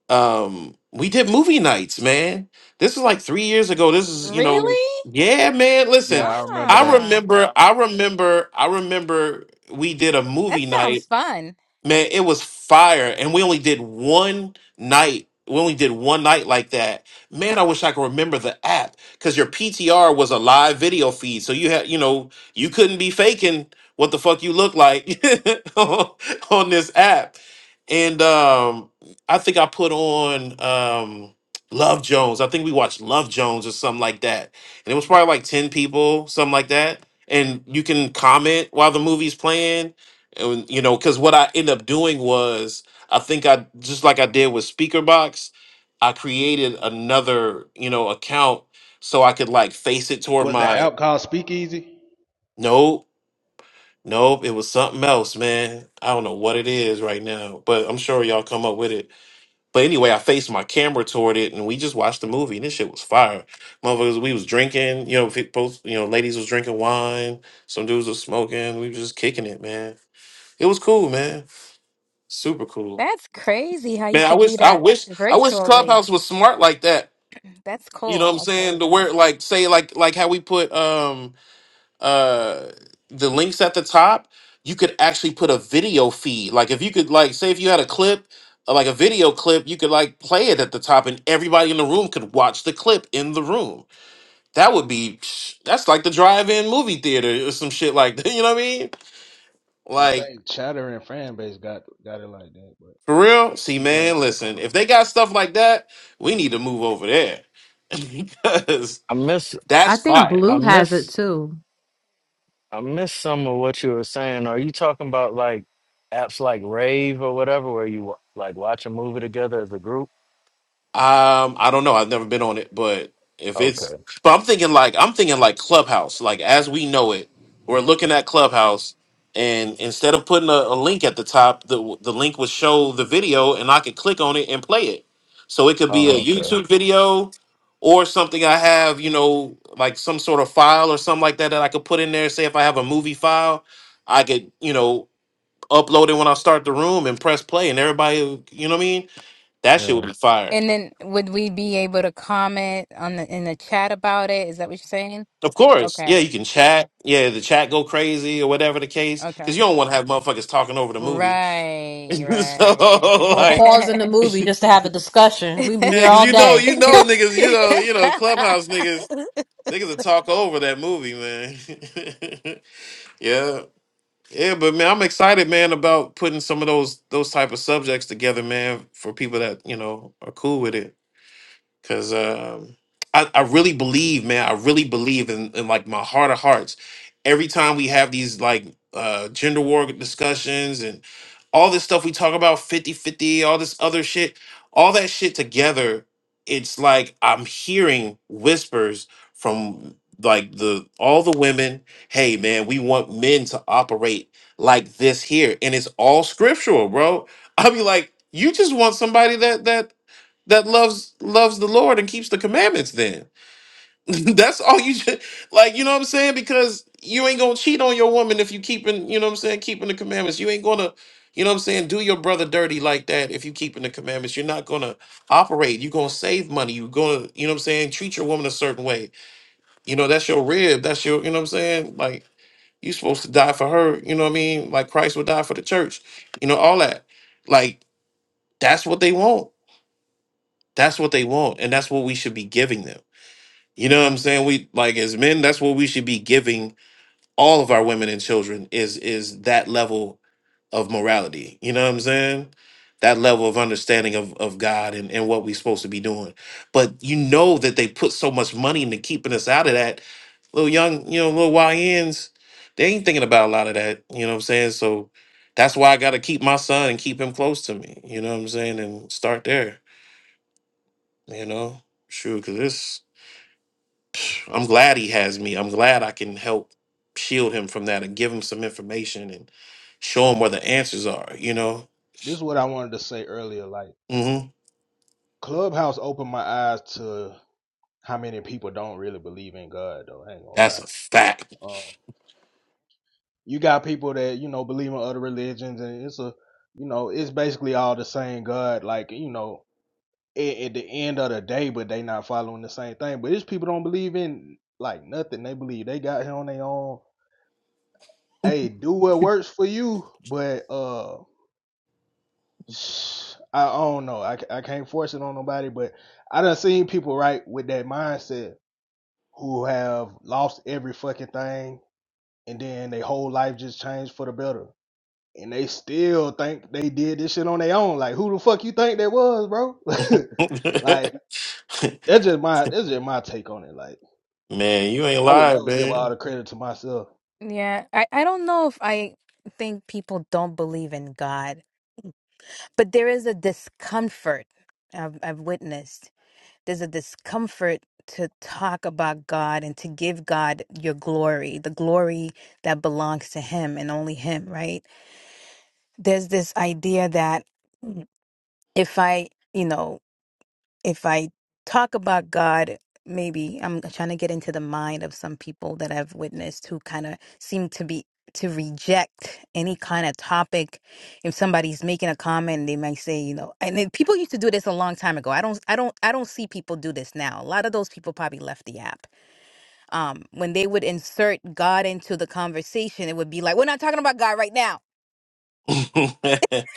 [SPEAKER 1] um we did movie nights man this was like three years ago this is you know
[SPEAKER 6] really?
[SPEAKER 1] yeah man
[SPEAKER 8] Yeah,
[SPEAKER 1] listen
[SPEAKER 8] I remember
[SPEAKER 1] i
[SPEAKER 8] that.
[SPEAKER 6] Ah,
[SPEAKER 1] remember i remember i remember we did a
[SPEAKER 6] that
[SPEAKER 1] movie night
[SPEAKER 6] sounds fun.
[SPEAKER 1] Man, it was fire. And we only did one night. We only did one night like that. Man, I wish I could remember the app because your PTR was a live video feed. So you had, you know, you couldn't be faking what the fuck you look like on this app. And um, I think I put on um, Love Jones. I think we watched Love Jones or something like that. And it was probably like 10 people, something like that. And you can comment while the movie's playing and you know because what i end up doing was i think i just like i did with speaker box i created another you know account so i could like face it toward
[SPEAKER 8] Was the
[SPEAKER 1] my
[SPEAKER 8] app called Speakeasy?
[SPEAKER 1] nope nope it was something else man i don't know what it is right now but i'm sure y'all come up with it but anyway i faced my camera toward it and we just watched the movie and this shit was fire motherfuckers we was drinking you know people you know ladies was drinking wine some dudes was smoking we was just kicking it man it was cool man super cool
[SPEAKER 6] That's crazy how you
[SPEAKER 1] Man, I
[SPEAKER 6] could do
[SPEAKER 1] wish I
[SPEAKER 6] that
[SPEAKER 1] wish I wish
[SPEAKER 6] virtually.
[SPEAKER 1] Clubhouse was smart like that.
[SPEAKER 6] That's
[SPEAKER 1] You know
[SPEAKER 6] cool.
[SPEAKER 1] what I'm
[SPEAKER 6] That's
[SPEAKER 1] saying?
[SPEAKER 6] really
[SPEAKER 1] To where
[SPEAKER 6] cool.
[SPEAKER 1] like say like like how we put um uh the links at the top, you could actually put a video feed. Like if you could like say if you had a clip uh, like a video clip, you could like play it at the top, and everybody in the room could watch the clip in the room. That would be that's like the drive-in movie theater or some shit like that. You know what I mean?
[SPEAKER 8] I
[SPEAKER 1] Like.
[SPEAKER 8] think Chatter and Fanbase got got it like that, but
[SPEAKER 1] For real? See,
[SPEAKER 8] people ain't
[SPEAKER 1] man,
[SPEAKER 8] fucking
[SPEAKER 1] listen,
[SPEAKER 8] with it.
[SPEAKER 1] if they got stuff like that, we need to move over there. because
[SPEAKER 3] I miss,
[SPEAKER 2] I
[SPEAKER 1] that's
[SPEAKER 2] think
[SPEAKER 1] fire.
[SPEAKER 3] I
[SPEAKER 2] Blue has it
[SPEAKER 3] miss,
[SPEAKER 2] too.
[SPEAKER 3] I miss some of what you were saying. Are you talking about like apps like Rave or whatever, where you wa- like watch a movie together as a group?
[SPEAKER 1] Um, I don't know. I've never been on it, but if it's,
[SPEAKER 3] Okay.
[SPEAKER 1] but I'm thinking like I'm thinking like Clubhouse, like as we know it, we're looking at Clubhouse, and instead of putting a, a link at the top, the the link would show the video, and I could click on it and play it. So it could be a
[SPEAKER 3] Oh, okay.
[SPEAKER 1] YouTube video or something I have, you know, like some sort of file or something like that that I could put in there. Say if I have a movie file, I could, you know, upload it when I start the room and press play, and everybody, you know what I mean? That shit would
[SPEAKER 3] Yeah.
[SPEAKER 1] be fire.
[SPEAKER 6] And then would we be able to comment on the in the chat about it? Is that what you're saying?
[SPEAKER 1] Of course.
[SPEAKER 6] Okay.
[SPEAKER 1] Yeah, you can chat. Yeah, the chat go crazy or whatever the case.
[SPEAKER 6] Okay.
[SPEAKER 1] Cause you don't want to have motherfuckers talking over the movie.
[SPEAKER 6] Right,
[SPEAKER 1] so
[SPEAKER 6] right.
[SPEAKER 2] Or
[SPEAKER 1] like
[SPEAKER 2] pause in the movie just to have a discussion. We'd be here
[SPEAKER 1] yeah, cause
[SPEAKER 2] all
[SPEAKER 1] you know,
[SPEAKER 2] day.
[SPEAKER 1] you know niggas, you know, you know, clubhouse niggas, niggas will talk over that movie, man. yeah. Yeah, but man, I'm excited, man, about putting some of those those type of subjects together, man, for people that, you know, are cool with it. because um, I, I really believe, man, I really believe in, in like my heart of hearts. Every time we have these like uh, gender war discussions and all this stuff we talk about 50 50, all this other shit, all that shit together, it's like I'm hearing whispers from like the all the women hey man we want men to operate like this here and it's all scriptural bro i'll be like you just want somebody that that that loves loves the Lord and keeps the commandments then. That's all you should like, you know what I'm saying? Because you ain't gonna cheat on your woman if you keeping, you know what I'm saying, keeping the commandments. You ain't gonna, you know what I'm saying, do your brother dirty like that if you keeping the commandments. You're not gonna operate. You're gonna save money. You're gonna, you know what I'm saying, treat your woman a certain way. You know, that's your rib. That's your, you know what I'm saying? Like you supposed to die for her, you know what I mean? Like Christ would die for the church. You know, all that. Like, that's what they want. That's what they want, and that's what we should be giving them. You know what I'm saying? We like as men, that's what we should be giving all of our women and children is is that level of morality. You know what I'm saying? That level of understanding of, of God and, and what we're supposed to be doing. But you know that they put so much money into keeping us out of that. Little young, you know, little YNs, they ain't thinking about a lot of that. You know what I'm saying? So that's why I gotta keep my son and keep him close to me. You know what I'm saying? And start there, you know? Sure, cause this. I'm glad he has me. I'm glad I can help shield him from that and give him some information and show him where the answers are, you know?
[SPEAKER 8] This is what I wanted to say earlier. Like
[SPEAKER 1] hmm
[SPEAKER 8] Clubhouse opened my eyes to how many people don't really believe in God. Though I ain't gonna
[SPEAKER 1] That's
[SPEAKER 8] lie.
[SPEAKER 1] a fact.
[SPEAKER 8] Um, you got people that you know believe in other religions, and it's a you know it's basically all the same God. Like you know at, at the end of the day, but they not following the same thing. But it's people don't believe in like nothing. They believe they got here on their own hey, do what works for you, but uh, I, I don't know. I, I can't force it on nobody, but I done seen people right with that mindset who have lost every fucking thing, and then their whole life just changed for the better, and they still think they did this shit on their own. Like, who the fuck you think that was, bro?
[SPEAKER 1] man,
[SPEAKER 8] like, that's just my that's just my take on it. Like,
[SPEAKER 1] you ain't
[SPEAKER 8] I would
[SPEAKER 1] lying,
[SPEAKER 8] never give all
[SPEAKER 1] man.
[SPEAKER 8] the credit to myself.
[SPEAKER 6] Yeah, I, I don't know if I think people don't believe in God, but there is a discomfort I've, I've witnessed. there's a discomfort to talk about God and to give God your glory, the glory that belongs to Him and only Him, right? There's this idea that mm, if I, you know, if I talk about God, maybe I'm trying to get into the mind of some people that I've witnessed who kind of seem to be to reject any kind of topic. If somebody's making a comment, they might say, you know, and then people used to do this a long time ago. I don't, I don't, I don't see people do this now. A lot of those people probably left the app. Um, when they would insert God into the conversation, it would be like, we're not talking about God right now.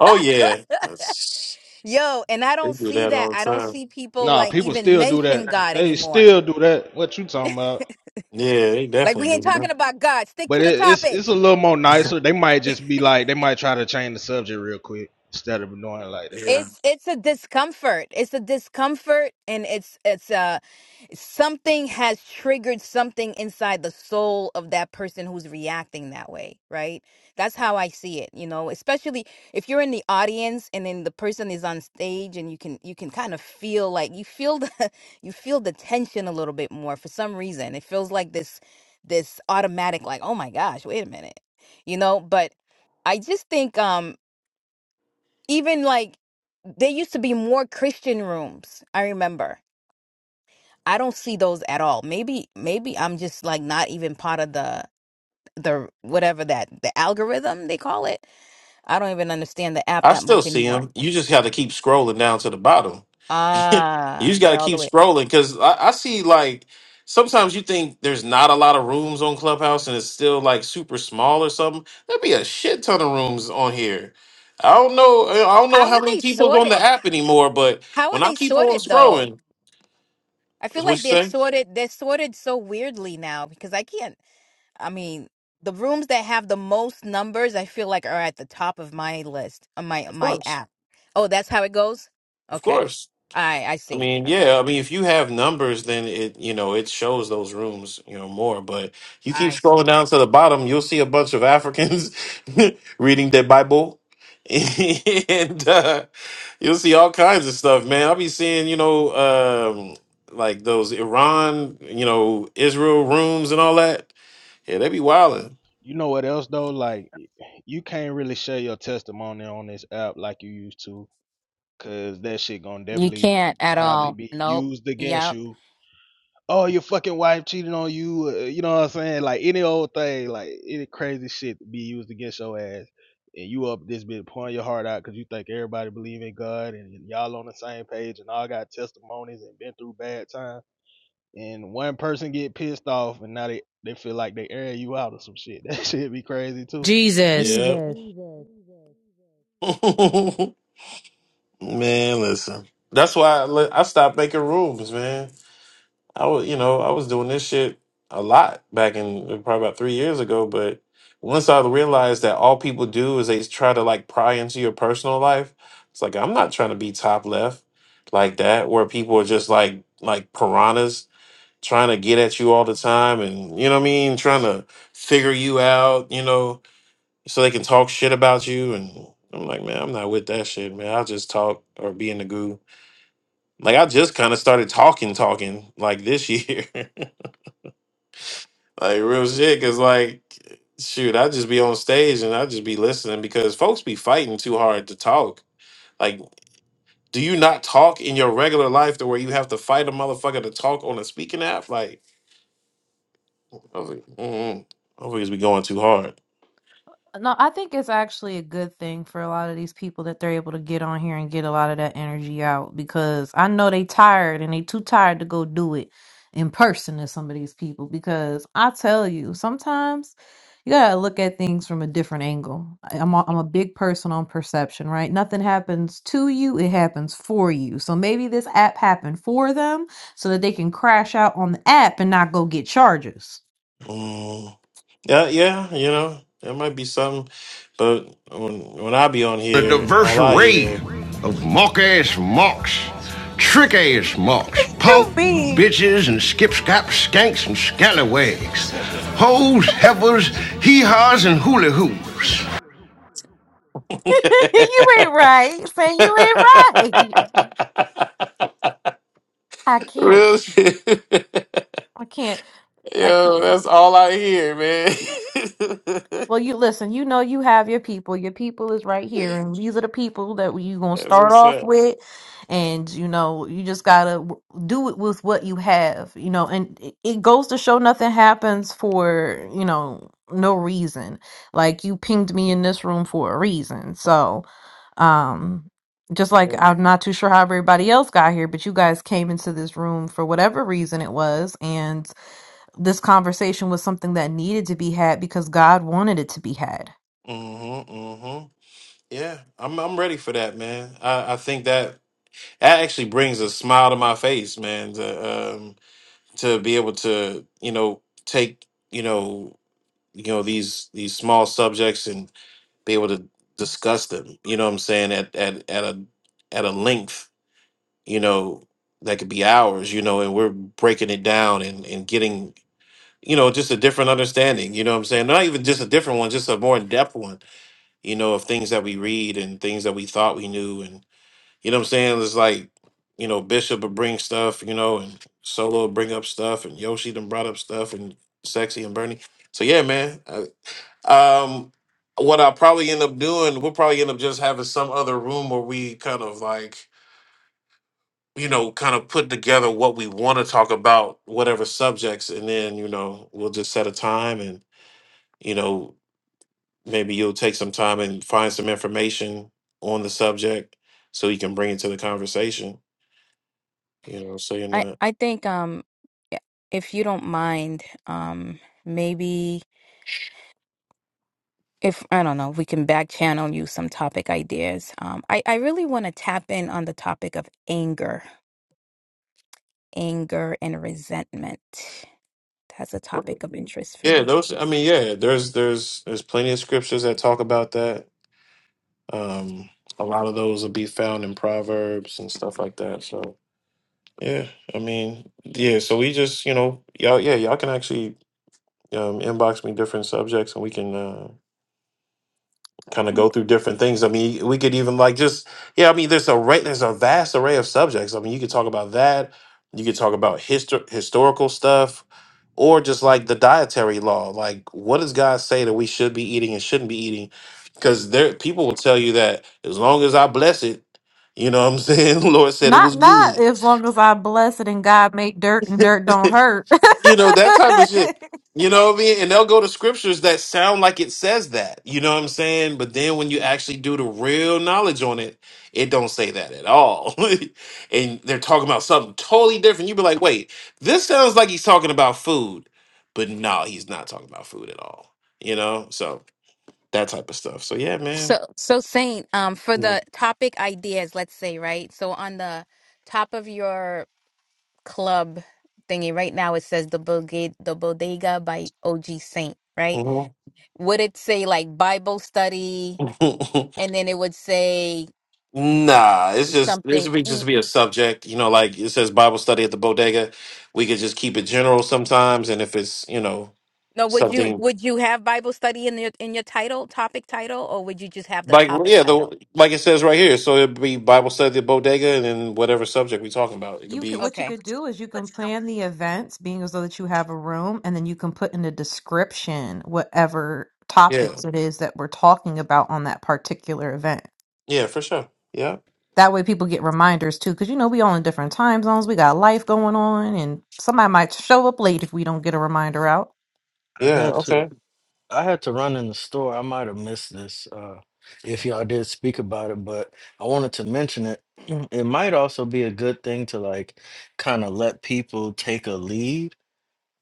[SPEAKER 1] oh, yeah. That's,
[SPEAKER 6] Yo, and I
[SPEAKER 1] they
[SPEAKER 6] don't
[SPEAKER 1] do
[SPEAKER 6] see
[SPEAKER 1] that
[SPEAKER 6] that.
[SPEAKER 1] all the
[SPEAKER 6] I don't
[SPEAKER 1] time.
[SPEAKER 6] see people
[SPEAKER 8] Nah,
[SPEAKER 6] like
[SPEAKER 8] people
[SPEAKER 6] even
[SPEAKER 8] still do
[SPEAKER 6] mention
[SPEAKER 8] that.
[SPEAKER 6] God
[SPEAKER 8] They
[SPEAKER 6] anymore.
[SPEAKER 8] still do that. What you talking about?
[SPEAKER 1] Yeah, they
[SPEAKER 6] Like
[SPEAKER 1] definitely
[SPEAKER 6] we ain't
[SPEAKER 1] do.
[SPEAKER 6] talking about God. Stick
[SPEAKER 8] But
[SPEAKER 6] to the
[SPEAKER 8] it, it's it's
[SPEAKER 6] topic.
[SPEAKER 8] a little more
[SPEAKER 1] that.
[SPEAKER 8] nicer. They might just be like they might try to change the subject real quick instead of doing like that.
[SPEAKER 1] yeah.
[SPEAKER 6] It's it's a discomfort. It's a discomfort and it's it's a something has triggered something inside the soul of that person who's reacting that way, right? That's how I see it, you know, especially if you're in the audience and then the person is on stage and you can you can kind of feel like you feel the you feel the tension a little bit more for some reason. It feels like this this automatic like, "Oh my gosh, wait a minute." You know, but I just think um even like there used to be more Christian rooms, I remember I don't see those at all. Maybe maybe I'm just like not even part of the the whatever that the algorithm they call it. I don't even understand the app
[SPEAKER 1] I
[SPEAKER 6] that much
[SPEAKER 1] still see
[SPEAKER 6] anymore.
[SPEAKER 1] him. You just have to keep scrolling down to the bottom. You
[SPEAKER 6] Ah,
[SPEAKER 1] just got to
[SPEAKER 6] they're all
[SPEAKER 1] keep
[SPEAKER 6] the way.
[SPEAKER 1] scrolling because I, I see like sometimes you think there's not a lot of rooms on Clubhouse and it's still like super small or something. There'd be a shit ton of rooms on here. I don't know. I don't know
[SPEAKER 6] How
[SPEAKER 1] how
[SPEAKER 6] are
[SPEAKER 1] many
[SPEAKER 6] they
[SPEAKER 1] people's on the
[SPEAKER 6] sorted?
[SPEAKER 1] app anymore, but
[SPEAKER 6] How are
[SPEAKER 1] when I
[SPEAKER 6] they
[SPEAKER 1] keep on
[SPEAKER 6] sorted though?
[SPEAKER 1] scrolling,
[SPEAKER 6] I
[SPEAKER 1] is
[SPEAKER 6] feel
[SPEAKER 1] what you
[SPEAKER 6] like they're
[SPEAKER 1] say?
[SPEAKER 6] sorted they're sorted so weirdly now because I can't I mean the rooms that have the most numbers I feel like are at the top of my list on my
[SPEAKER 1] Of
[SPEAKER 6] my
[SPEAKER 1] course,
[SPEAKER 6] app. Oh, that's how it goes?
[SPEAKER 1] of
[SPEAKER 6] Okay.
[SPEAKER 1] course.
[SPEAKER 6] I I
[SPEAKER 1] I
[SPEAKER 6] see.
[SPEAKER 1] mean,
[SPEAKER 6] Okay.
[SPEAKER 1] yeah. I mean, if you have numbers, then it you know it shows those rooms you know more. But you keep
[SPEAKER 6] I
[SPEAKER 1] scrolling
[SPEAKER 6] see.
[SPEAKER 1] down to the bottom, you'll see a bunch of Africans reading their Bible, and uh, you'll see all kinds of stuff, man. I'll be seeing you know um, like those Iran, you know Israel rooms and all that. Yeah, they be wilding.
[SPEAKER 8] You know what else though? Like you can't really share your testimony on this app like you used to, cause that shit gonna
[SPEAKER 6] You
[SPEAKER 8] definitely
[SPEAKER 6] can't at
[SPEAKER 8] probably
[SPEAKER 6] all.
[SPEAKER 8] be
[SPEAKER 6] Nope.
[SPEAKER 8] used against
[SPEAKER 6] Yep.
[SPEAKER 8] you oh, your fucking wife cheating on you. Uh, you know what I'm saying? Like any old thing, like any crazy shit to be used against your ass. And you up this bit pouring your heart out because you think everybody believe in God and y'all on the same page and all got testimonies and been through bad times. And one person get pissed off and now they, they feel like they air you out or some shit. That shit be crazy too.
[SPEAKER 5] Jesus.
[SPEAKER 1] Yeah, man. Listen, that's why I, I stopped making rooms, man. I was, you know, I was doing this shit a lot back in uh, probably about three years ago. But once I realized that all people do is they try to like pry into your personal life, it's like I'm not trying to be top left like that, where people are just like like piranhas trying to get at you all the time, and you know what I mean, trying to figure you out, you know, so they can talk shit about you. And I'm like, man, I'm not with that shit, man. I'll just talk or be in the goo. Like I just kind of started talking, talking like this year. Like real shit, cause like shoot, I just be on stage and I just be listening because folks be fighting too hard to talk. Like, do you not talk in your regular life to where you have to fight a motherfucker to talk on a speaking app? Like, I was like, mm-mm. I always be going too hard.
[SPEAKER 2] No, I think it's actually a good thing for a lot of these people that they're able to get on here and get a lot of that energy out because I know they tired and they too tired to go do it in person to some of these people because I tell you, sometimes you gotta look at things from a different angle. I- I'm a, I'm a big person on perception, right? Nothing happens to you, it happens for you. So maybe this app happened for them so that they can crash out on the app and not go get charges.
[SPEAKER 1] Mm. Yeah, yeah, you know, that might be something. But when when I be on
[SPEAKER 5] a
[SPEAKER 1] here,
[SPEAKER 5] diverse
[SPEAKER 1] all I
[SPEAKER 5] array
[SPEAKER 1] hear
[SPEAKER 5] of mock ass mocks, trick ass mocks, punk
[SPEAKER 2] You mean?
[SPEAKER 5] bitches and skip skipscap skanks and scallywags, hoes, heifers, hee haws, and hula hoos.
[SPEAKER 2] you ain't right. Say you ain't right. I can't.
[SPEAKER 1] real shit.
[SPEAKER 2] I can't. I
[SPEAKER 1] Yo,
[SPEAKER 2] can't.
[SPEAKER 1] that's all I hear, man.
[SPEAKER 2] Well, you listen, you know you have your people. Your people is right here, and these are the people that you going to
[SPEAKER 1] that's
[SPEAKER 2] start
[SPEAKER 1] what's
[SPEAKER 2] off
[SPEAKER 1] up.
[SPEAKER 2] with. And you know, you just got to w- do it with what you have, you know, and it it goes to show nothing happens for, you know, no reason. Like you pinged me in this room for a reason. So, um just
[SPEAKER 1] Yeah.
[SPEAKER 2] like I'm not too sure how everybody else got here, but you guys came into this room for whatever reason it was, and this conversation was something that needed to be had because God wanted it to be had.
[SPEAKER 1] Mhm, mhm. Yeah, I'm I'm ready for that, man. I I think that that actually brings a smile to my face, man. To um to be able to you know take you know. you know these these small subjects and be able to discuss them you know what i'm saying at at at a at a length you know that could be hours you know and we're breaking it down and and getting you know just a different understanding you know what i'm saying not even just a different one just a more in-depth one you know of things that we read and things that we thought we knew and you know what i'm saying it's like you know bishop would bring stuff you know and solo would bring up stuff and yoshi done brought up stuff and sexy and bernie so yeah man um, what I'll probably end up doing, we'll probably end up just having some other room where we kind of like, you know, kind of put together what we want to talk about, whatever subjects, and then, you know, we'll just set a time and, you know, maybe you'll take some time and find some information on the subject so you can bring it to the conversation, you know, so you're
[SPEAKER 6] I
[SPEAKER 1] not.
[SPEAKER 6] I think um i- if you don't mind, um maybe if I don't know, we can back channel you some topic ideas. Um I I really want to tap in on the topic of anger, anger and resentment. That's a topic of interest for
[SPEAKER 1] Yeah,
[SPEAKER 6] me.
[SPEAKER 1] those I mean, yeah, there's there's there's plenty of scriptures that talk about that. Um a lot of those will be found in Proverbs and stuff like that. So Yeah, I mean, yeah, so we just, you know, y'all, yeah, y'all can actually um, inbox me different subjects and we can uh, kind of go through different things. I mean, we could even like just, yeah, I mean, there's a right, there's a vast array of subjects. I mean, you could talk about that. You could talk about histor- historical stuff or just like the dietary law. Like, what does God say that we should be eating and shouldn't be eating? Because there, people will tell you that as long as I bless it, you know what I'm saying? Lord said it
[SPEAKER 2] Not
[SPEAKER 1] was
[SPEAKER 2] not
[SPEAKER 1] good
[SPEAKER 2] as long as I bless it and God make dirt and dirt don't hurt.
[SPEAKER 1] you know that type of shit you know what i mean and they'll go to scriptures that sound like it says that you know what i'm saying but then when you actually do the real knowledge on it it don't say that at all and they're talking about something totally different you'd be like wait this sounds like he's talking about food but no he's not talking about food at all you know so that type of stuff so yeah man
[SPEAKER 6] So, so Saint, um, for the topic ideas, let's say, right? So on the top of your club thingy right now, it says the bodega, the bodega by OG Saint, right?
[SPEAKER 1] Mhm.
[SPEAKER 6] Would it say like Bible study, and then it would say
[SPEAKER 1] Nah, it's just there
[SPEAKER 6] something
[SPEAKER 1] should be just
[SPEAKER 6] eat?
[SPEAKER 1] be a subject, you know, like it says Bible study at the bodega. We could just keep it general sometimes, and if it's you know
[SPEAKER 6] No, would you
[SPEAKER 1] something
[SPEAKER 6] would you have Bible study in your in your title, topic title, or would you just have the
[SPEAKER 1] like well,
[SPEAKER 6] topic
[SPEAKER 1] yeah,
[SPEAKER 6] title?
[SPEAKER 1] the like it says right here, so it'd be Bible study at the bodega, and then whatever subject we're talking about, it could
[SPEAKER 2] you could
[SPEAKER 1] be
[SPEAKER 2] what you
[SPEAKER 6] Okay.
[SPEAKER 2] could do is you can plan the events being as though that you have a room and then you can put in the description whatever
[SPEAKER 1] yeah,
[SPEAKER 2] topics it is that we're talking about on that particular event.
[SPEAKER 1] yeah, for sure, yeah,
[SPEAKER 2] That way people get reminders too, because you know, we all in different time zones. We got life going on, and somebody might show up late if we don't get a reminder out.
[SPEAKER 3] I
[SPEAKER 1] yeah,
[SPEAKER 3] had to.
[SPEAKER 1] okay,
[SPEAKER 3] I had to run in the store. I might have missed this uh, if y'all did speak about it, but I wanted to mention it. It might also be a good thing to like kind of let people take a lead,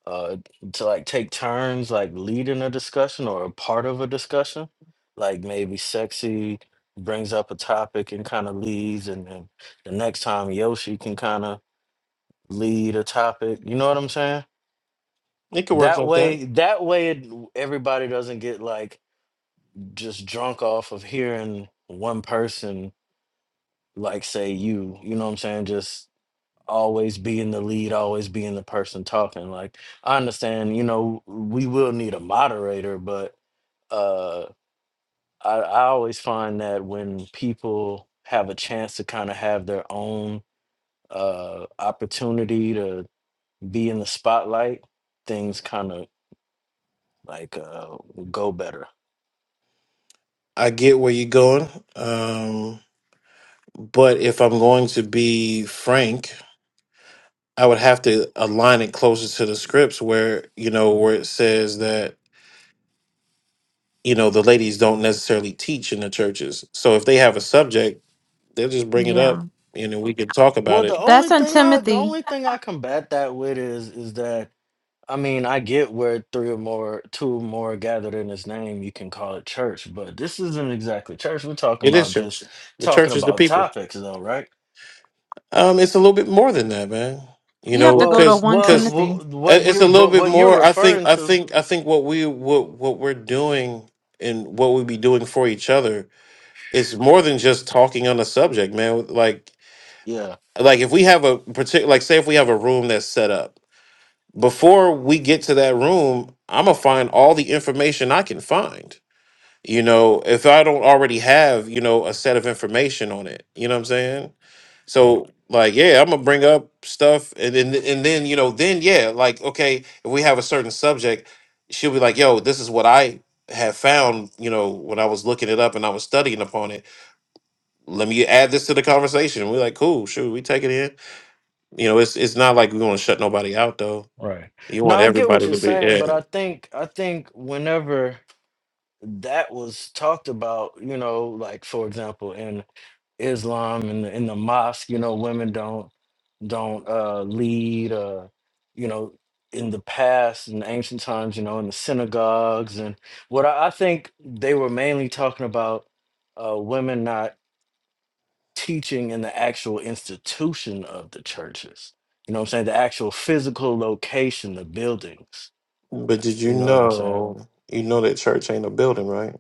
[SPEAKER 3] uh, to like take turns like leading a discussion or a part of a discussion. Like maybe sexy brings up a topic and kind of leads, and then the next time Yoshi can kind of lead a topic. You know what I'm saying?
[SPEAKER 1] it could work
[SPEAKER 3] That
[SPEAKER 1] like that.
[SPEAKER 3] way, that way, it, everybody doesn't get like just drunk off of hearing one person like say you you know what i'm saying just always being the lead always being the person talking like i understand you know we will need a moderator but uh i, I always find that when people have a chance to kind of have their own uh opportunity to be in the spotlight things kind of like uh go better
[SPEAKER 1] I get where you're going, um, but if I'm going to be frank, I would have to align it closer to the scripts where you know where it says that you know the ladies don't necessarily teach in the churches so if they have a subject they'll just bring it up
[SPEAKER 2] Yeah.
[SPEAKER 1] and then we can talk
[SPEAKER 3] well
[SPEAKER 1] about
[SPEAKER 3] the
[SPEAKER 1] it
[SPEAKER 2] That's
[SPEAKER 3] only
[SPEAKER 2] in
[SPEAKER 3] thing i the
[SPEAKER 2] Timothy.
[SPEAKER 3] only thing i combat that with is is that I mean, I get where three or more, two or more gathered in his name, you can call it church, but this isn't exactly church. We're talking
[SPEAKER 1] it is
[SPEAKER 3] about
[SPEAKER 1] church
[SPEAKER 3] just
[SPEAKER 1] the
[SPEAKER 3] talking
[SPEAKER 1] church is the
[SPEAKER 3] about
[SPEAKER 1] people
[SPEAKER 3] topics, though, right?
[SPEAKER 1] um it's a little bit more than that man you
[SPEAKER 2] You have
[SPEAKER 1] know
[SPEAKER 2] to go to
[SPEAKER 3] Well,
[SPEAKER 1] because
[SPEAKER 2] 1
[SPEAKER 3] well,
[SPEAKER 1] because
[SPEAKER 2] Timothy.
[SPEAKER 3] well, what
[SPEAKER 1] it's
[SPEAKER 3] you,
[SPEAKER 1] a little
[SPEAKER 3] but
[SPEAKER 1] bit
[SPEAKER 3] what you're
[SPEAKER 1] more i think
[SPEAKER 3] referring
[SPEAKER 1] i
[SPEAKER 3] to,
[SPEAKER 1] think i think what we what what we're doing and what we be doing for each other is more than just talking on a subject man like
[SPEAKER 3] yeah,
[SPEAKER 1] like if we have a particular like say if we have a room that's set up before we get to that room, I'm gonna find all the information I can find. You know, if I don't already have, you know, a set of information on it. You know what I'm saying?
[SPEAKER 3] right,
[SPEAKER 1] So like, yeah, I'm gonna bring up stuff and then and then, you know, then yeah, like, okay, if we have a certain subject, she'll be like, yo, this is what I have found, you know, when I was looking it up and I was studying upon it. Let me add this to the conversation. We're like, cool, shoot, we take it in. You know, it's it's not like we want to shut nobody out though.
[SPEAKER 3] right.
[SPEAKER 1] You
[SPEAKER 3] Now
[SPEAKER 1] want
[SPEAKER 3] I get what
[SPEAKER 1] everybody
[SPEAKER 3] you're
[SPEAKER 1] to be
[SPEAKER 3] saying, but
[SPEAKER 1] yeah.
[SPEAKER 3] I think, I think whenever that was talked about, you know, like for example, in Islam in the, in the mosque. You know, women don't don't uh, lead. Uh, you know, in the past, in ancient times, you know, in the synagogues and what I, I think they were mainly talking about uh, women not teaching in the actual institution of the churches. You know what I'm saying? The actual physical location, the buildings.
[SPEAKER 1] But did you
[SPEAKER 3] You know what I'm saying?
[SPEAKER 1] know you know that church ain't a building, right?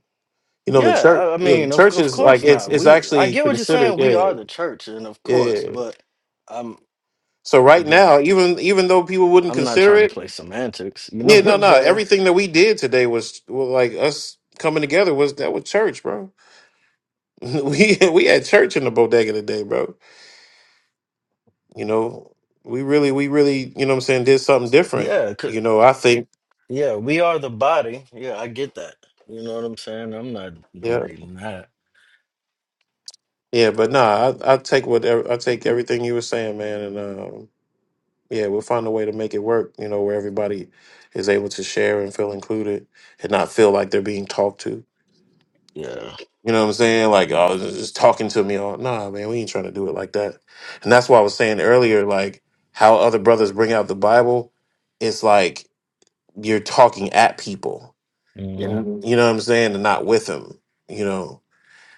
[SPEAKER 1] You know the
[SPEAKER 3] Yeah,
[SPEAKER 1] church
[SPEAKER 3] I, I
[SPEAKER 1] yeah,
[SPEAKER 3] mean, of
[SPEAKER 1] church
[SPEAKER 3] of
[SPEAKER 1] is like
[SPEAKER 3] course
[SPEAKER 1] it's
[SPEAKER 3] not.
[SPEAKER 1] it's
[SPEAKER 3] We I
[SPEAKER 1] actually
[SPEAKER 3] get what you're
[SPEAKER 1] considered
[SPEAKER 3] saying. We
[SPEAKER 1] yeah,
[SPEAKER 3] are the church, and of course,
[SPEAKER 1] yeah.
[SPEAKER 3] but I'm
[SPEAKER 1] So right
[SPEAKER 3] again.
[SPEAKER 1] now, even even though people wouldn't
[SPEAKER 3] I'm not
[SPEAKER 1] consider
[SPEAKER 3] trying to
[SPEAKER 1] it,
[SPEAKER 3] play semantics. You know
[SPEAKER 1] yeah,
[SPEAKER 3] what
[SPEAKER 1] no,
[SPEAKER 3] I'm
[SPEAKER 1] no.
[SPEAKER 3] saying?
[SPEAKER 1] Everything that we did today was well, like us coming together was that was church, bro. we we had church in the bodega today, bro. You know, we really we really, you know what I'm saying, did something different.
[SPEAKER 3] Yeah, 'cause-
[SPEAKER 1] You know, I think
[SPEAKER 3] yeah, we are the body. Yeah, I get that. You know what I'm saying? I'm not
[SPEAKER 1] yeah.
[SPEAKER 3] debating that.
[SPEAKER 1] Yeah, but nah, I I take whatever I take everything you were saying, man, and. um yeah, we'll find a way to make it work, you know, where everybody is able to share and feel included and not feel like they're being talked to.
[SPEAKER 3] Yeah.
[SPEAKER 1] You know what I'm saying? Like, oh, this is talking to me. All, nah, man, we ain't trying to do it like that. And that's why I was saying earlier, like, how other brothers bring out the Bible, it's like you're talking at people. Yeah.
[SPEAKER 3] hmm
[SPEAKER 1] You know what I'm saying? And not with them, you know.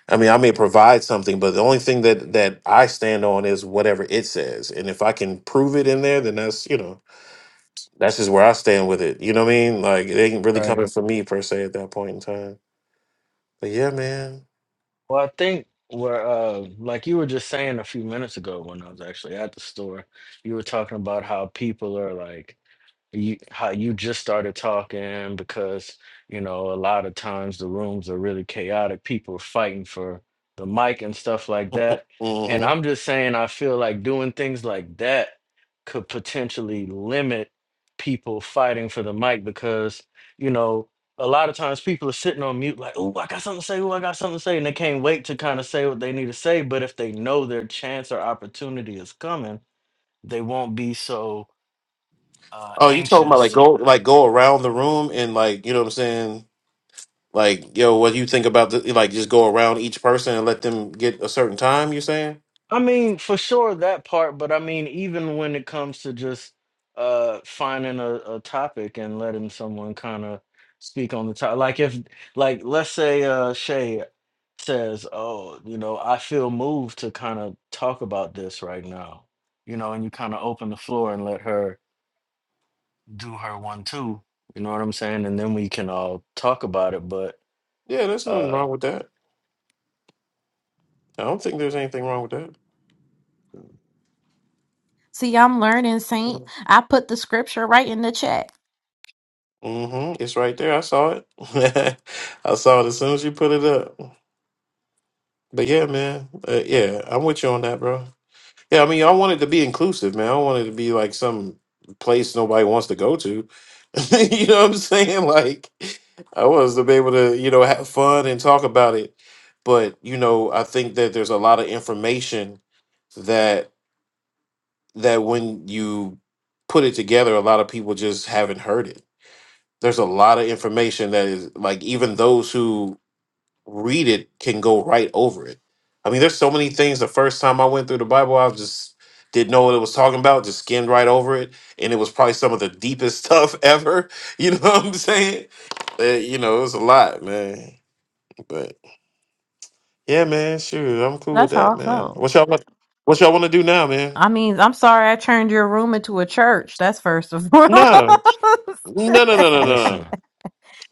[SPEAKER 1] I mean, I may provide something, but the only thing that that I stand on is whatever it says. And if I can prove it in there, then that's, you know, That's just where I stand with it. You know what I mean? Like it ain't really
[SPEAKER 3] Right.
[SPEAKER 1] coming for me per se at that point in time. But yeah, man.
[SPEAKER 3] Well, I think where, uh, like you were just saying a few minutes ago when I was actually at the store, you were talking about how people are like you how you just started talking because you know a lot of times the rooms are really chaotic people are fighting for the mic and stuff like that and
[SPEAKER 1] hmm
[SPEAKER 3] i'm just saying i feel like doing things like that could potentially limit people fighting for the mic because you know a lot of times people are sitting on mute like oh i got something to say oh i got something to say and they can't wait to kind of say what they need to say but if they know their chance or opportunity is coming they won't be so uh,
[SPEAKER 1] Oh, you talking about
[SPEAKER 3] anxious
[SPEAKER 1] like
[SPEAKER 3] to
[SPEAKER 1] go like go around the room and like you know what I'm saying? Like yo, what do you think about the like just go around each person and let them get a certain time? You saying?
[SPEAKER 3] I mean, for sure that part, but I mean, even when it comes to just uh finding a, a topic and letting someone kind of speak on the topic, like if, like, let's say uh Shay says, "Oh, you know, I feel moved to kind of talk about this right now," you know, and you kind of open the floor and let her do her one too. You know what I'm saying? And then we can all talk about it. But
[SPEAKER 1] Yeah, there's nothing
[SPEAKER 3] uh
[SPEAKER 1] wrong with that. I don't think there's anything wrong with
[SPEAKER 2] See, I'm learning, Saint.
[SPEAKER 1] that.
[SPEAKER 2] I put the scripture right in the chat.
[SPEAKER 1] hmm It's right there. I saw it. I saw it as soon as you put it up. But yeah, man. Uh, yeah, I'm with you on that, bro. Yeah, I mean, I wanted to be inclusive, man. I don't want it to be like some place nobody wants to go to. you know what I'm saying? Like, I was to be able to, you know, have fun and talk about it. But you know, I think that there's a lot of information that that when you put it together, a lot of people just haven't heard it. There's a lot of information that is like even those who read it can go right over it. I mean, there's so many things. The first time I went through the Bible, I was just didn't know what it was talking about, just skimmed right over it, and it was probably some of the deepest stuff ever. You know what I'm saying? Uh, you know, it was a lot, man. But yeah, man, shoot, I'm cool with
[SPEAKER 2] That's
[SPEAKER 1] that,
[SPEAKER 2] how I
[SPEAKER 1] man.
[SPEAKER 2] felt.
[SPEAKER 1] What y'all want? What y'all want to do now, man?
[SPEAKER 2] I mean, I'm sorry I turned your room into a church. That's first and
[SPEAKER 1] No,
[SPEAKER 2] foremost.
[SPEAKER 1] no, no, no, no, no. no.
[SPEAKER 3] listen.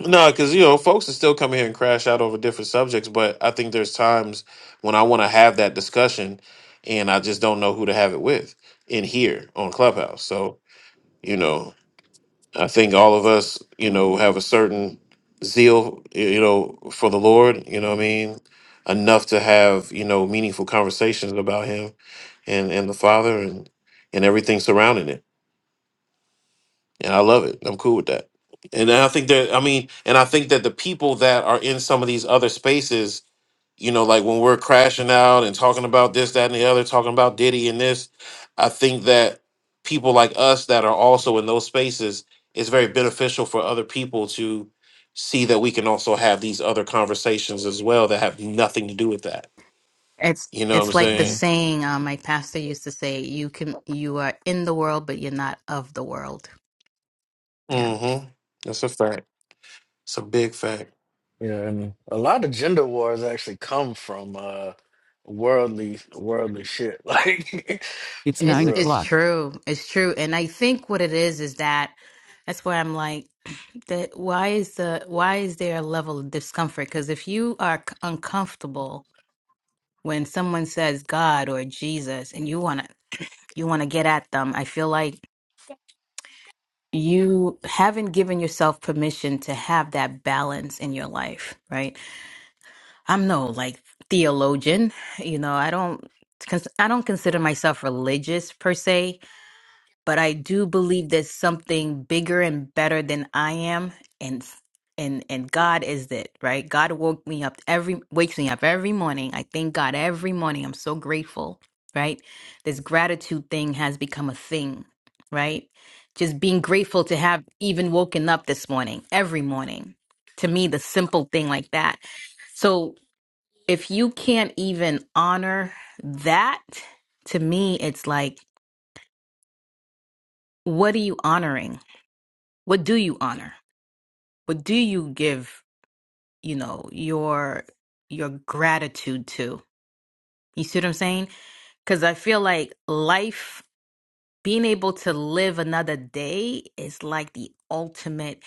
[SPEAKER 1] No, because you know, folks are still coming here and crash out over different subjects, but I think there's times when I want to have that discussion, and I just don't know who to have it with in here on Clubhouse. So you know, I think all of us, you know, have a certain zeal, y- you know, for the Lord. You know what I mean? Enough to have you know meaningful conversations about Him and and the Father and and everything surrounding it and I love it. I'm cool with that. And I think that I mean, and I think that the people that are in some of these other spaces, you know, like when we're crashing out and talking about this, that, and the other, talking about Diddy and this, I think that people like us that are also in those spaces, it's very beneficial for other people to see that we can also have these other conversations as well that have nothing to do with that.
[SPEAKER 6] It's
[SPEAKER 1] You know what I'm
[SPEAKER 6] it's like the
[SPEAKER 1] saying?
[SPEAKER 6] saying uh, my pastor used to say, you can you are in the world, but you're not of the world. Yeah.
[SPEAKER 1] Mm-hmm. That's a fact. It's a big fact.
[SPEAKER 3] Yeah, and a lot of gender wars actually come from uh worldly worldly shit. Like for
[SPEAKER 6] It's
[SPEAKER 3] real.
[SPEAKER 6] it's true. It's true. And I think what it is is that that's where I'm like that why is the why is there a level of discomfort? Cuz if you are c- uncomfortable when someone says God or Jesus and you want to you want to get at them, I feel like you haven't given yourself permission to have that balance in your life, right? I'm no like theologian, you know, I don't cons- I don't consider myself religious per se but I do believe there's something bigger and better than I am, and and and God is it, right? God woke me up every wakes me up every morning. I thank God every morning. I'm so grateful, right? This gratitude thing has become a thing, right? Just being grateful to have even woken up this morning, every morning. To me, the simple thing like that. So if you can't even honor that, to me, it's like, what are you honoring? what do you honor? What do you give, you know, your your gratitude to? You see what I'm saying? Cuz I feel like life being able to live another day is like the ultimate,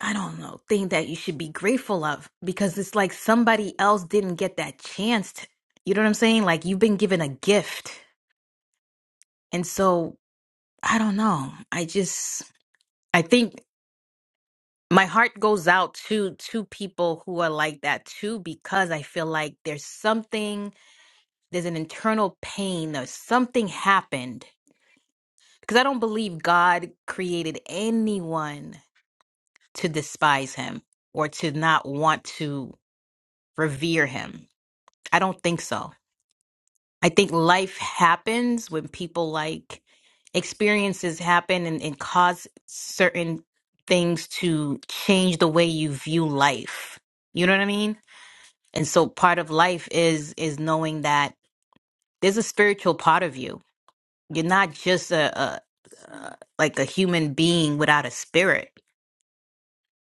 [SPEAKER 6] I don't know, thing that you should be grateful of because it's like somebody else didn't get that chance. To, you know what I'm saying? Like you've been given a gift. And so, I don't know. I just I think my heart goes out to to people who are like that too because i feel like there's something there's an internal pain or something happened because i don't believe god created anyone to despise him or to not want to revere him i don't think so i think life happens when people like experiences happen and, and cause certain things to change the way you view life you know what i mean And so part of life is is knowing that there's a spiritual part of you. You're not just a, a, a like a human being without a spirit.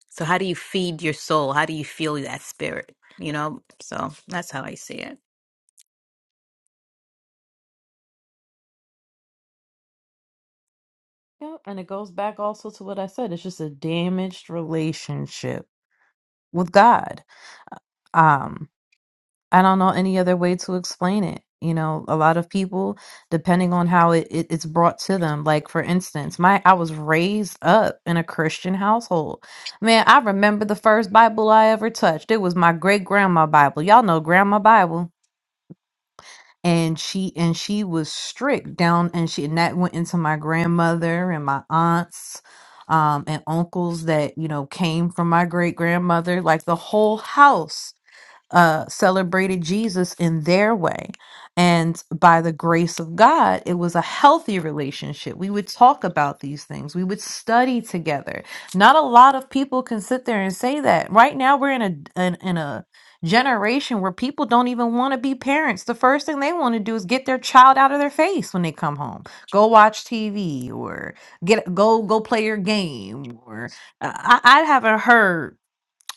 [SPEAKER 6] So how do you feed your soul? How do you feel that spirit? You know? So that's how I see it.
[SPEAKER 2] Yep, and it goes back also to what I said. It's just a damaged relationship with God. Uh, Um, I don't know any other way to explain it. You know, a lot of people, depending on how it, it it's brought to them. Like for instance, my I was raised up in a Christian household. Man, I remember the first Bible I ever touched. It was my great grandma Bible. Y'all know grandma Bible. and she and she was strict down and she and that went into my grandmother and my aunts um and uncles that you know came from my great grandmother like the whole house uh, celebrated Jesus in their way. And by the grace of God, it was a healthy relationship. We would talk about these things. We would study together. Not a lot of people can sit there and say that. Right now, we're in a in, in a generation where people don't even want to be parents. The first thing they want to do is get their child out of their face when they come home. Go watch TV or get go go play your game. Or I, I I haven't heard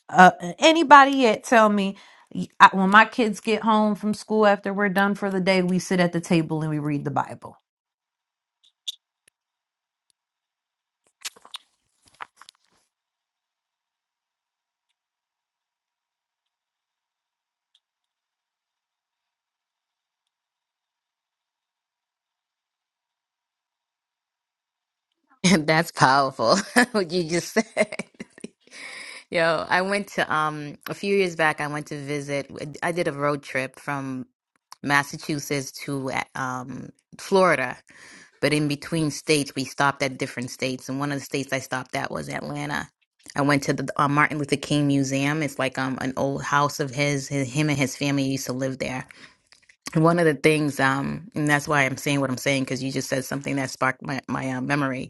[SPEAKER 2] uh, anybody yet tell me y- I, when my kids get home from school after we're done for the day, we sit at the table and we read the Bible
[SPEAKER 6] That's powerful. What you just said. Yo, I went to um a few years back. I went to visit. I did a road trip from Massachusetts to uh, um Florida, but in between states, we stopped at different states. And one of the states I stopped at was Atlanta. I went to the uh, Martin Luther King Museum. It's like um an old house of his. his him and his family used to live there. one of the things um and that's why I'm saying what I'm saying because you just said something that sparked my my uh, memory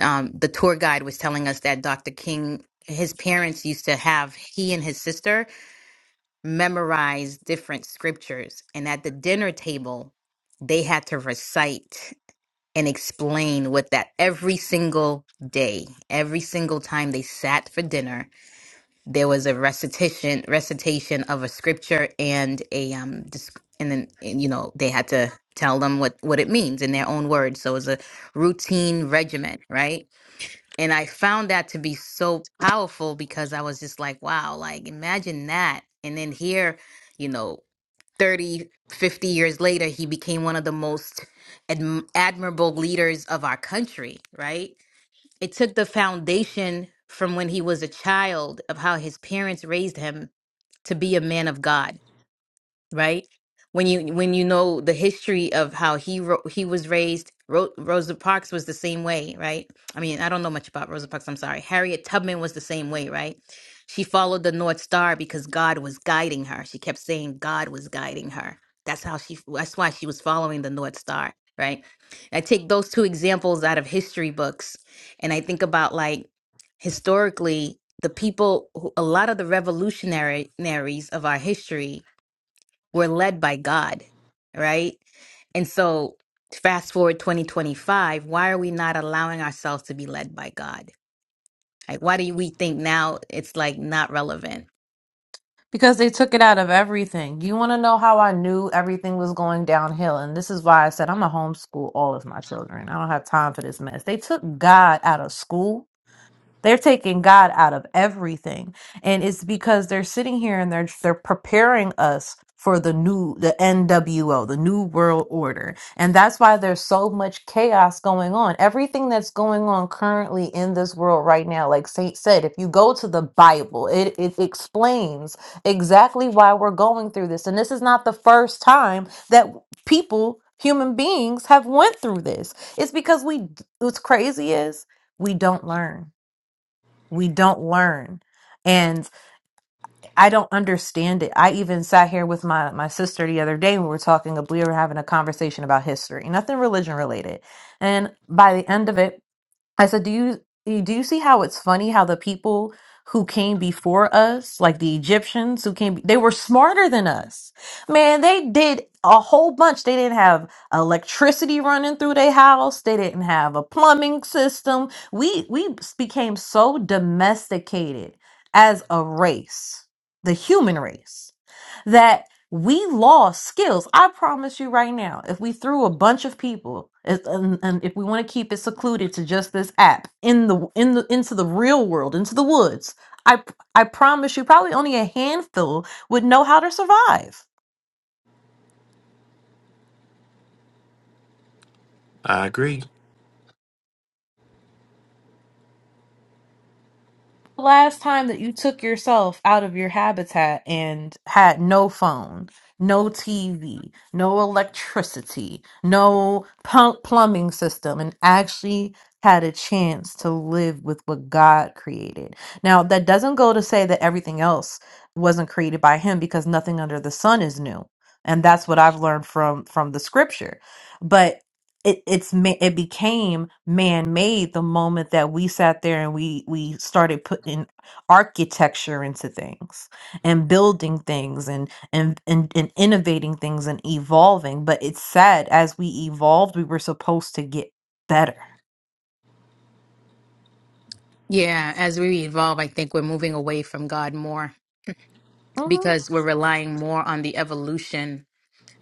[SPEAKER 6] um, the tour guide was telling us that Dr. King, his parents used to have he and his sister memorize different scriptures. And at the dinner table, they had to recite and explain what that every single day, every single time they sat for dinner, there was a recitation recitation of a scripture and a um desc- and then and, you know they had to tell them what what it means in their own words. So it was a routine regimen, right? And I found that to be so powerful because I was just like, wow, like imagine that. And then here, you know, 30, 50 years later, he became one of the most adm- admirable leaders of our country, right? It took the foundation from when he was a child of how his parents raised him to be a man of God right? When you when you know the history of how he ro- he was raised, Ro- Rosa Parks was the same way, right? I mean, I don't know much about Rosa Parks. I'm sorry. Harriet Tubman was the same way, right? She followed the North Star because God was guiding her. She kept saying God was guiding her. That's how she. That's why she was following the North Star, right? I take those two examples out of history books, and I think about like historically the people, who, a lot of the revolutionary revolutionaries of our history we're led by God, right? And so fast forward 2025, why are we not allowing ourselves to be led by God? Like, why do we think now it's like not relevant?
[SPEAKER 2] because they took it out of everything. You want to know how I knew everything was going downhill? And this is why I said I'm going to homeschool all of my children. I don't have time for this mess. They took God out of school They're taking God out of everything. And it's because they're sitting here and they're they're preparing us for the new the NWO, the new world order. And that's why there's so much chaos going on. Everything that's going on currently in this world right now, like Saint said, if you go to the Bible, it, it explains exactly why we're going through this. And this is not the first time that people, human beings, have went through this. It's because we what's crazy is we don't learn we don't learn and i don't understand it i even sat here with my my sister the other day and we were talking we were having a conversation about history nothing religion related and by the end of it I said, do you you- do you see how it's funny how the people who came before us, like the Egyptians who came, they were smarter than us. Man, they did a whole bunch. They didn't have electricity running through their house. They didn't have a plumbing system. We we became so domesticated as a race, the human race that we lost skills. I promise you right now, if we threw a bunch of people, if- and, and if we want to keep it secluded to just this app in the in the into the real world, into the woods, I I promise you, probably only a handful would know how to survive.
[SPEAKER 1] I agree.
[SPEAKER 2] the last time that you took yourself out of your habitat and had no phone, no TV, no electricity, no pu- plumbing system, and actually had a chance to live with what God created? Now, that doesn't go to say that everything else wasn't created by Him because nothing under the sun is new. And that's what I've learned from from the scripture. But it it's ma- it became man made the moment that we sat there and we we started putting architecture into things and building things and and and, and innovating things and evolving but it's sad as we evolved we were supposed to get better
[SPEAKER 6] Yeah, as we evolve, I think we're moving away from God more.
[SPEAKER 2] Mhm.
[SPEAKER 6] because we're relying more on the evolution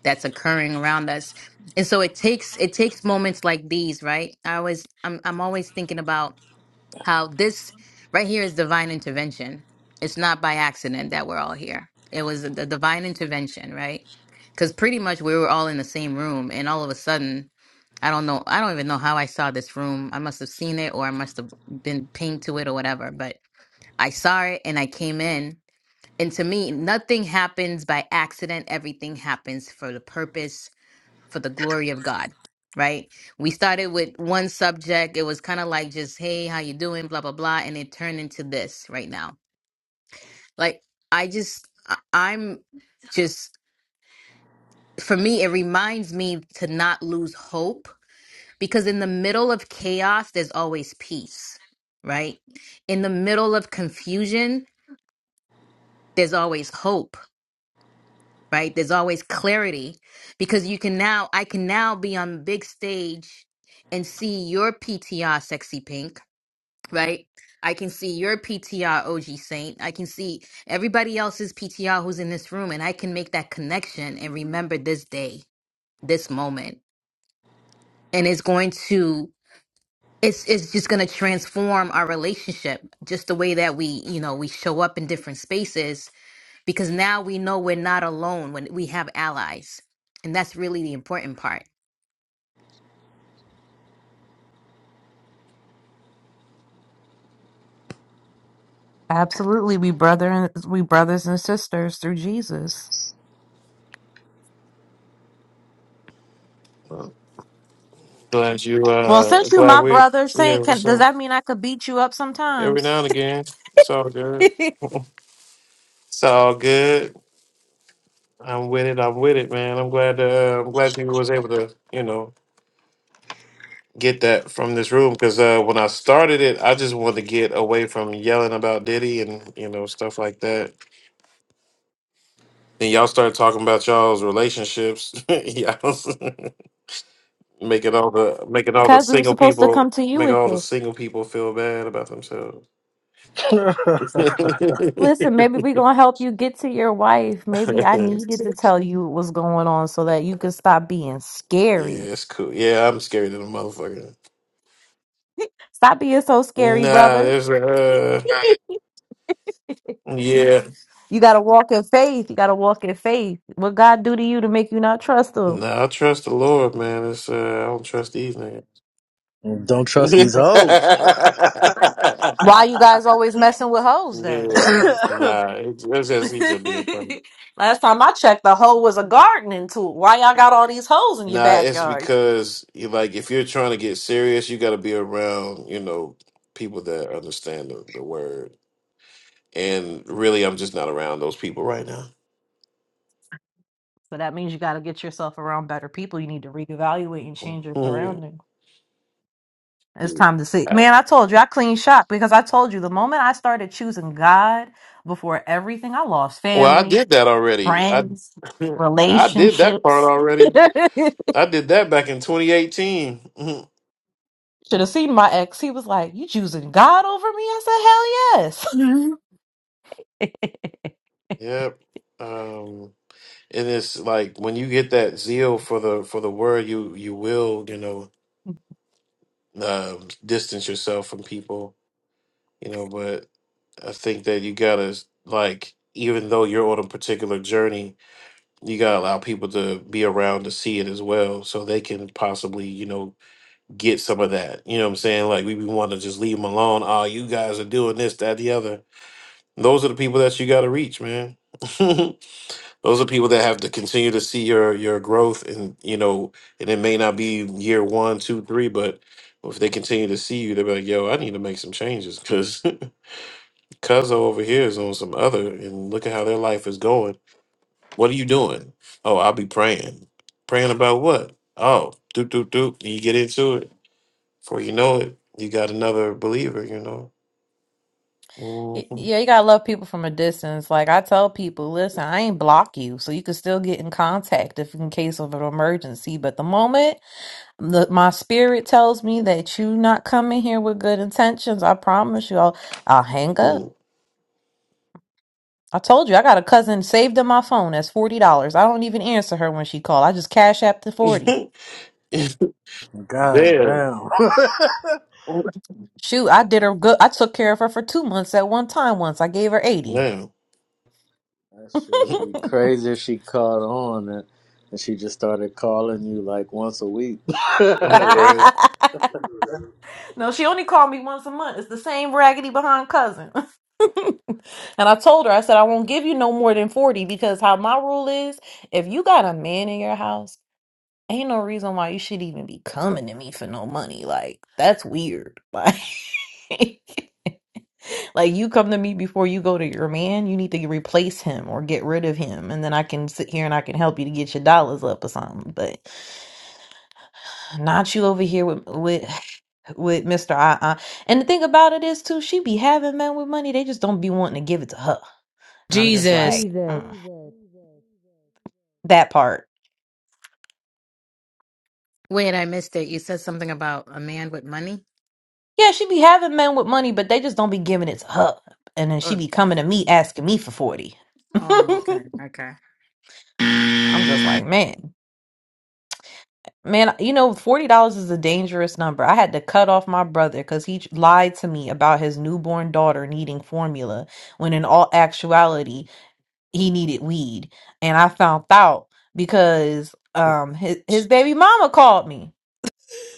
[SPEAKER 6] that's occurring around us. And so it takes it takes moments like these, right? I always I'm I'm always thinking about how this right here is divine intervention. It's not by accident that we're all here. It was the divine intervention, right? Cuz pretty much we were all in the same room and all of a sudden I don't know. I don't even know how I saw this room. I must have seen it or I must have been pinged to it or whatever, but I saw it and I came in and to me, nothing happens by accident. Everything happens for the purpose, for the glory of God, right? We started with one subject. It was kind of like just, hey, how you doing? Blah, blah, blah. And it turned into this right now. Like, I just, I- I'm just, for me, it reminds me to not lose hope because in the middle of chaos, there's always peace, right? In the middle of confusion, there's always hope right? There's always clarity because you can now, I can now be on the big stage and see your PTR sexy pink, right? I can see your PTR OG Saint. I can see everybody else's PTR who's in this room and I can make that connection and remember this day, this moment. And it's going to it's it's just going to transform our relationship just the way that we, you know, we show up in different spaces because now we know we're not alone when we have allies. And that's really the important part.
[SPEAKER 2] absolutely we brother and we brothers and sisters through jesus
[SPEAKER 1] Glad you
[SPEAKER 2] well
[SPEAKER 1] uh
[SPEAKER 2] since you
[SPEAKER 1] glad
[SPEAKER 2] my
[SPEAKER 1] we
[SPEAKER 2] brother
[SPEAKER 1] yeah,
[SPEAKER 2] saint can,
[SPEAKER 1] what's
[SPEAKER 2] does
[SPEAKER 1] up?
[SPEAKER 2] that mean i could beat you up
[SPEAKER 1] Every now
[SPEAKER 2] sometimes
[SPEAKER 1] and again. It's all good.
[SPEAKER 2] because
[SPEAKER 1] It's all good. I'm with it. I'm with it, man. I'm glad uh, I'm glad you was able to, you know, get that from this room because uh when I started it, I just wanted to get away from yelling about Diddy and, you know, stuff like that. Then y'all started talking about y'all's relationships. y'all making all the making all the
[SPEAKER 2] we were
[SPEAKER 1] single
[SPEAKER 2] supposed to
[SPEAKER 1] people
[SPEAKER 2] come to you
[SPEAKER 1] make
[SPEAKER 2] with
[SPEAKER 1] all the
[SPEAKER 2] it
[SPEAKER 1] single people feel bad about themselves.
[SPEAKER 2] Listen, maybe we gonna help you get to your wife. Maybe I needed to tell you what's going on so that you can stop being
[SPEAKER 1] Yeah,
[SPEAKER 2] scary.
[SPEAKER 1] it's cool. Yeah, I'm scared of the motherfucker.
[SPEAKER 2] Stop being so scary,
[SPEAKER 1] Nah,
[SPEAKER 2] brother.
[SPEAKER 1] there's uh yeah.
[SPEAKER 2] You gotta walk in faith. You gotta walk in faith. What God do to you to make you not trust him?
[SPEAKER 1] Nah, I trust the Lord, man. It's uh I don't trust these niggas.
[SPEAKER 3] Don't trust these hoes.
[SPEAKER 2] Why you guys always messing with hoes then?
[SPEAKER 1] yeah. Nah, it's, it's just he's just being funny.
[SPEAKER 2] Last time I checked, the hoe was a gardening tool. Why y'all got all these hoes in your
[SPEAKER 1] Nah, it's
[SPEAKER 2] backyard?
[SPEAKER 1] because you like if you're trying to get serious, you gotta be around, you know, people that understand the, the word. And really I'm just not around those people right now.
[SPEAKER 2] So that means you gotta get yourself around better people. You need to reevaluate and change your surroundings. It's
[SPEAKER 1] Mm.
[SPEAKER 2] time to see. Man, I told you I clean shop because I told you the moment I started choosing God before everything, I lost
[SPEAKER 1] Well, I
[SPEAKER 2] family,
[SPEAKER 1] did that already. I
[SPEAKER 2] friends,
[SPEAKER 1] I did that part
[SPEAKER 2] relationships.
[SPEAKER 1] already. I did that back in 2018.
[SPEAKER 2] Should have seen my ex. He was like, You choosing God over me? I said, Hell yes.
[SPEAKER 1] yep. Um, and it's like when you get that zeal for the for the word, you you will you know um distance yourself from people. You know, but I think that you gotta like even though you're on a particular journey, you gotta allow people to be around to see it as well, so they can possibly you know get some of that. You know what I'm saying? Like we, we want to just leave them alone. Oh, you guys are doing this, that, the other. Those are the people that you got to reach, man. Those are people that have to continue to see your your growth, and you know, and it may not be year one, two, three, but if they continue to see you, they're like, "Yo, I need to make some changes because Cuzzo over here is on some other, and look at how their life is going. What are you doing? Oh, I'll be praying. Praying about what? Oh, doop doop doop. And you get into it. Before you know it, you got another believer, you know.
[SPEAKER 2] Y-
[SPEAKER 1] Mhm.
[SPEAKER 2] yeah, you gotta love people from a distance. Like I tell people, listen, I ain't block you, so you can still get in contact if in case of an emergency. But the moment Look, my spirit tells me that you not coming here with good intentions. I promise you, I'll, I'll hang up. I told you, I got a cousin saved in my phone. That's forty dollars. I don't even answer her when she called. I just cash app the forty.
[SPEAKER 3] God damn.
[SPEAKER 1] Damn.
[SPEAKER 3] that
[SPEAKER 2] Shoot, I did her good. I took care of her for two months at one time. Once I gave her eighty.
[SPEAKER 1] Damn.
[SPEAKER 2] no,
[SPEAKER 3] should be crazy if she caught on and, and she just started calling you like once a week.
[SPEAKER 1] right.
[SPEAKER 2] she only called me once a month. It's the same raggedy behind cousin. and I told her, I said, I won't give you no more than 40 because how my rule is, if you got a man in your house Ain't no reason why you should even be coming to me for no money. Like, that's weird. Like, like you come to me before you go to your man, you need to replace him or get rid of him. And then I can sit here and I can help you to get your dollars up or something. But not you over here with with with Mr. Uh uh. And the thing about it is too, she be having men with money. They just don't be wanting to give it to her. And I'm just
[SPEAKER 5] Jesus.
[SPEAKER 2] like, mm, that part.
[SPEAKER 6] Wait, I missed it. You said something about a man with money?
[SPEAKER 2] Yeah, she be having men with money, but they just don't be giving it to her. And then she be coming to me asking me for 40.
[SPEAKER 6] Oh.
[SPEAKER 2] I'm just like, man, man, you know, $40 is a dangerous number. I had to cut off my brother because he lied to me about his newborn daughter needing formula when in all actuality, he needed weed. And I found out because um his, his baby mama called me.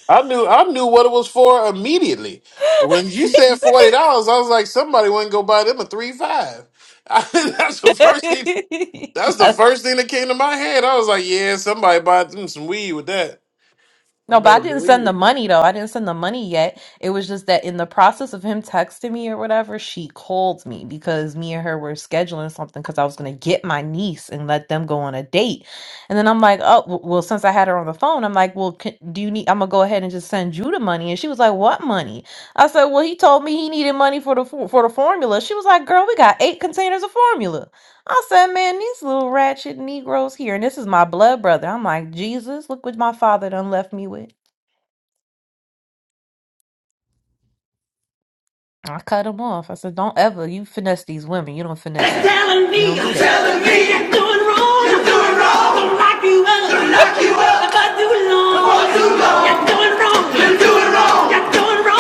[SPEAKER 1] I knew I knew what it was for immediately. When you said forty dollars, I was like, somebody wouldn't go buy them a three five. I, that's the first thing that's the first thing that came to my head. I was like, yeah, somebody bought them some weed with that. You
[SPEAKER 2] No, but I
[SPEAKER 1] better
[SPEAKER 2] didn't
[SPEAKER 1] believe
[SPEAKER 2] send
[SPEAKER 1] it.
[SPEAKER 2] the money though. I didn't send the money yet. It was just that in the process of him texting me or whatever, she called me because me and her were scheduling something because I was going to get my niece and let them go on a date. And then I'm like, oh, w- well, since I had her on the phone, I'm like, well, can, do you need, I'm going to go ahead and just send you the money. And she was like, what money? I said, well, he told me he needed money for the, for, for the formula. She was like, girl, we got eight containers of formula. I said, man, these little ratchet Negroes here, and this is my blood brother. I'm like, Jesus, look what my father done left me with. I cut him off. I said, don't ever, you finesse these women. You don't finesse
[SPEAKER 5] They're
[SPEAKER 2] me.
[SPEAKER 5] telling
[SPEAKER 2] You
[SPEAKER 5] me,
[SPEAKER 2] don't do
[SPEAKER 5] you're
[SPEAKER 2] that.
[SPEAKER 5] telling me you're doing wrong. You're doing wrong. Don't lock you up. Don't lock you up. For too long. For too long. You're doing wrong. You're doing wrong. You're doing wrong.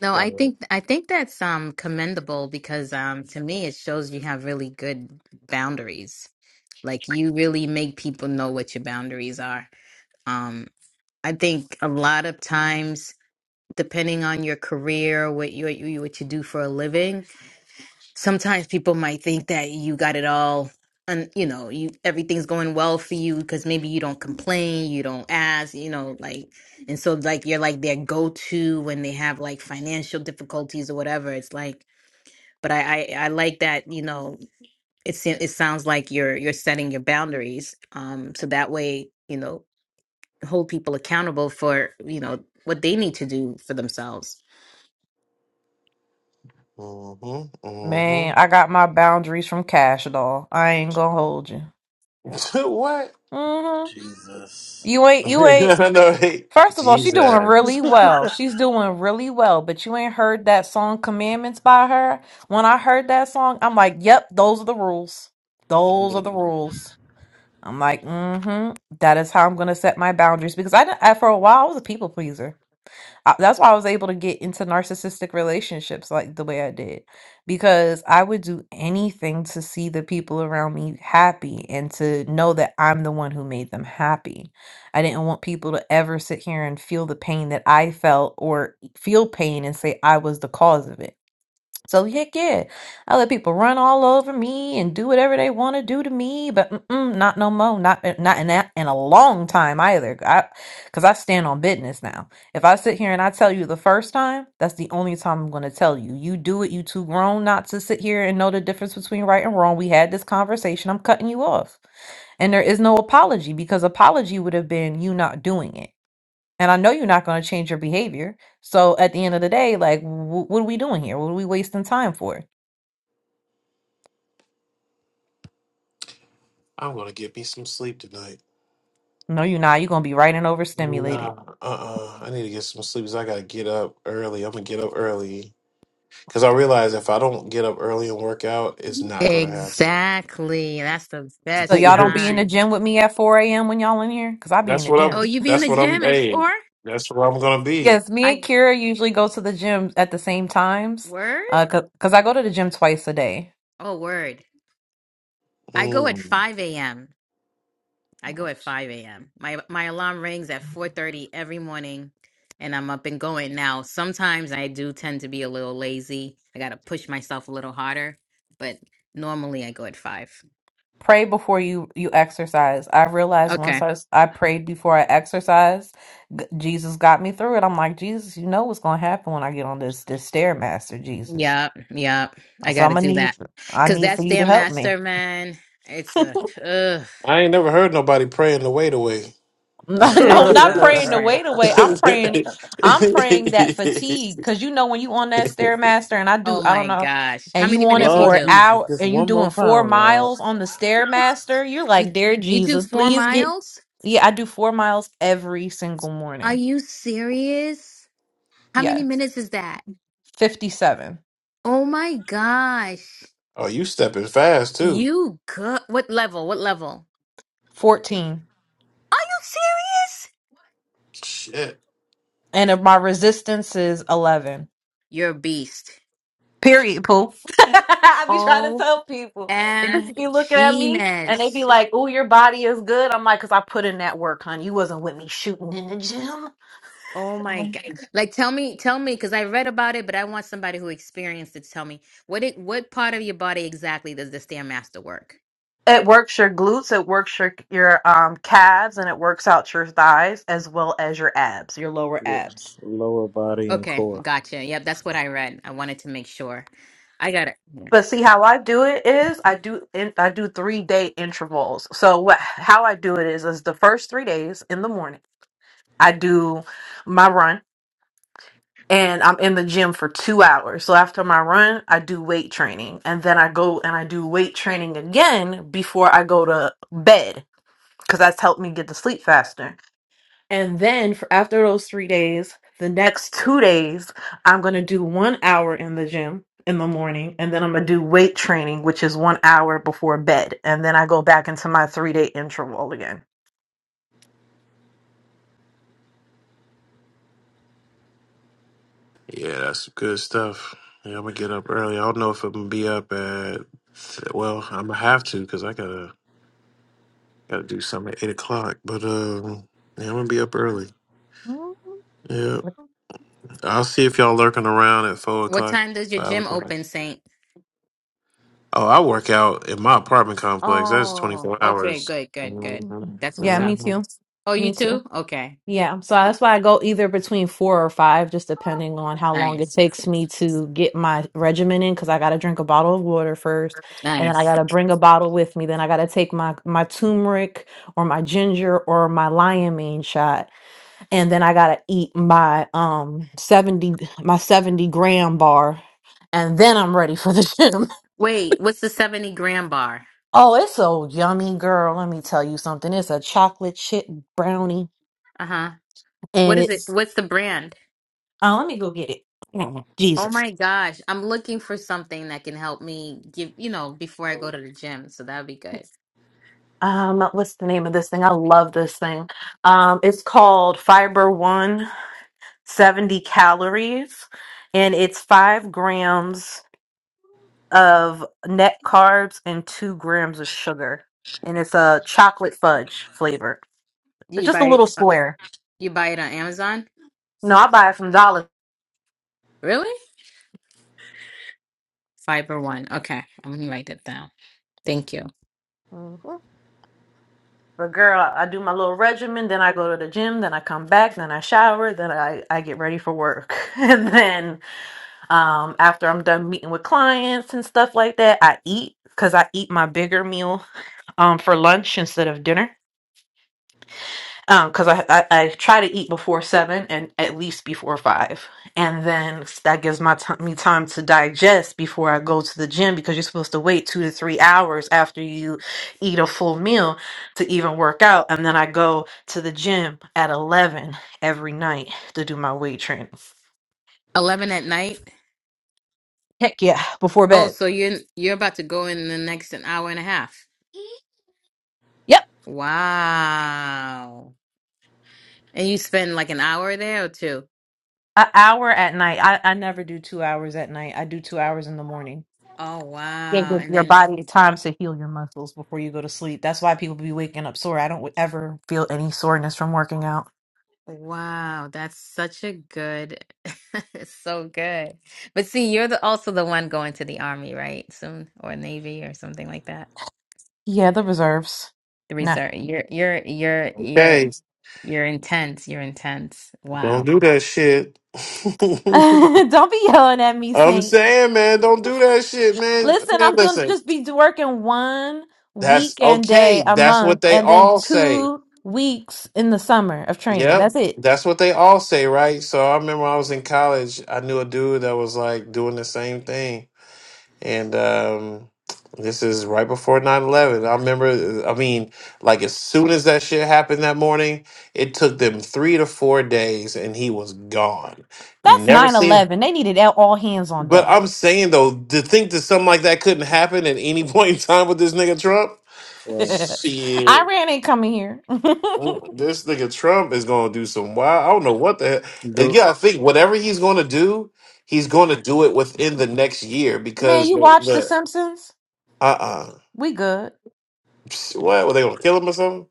[SPEAKER 6] No,
[SPEAKER 1] Got
[SPEAKER 6] I
[SPEAKER 1] it.
[SPEAKER 6] think I think that's um commendable because um to me it shows you have really good boundaries. Like you really make people know what your boundaries are. Um I think a lot of times depending on your career, what you what you what you do for a living, sometimes people might think that you got it all and you know you everything's going well for you because maybe you don't complain you don't ask you know like and so like you're like their go-to when they have like financial difficulties or whatever it's like but i i, I like that you know it's it sounds like you're you're setting your boundaries um so that way you know hold people accountable for you know what they need to do for themselves
[SPEAKER 1] Mm-hmm. Mm-hmm.
[SPEAKER 2] Man, I got my boundaries from Cash Doll. I ain't gonna hold you.
[SPEAKER 1] what?
[SPEAKER 2] hmm
[SPEAKER 3] Jesus.
[SPEAKER 2] You ain't, you ain't.
[SPEAKER 1] I know, hey,
[SPEAKER 2] First of all, she doing
[SPEAKER 1] Jesus.
[SPEAKER 2] really well. She's doing really well, but you ain't heard that song Commandments by her. When I heard that song, I'm like, yep, those are the rules. Those are
[SPEAKER 1] Mm,
[SPEAKER 2] the rules. I'm like, mm-hmm. That is how I'm gonna set my boundaries because I, I for a while I was a people pleaser. I, that's why I was able to get into narcissistic relationships like the way I did because I would do anything to see the people around me happy and to know that I'm the one who made them happy. I didn't want people to ever sit here and feel the pain that I felt or feel pain and say I was the cause of it. So heck yeah, I let people run all over me and do whatever they want to do to me, but mm-mm, not no more. Not uh, not in that in a long time either. I because I stand on business now. If I sit here and I tell you the first time, that's the only time I'm going to tell you. You do it. You too grown not to sit here and know the difference between right and wrong. We had this conversation. I'm cutting you off, and there is no apology because apology would have been you not doing it. And I know you're not going to change your behavior. So at the end of the day, like, wh- what are we doing here? What are we wasting time for?
[SPEAKER 1] I'm gonna get me some sleep tonight.
[SPEAKER 2] No, you're not. You're going to be right and
[SPEAKER 1] Nah,
[SPEAKER 2] overstimulated.
[SPEAKER 1] uh-uh. I need to get some sleep because I gotta get up early. I'm gonna get up early because I realize if I don't get up early and work out, it's not gonna happen.
[SPEAKER 6] exactly that's the
[SPEAKER 2] So
[SPEAKER 6] best
[SPEAKER 2] y'all don't be in the
[SPEAKER 1] Shoot.
[SPEAKER 6] time
[SPEAKER 2] gym with me at 4 a.m. when y'all in here? Because I be in
[SPEAKER 1] that's
[SPEAKER 2] the
[SPEAKER 1] what I'm.
[SPEAKER 6] oh
[SPEAKER 2] gym.
[SPEAKER 6] you be in
[SPEAKER 1] That's
[SPEAKER 6] the
[SPEAKER 1] what I'm.
[SPEAKER 6] gym at
[SPEAKER 1] Hey,
[SPEAKER 6] four
[SPEAKER 1] that's where I'm gonna be.
[SPEAKER 2] Yes, me
[SPEAKER 6] i
[SPEAKER 2] and Kira usually go to the gym at the same times
[SPEAKER 6] word
[SPEAKER 2] Uh, because I go to the gym twice a day.
[SPEAKER 6] oh word i go at
[SPEAKER 1] Mm.
[SPEAKER 6] 5 a.m I go at 5 a.m. My my alarm rings at 4:30 every morning and I'm up and going now. Sometimes I do tend to be a little lazy. I got to push myself a little harder, but normally I go at 5.
[SPEAKER 2] Pray before you you exercise. I realized once
[SPEAKER 6] Okay.
[SPEAKER 2] I, s- I prayed before I exercised, g- Jesus got me through it. I'm like, Jesus, you know what's going to happen when I get on this this stairmaster, Jesus.
[SPEAKER 6] Yep, yep. I
[SPEAKER 2] So
[SPEAKER 6] got
[SPEAKER 2] I'm
[SPEAKER 6] to
[SPEAKER 2] gonna
[SPEAKER 6] do that.
[SPEAKER 2] need I
[SPEAKER 6] Cuz
[SPEAKER 2] need for
[SPEAKER 6] that's
[SPEAKER 2] you to
[SPEAKER 6] damn
[SPEAKER 2] help me.
[SPEAKER 6] master, man. It's a ugh,
[SPEAKER 1] I ain't never heard nobody praying the weight away.
[SPEAKER 6] that
[SPEAKER 2] no, not
[SPEAKER 6] stuff,
[SPEAKER 2] praying the
[SPEAKER 6] man.
[SPEAKER 2] weight away. I'm praying I'm praying that fatigue because you know when you on that stairmaster and I do
[SPEAKER 6] Oh
[SPEAKER 2] I don't
[SPEAKER 6] my
[SPEAKER 2] know
[SPEAKER 6] gosh. How
[SPEAKER 2] and you
[SPEAKER 6] many
[SPEAKER 2] on it
[SPEAKER 6] minutes do you
[SPEAKER 2] for
[SPEAKER 3] Lord
[SPEAKER 2] an
[SPEAKER 6] do?
[SPEAKER 3] Jesus,
[SPEAKER 2] hour
[SPEAKER 3] just
[SPEAKER 2] and you
[SPEAKER 3] one
[SPEAKER 2] doing
[SPEAKER 3] more
[SPEAKER 2] four
[SPEAKER 3] pound, Lord.
[SPEAKER 2] miles on the stairmaster, you're like,
[SPEAKER 6] You
[SPEAKER 2] dear
[SPEAKER 6] you do
[SPEAKER 2] Jesus,
[SPEAKER 6] 4
[SPEAKER 2] please get
[SPEAKER 6] miles?
[SPEAKER 2] yeah, I do four miles every single
[SPEAKER 6] Are
[SPEAKER 2] morning.
[SPEAKER 6] you serious? How many
[SPEAKER 2] Yes.
[SPEAKER 6] minutes is that?
[SPEAKER 2] fifty-seven,
[SPEAKER 6] Oh my gosh.
[SPEAKER 1] oh, you stepping fast too.
[SPEAKER 6] You good. What level? What level?
[SPEAKER 2] fourteen,
[SPEAKER 6] Are you serious?
[SPEAKER 1] Shit.
[SPEAKER 2] And if my resistance is 11.
[SPEAKER 6] You're a beast.
[SPEAKER 2] Period, Pooh. I be trying to tell people. They just be looking at me and they be
[SPEAKER 6] OMGness.
[SPEAKER 2] like, oh, your body is good. I'm like, because I put in that work, hon. You wasn't with me shooting in the gym.
[SPEAKER 6] Oh my god. Like tell me, tell me, because I read about it, but I want somebody who experienced it to tell me what it what part of your body exactly does the Stairmaster work?
[SPEAKER 2] It works your glutes, it works your your um calves, and it works out your thighs as well as your abs, your lower
[SPEAKER 3] Your
[SPEAKER 2] abs.
[SPEAKER 3] lower body and
[SPEAKER 6] Okay,
[SPEAKER 3] core.
[SPEAKER 6] gotcha. Yep, that's right. I wanted to make sure. I got it.
[SPEAKER 2] But see how I do it is I do in, I do three day intervals. So what how I do it is is the first three days in the morning I do my run and I'm in the gym for two hours. So after my run, I do weight training and then I go and I do weight training again before I go to bed because that's helped me get to sleep faster. And then for after those three days, the next two days, I'm gonna do one hour in the gym in the morning, and then I'm gonna do weight training, which is one hour before bed, and then I go back into my three day interval again.
[SPEAKER 1] Yeah, that's good stuff. Yeah, I'm gonna get up early. I don't know if I'm gonna be up at. Well, I'm gonna have to because I gotta gotta do something at eight o'clock. But um, yeah, I'm gonna be up early. Yeah, I'll see if y'all lurking around at four
[SPEAKER 6] What
[SPEAKER 1] o'clock,
[SPEAKER 6] time does your
[SPEAKER 1] five
[SPEAKER 6] gym
[SPEAKER 1] o'clock.
[SPEAKER 6] open, Saint?
[SPEAKER 1] Oh, I work out in my apartment complex. That's twenty
[SPEAKER 6] Oh,
[SPEAKER 1] four
[SPEAKER 6] okay,
[SPEAKER 1] hours.
[SPEAKER 6] good, good, good.
[SPEAKER 2] Mhm.
[SPEAKER 1] Mhm,
[SPEAKER 6] That's what's
[SPEAKER 2] Yeah,
[SPEAKER 6] up.
[SPEAKER 2] me
[SPEAKER 1] mhm.
[SPEAKER 2] too.
[SPEAKER 6] Oh, you
[SPEAKER 2] Me
[SPEAKER 6] too?
[SPEAKER 2] too.
[SPEAKER 6] Okay.
[SPEAKER 2] Yeah. So that's why I go either between four or five, just depending on how long it
[SPEAKER 6] Nice.
[SPEAKER 2] takes me to get my regimen in, because I gotta drink a bottle of water first, and then I
[SPEAKER 6] Nice.
[SPEAKER 2] gotta bring a bottle with me. Then I gotta take my my turmeric or my ginger or my liamine shot, and then I gotta eat my um seventy my seventy gram bar, and then I'm ready for the gym.
[SPEAKER 6] Wait, what's the 70 gram bar?
[SPEAKER 2] Oh, it's so yummy, girl. Let me tell you something. It's a chocolate chip brownie
[SPEAKER 6] Uh huh. What
[SPEAKER 2] and
[SPEAKER 6] is it?
[SPEAKER 2] it's
[SPEAKER 6] What's the brand?
[SPEAKER 2] uh, let me go get it. Mm,
[SPEAKER 6] Oh
[SPEAKER 2] Jesus.
[SPEAKER 6] my gosh. I'm looking for something that can help me give, you know, before I go to the gym. So that'd be good.
[SPEAKER 2] Um, what's the name of this thing? I love this thing. Um, it's called Fiber One, 70 calories, and it's five grams of net carbs and two grams of sugar. And it's a chocolate fudge flavor. It's
[SPEAKER 6] You
[SPEAKER 2] just a
[SPEAKER 6] buy it,
[SPEAKER 2] little
[SPEAKER 6] uh,
[SPEAKER 2] square.
[SPEAKER 6] you buy it on Amazon?
[SPEAKER 2] No, I buy it from Dollar.
[SPEAKER 6] Really? Fiber One. Okay. I'm gonna write that down. Thank you.
[SPEAKER 2] hmm But girl, I I do my little regimen, then I go to the gym, then I come back, then I shower, then I, I get ready for work. and then Um, after I'm done meeting with clients and stuff like that, I eat because I eat my bigger meal um for lunch instead of dinner. Um, because I, I I try to eat before seven and at least before five, and then that gives my t- me time to digest before I go to the gym because you're supposed to wait two to three hours after you eat a full meal to even work out, and then I go to the gym at eleven every night to do my weight training.
[SPEAKER 6] 11 at night.
[SPEAKER 2] Heck yeah, before
[SPEAKER 6] Oh,
[SPEAKER 2] bed.
[SPEAKER 6] so you're you're about to go in the next an hour and a half. Wow. And you spend like an hour there or two?
[SPEAKER 2] An hour at night. I, I never do two hours at night. I do two hours in the morning.
[SPEAKER 6] Oh,
[SPEAKER 2] Yeah,
[SPEAKER 6] wow.
[SPEAKER 2] give
[SPEAKER 6] And
[SPEAKER 2] your
[SPEAKER 6] then
[SPEAKER 2] body time to heal your muscles before you go to sleep. That's why people be waking up sore. I don't ever feel any soreness from working out.
[SPEAKER 6] Wow, that's such a good, it's so good. But see, you're the also the one going to the army, right? Soon or Navy or something like that.
[SPEAKER 2] Yeah, the reserves.
[SPEAKER 6] The
[SPEAKER 2] Nah.
[SPEAKER 6] reserve. You're you're you're you're
[SPEAKER 1] Okay,
[SPEAKER 6] you're intense. You're intense.
[SPEAKER 1] don't
[SPEAKER 6] Wow.
[SPEAKER 1] do that shit.
[SPEAKER 2] don't be yelling at
[SPEAKER 1] I'm
[SPEAKER 2] me,
[SPEAKER 1] saying, man, don't do that shit, man.
[SPEAKER 2] Listen,
[SPEAKER 1] Man,
[SPEAKER 2] I'm doing
[SPEAKER 1] listen,
[SPEAKER 2] just be working one
[SPEAKER 1] That's
[SPEAKER 2] weekend day
[SPEAKER 1] okay.
[SPEAKER 2] a
[SPEAKER 1] That's
[SPEAKER 2] month
[SPEAKER 1] what they
[SPEAKER 2] and then
[SPEAKER 1] all say.
[SPEAKER 2] two weeks in the summer of training.
[SPEAKER 1] Yep.
[SPEAKER 2] That's it.
[SPEAKER 1] That's what they all say, right? So I remember when I was in college, I knew a dude that was like doing the same thing. And um this is right before nine eleven. I remember uh, I mean, like as soon as that shit happened that morning, it took them 3 to 4 days and he was gone.
[SPEAKER 2] That's
[SPEAKER 1] Never
[SPEAKER 2] nine
[SPEAKER 1] seen
[SPEAKER 2] eleven. They needed all all hands on
[SPEAKER 1] But
[SPEAKER 2] deck.
[SPEAKER 1] I'm saying though, to think that something like that couldn't happen at any point in time with this nigga Trump,
[SPEAKER 3] Right.
[SPEAKER 1] shit.
[SPEAKER 2] Iran ain't coming here.
[SPEAKER 1] Mm, This nigga Trump is gonna do some wild. I don't know what the hell. And yeah, I think whatever he's gonna do, he's gonna do it within the next year
[SPEAKER 2] Man,
[SPEAKER 1] because
[SPEAKER 2] you
[SPEAKER 1] the,
[SPEAKER 2] watch The
[SPEAKER 1] the
[SPEAKER 2] Simpsons?
[SPEAKER 1] uh uh
[SPEAKER 2] We good.
[SPEAKER 1] what were they gonna kill him or something?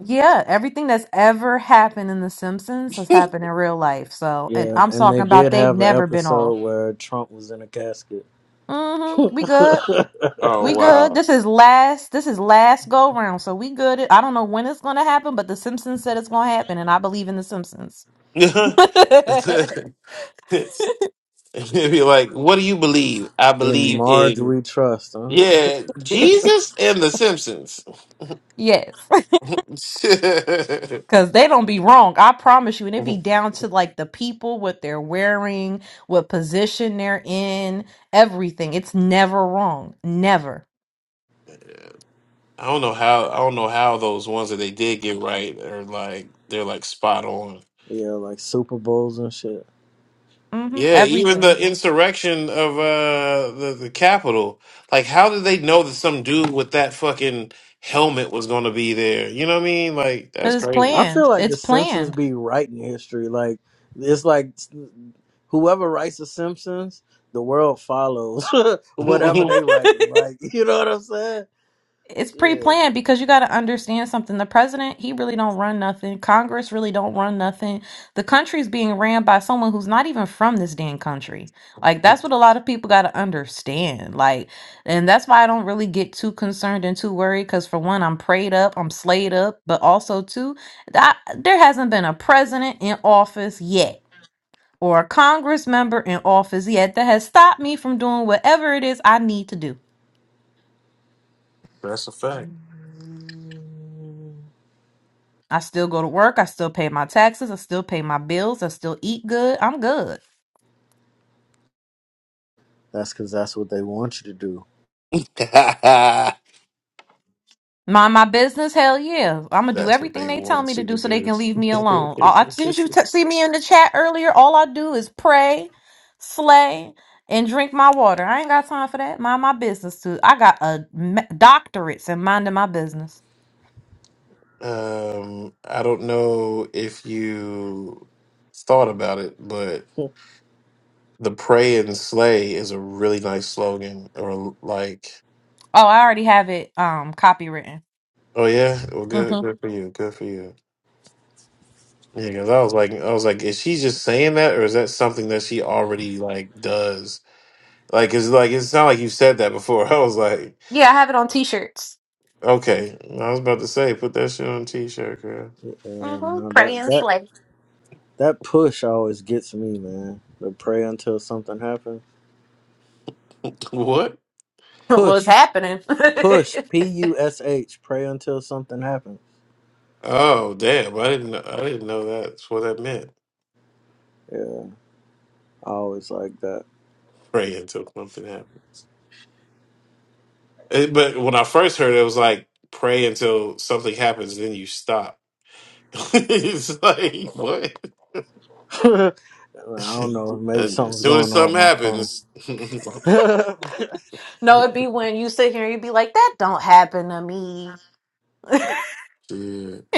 [SPEAKER 2] Yeah, everything that's ever happened in The Simpsons has happened in real life. So, and
[SPEAKER 3] Yeah,
[SPEAKER 2] I'm
[SPEAKER 3] and
[SPEAKER 2] talking
[SPEAKER 3] they
[SPEAKER 2] about
[SPEAKER 3] did
[SPEAKER 2] they've
[SPEAKER 3] have an
[SPEAKER 2] never been
[SPEAKER 3] episode
[SPEAKER 2] off.
[SPEAKER 3] where Trump was in a casket.
[SPEAKER 2] hmm We good.
[SPEAKER 1] Oh
[SPEAKER 2] We good.
[SPEAKER 1] wow.
[SPEAKER 2] This is last. This is last go round. So we good. I don't know when it's gonna happen, but The Simpsons said it's gonna happen, and I believe in The Simpsons.
[SPEAKER 1] It'd be like, what do you believe? I
[SPEAKER 3] In
[SPEAKER 1] believe
[SPEAKER 3] Marge
[SPEAKER 1] in
[SPEAKER 3] We Trust, huh?
[SPEAKER 1] yeah, Jesus and the Simpsons.
[SPEAKER 2] yes. Cause they don't be wrong, I promise you.
[SPEAKER 1] I
[SPEAKER 2] And it be
[SPEAKER 1] don't
[SPEAKER 2] down to like the people, what they're wearing, what position they're in, everything. It's never wrong, never.
[SPEAKER 1] know how I don't know how those ones that they did get right are like they're like spot on.
[SPEAKER 3] Yeah, like Super Bowls and shit.
[SPEAKER 2] hmm
[SPEAKER 1] Yeah, even the
[SPEAKER 2] Everything,
[SPEAKER 1] insurrection of uh the the Capitol. Like, how did they know that some dude with that fucking helmet was going to be there? You know what I mean? Like,
[SPEAKER 2] cause
[SPEAKER 1] that's
[SPEAKER 2] it's
[SPEAKER 1] crazy.
[SPEAKER 3] I feel
[SPEAKER 2] planned.
[SPEAKER 3] like The
[SPEAKER 2] It's
[SPEAKER 3] Simpsons
[SPEAKER 2] planned.
[SPEAKER 3] be writing history. Like, it's like whoever writes The Simpsons, the world follows whatever
[SPEAKER 1] that's
[SPEAKER 3] they write. Like, you know what I'm saying?
[SPEAKER 2] it's
[SPEAKER 3] Shit.
[SPEAKER 2] pre-planned because you got to understand something the president he really don't run nothing congress really don't run nothing the country's being ran by someone who's not even from this damn country like that's what a lot of people got to understand like and that's why i don't really get too concerned and too worried because for one i'm prayed up i'm slayed up but also two, that there hasn't been a president in office yet or a congress member in office yet that has stopped me from doing whatever it is i need to do
[SPEAKER 1] a fact.
[SPEAKER 2] I still go to work. I still pay my taxes. I still pay my bills. I still eat good. I'm good.
[SPEAKER 3] That's because that's what they want you to do.
[SPEAKER 2] Mind my business. Hell yeah. I'm gonna do
[SPEAKER 1] that's what
[SPEAKER 2] everything
[SPEAKER 1] they
[SPEAKER 2] they tell
[SPEAKER 1] want
[SPEAKER 2] me to
[SPEAKER 1] you to
[SPEAKER 2] do so they
[SPEAKER 1] do.
[SPEAKER 2] can leave me alone. All, I, didn't you t- see me in the chat earlier? All I do is pray, slay, and drink my water. I ain't got time for that. Mind my business too. I got a me- doctorates in minding my business.
[SPEAKER 1] um, I don't know if you thought about it, but the pray and slay is a really nice slogan. Or like,
[SPEAKER 2] Oh, I already have it um copywritten.
[SPEAKER 1] oh yeah, well, good,
[SPEAKER 2] hmm
[SPEAKER 1] good for you, good for you. Yeah, 'cause I was like, I was like, is she just saying that, or is that something that she already like does? Like, it's like it's not like you said that before. I was like,
[SPEAKER 2] Yeah, I have it on t-shirts.
[SPEAKER 1] okay, I was about to say, put that shit on a t-shirt, girl.
[SPEAKER 3] Yeah,
[SPEAKER 2] Mm-hmm.
[SPEAKER 3] no,
[SPEAKER 2] Pray
[SPEAKER 3] that,
[SPEAKER 2] and
[SPEAKER 3] that,
[SPEAKER 2] slay.
[SPEAKER 3] that push always gets me, man. The pray until something happens.
[SPEAKER 1] What?
[SPEAKER 2] What's
[SPEAKER 3] Push.
[SPEAKER 2] happening?
[SPEAKER 3] Push, P U S H, pray until something happens.
[SPEAKER 1] Oh, damn! I didn't, know, I didn't know that's what that meant.
[SPEAKER 3] Yeah, I always like that.
[SPEAKER 1] Pray until something happens. It- but when I first heard it, it was like pray until something happens, then you stop. it's like what?
[SPEAKER 3] I
[SPEAKER 1] as
[SPEAKER 3] don't know, maybe something's
[SPEAKER 1] soon as
[SPEAKER 3] going on with
[SPEAKER 1] something
[SPEAKER 3] my phone.
[SPEAKER 1] happens,
[SPEAKER 2] No,
[SPEAKER 1] yeah,
[SPEAKER 2] it'd be when you sit here and you'd be like, that don't happen to me. oh,
[SPEAKER 1] it's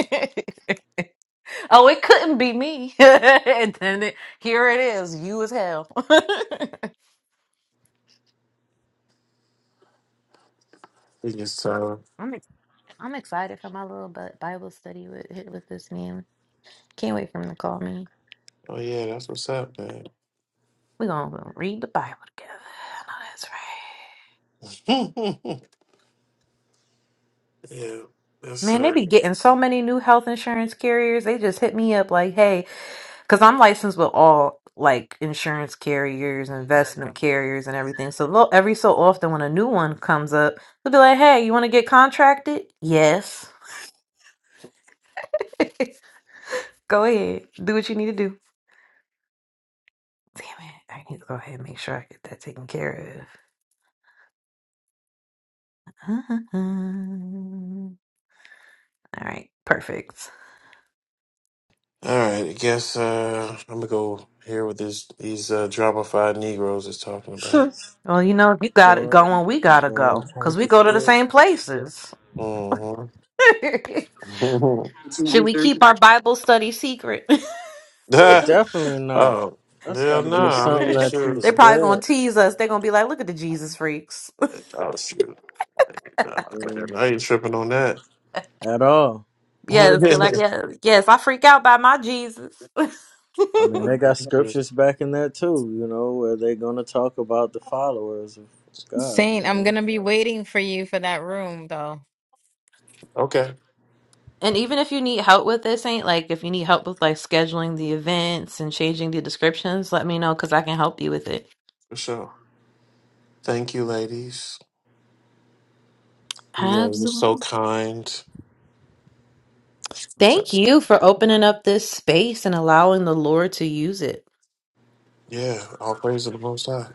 [SPEAKER 2] it couldn't be me. and then it, here it is, you as hell.
[SPEAKER 1] just time.
[SPEAKER 2] I'm ex- I'm excited for my little Bi- Bible study with with this man. Can't wait for him to call me.
[SPEAKER 1] Oh yeah, that's what's up, man.
[SPEAKER 2] We're gonna read the Bible together. I know that's right.
[SPEAKER 1] yeah, that's
[SPEAKER 2] Man, they
[SPEAKER 1] uh.
[SPEAKER 2] be getting so many new health insurance carriers. They just hit me up like, "Hey, Because I'm licensed with all like insurance carriers, investment carriers, and everything. So lo- every so often, when a new one comes up, they'll be like, "Hey, you want to get contracted?" Yes. go ahead, do what you need to do. Damn it! I need to go ahead and make sure I get that taken care of. all right, perfect.
[SPEAKER 1] All right, I guess uh, I'm gonna go hear what this these uh, dramatified Negroes is talking about.
[SPEAKER 2] Well, you know, if you got it
[SPEAKER 3] going,
[SPEAKER 2] going, we gotta
[SPEAKER 3] going
[SPEAKER 2] go
[SPEAKER 3] change
[SPEAKER 2] because we
[SPEAKER 3] the
[SPEAKER 2] go to the
[SPEAKER 3] spirit?
[SPEAKER 2] same places.
[SPEAKER 1] Mm-hmm. It's
[SPEAKER 2] Should
[SPEAKER 1] nine
[SPEAKER 2] we keep
[SPEAKER 1] thirty.
[SPEAKER 2] our Bible study secret?
[SPEAKER 3] Definitely not.
[SPEAKER 1] oh
[SPEAKER 3] That's
[SPEAKER 1] yeah,
[SPEAKER 3] got to
[SPEAKER 1] no,
[SPEAKER 3] be
[SPEAKER 1] I
[SPEAKER 3] something
[SPEAKER 1] mean
[SPEAKER 3] that
[SPEAKER 1] sure.
[SPEAKER 3] you
[SPEAKER 2] They're probably gonna
[SPEAKER 3] spread.
[SPEAKER 2] tease us. They're gonna be like, "Look at the Jesus freaks."
[SPEAKER 1] Oh shoot,
[SPEAKER 3] I
[SPEAKER 1] nah,
[SPEAKER 3] mean,
[SPEAKER 1] man, nah, I ain't tripping on that.
[SPEAKER 3] at all.
[SPEAKER 2] Yes, be like, yes, yes, I freak out by my Jesus.
[SPEAKER 3] I mean, they got scriptures back in there too, you know, where they're going to talk about the followers of God,
[SPEAKER 6] Saint,
[SPEAKER 3] you
[SPEAKER 6] I'm
[SPEAKER 3] know.
[SPEAKER 6] gonna be
[SPEAKER 3] So,
[SPEAKER 6] waiting for you for that room though.
[SPEAKER 1] okay,
[SPEAKER 2] And even if you need help with this, ain't like if you need help with like scheduling the events and changing the descriptions, let me know because I can help you with it.
[SPEAKER 1] for sure. Thank you, ladies. You guys are so
[SPEAKER 2] Absolutely.
[SPEAKER 1] kind.
[SPEAKER 2] Thank
[SPEAKER 1] So
[SPEAKER 2] you for opening up this space and allowing the Lord to use it.
[SPEAKER 1] yeah, all praise to the Most High.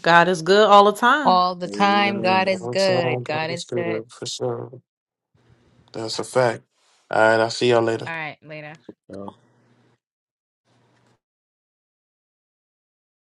[SPEAKER 2] God is good all the time.
[SPEAKER 6] All the time.
[SPEAKER 1] Yeah,
[SPEAKER 6] God
[SPEAKER 3] amen.
[SPEAKER 6] is
[SPEAKER 1] God's on,
[SPEAKER 6] good. God
[SPEAKER 1] God is
[SPEAKER 6] is good.
[SPEAKER 1] good, for sure. That's a fact. All right, I'll see y'all later.
[SPEAKER 6] All right, later.
[SPEAKER 3] So,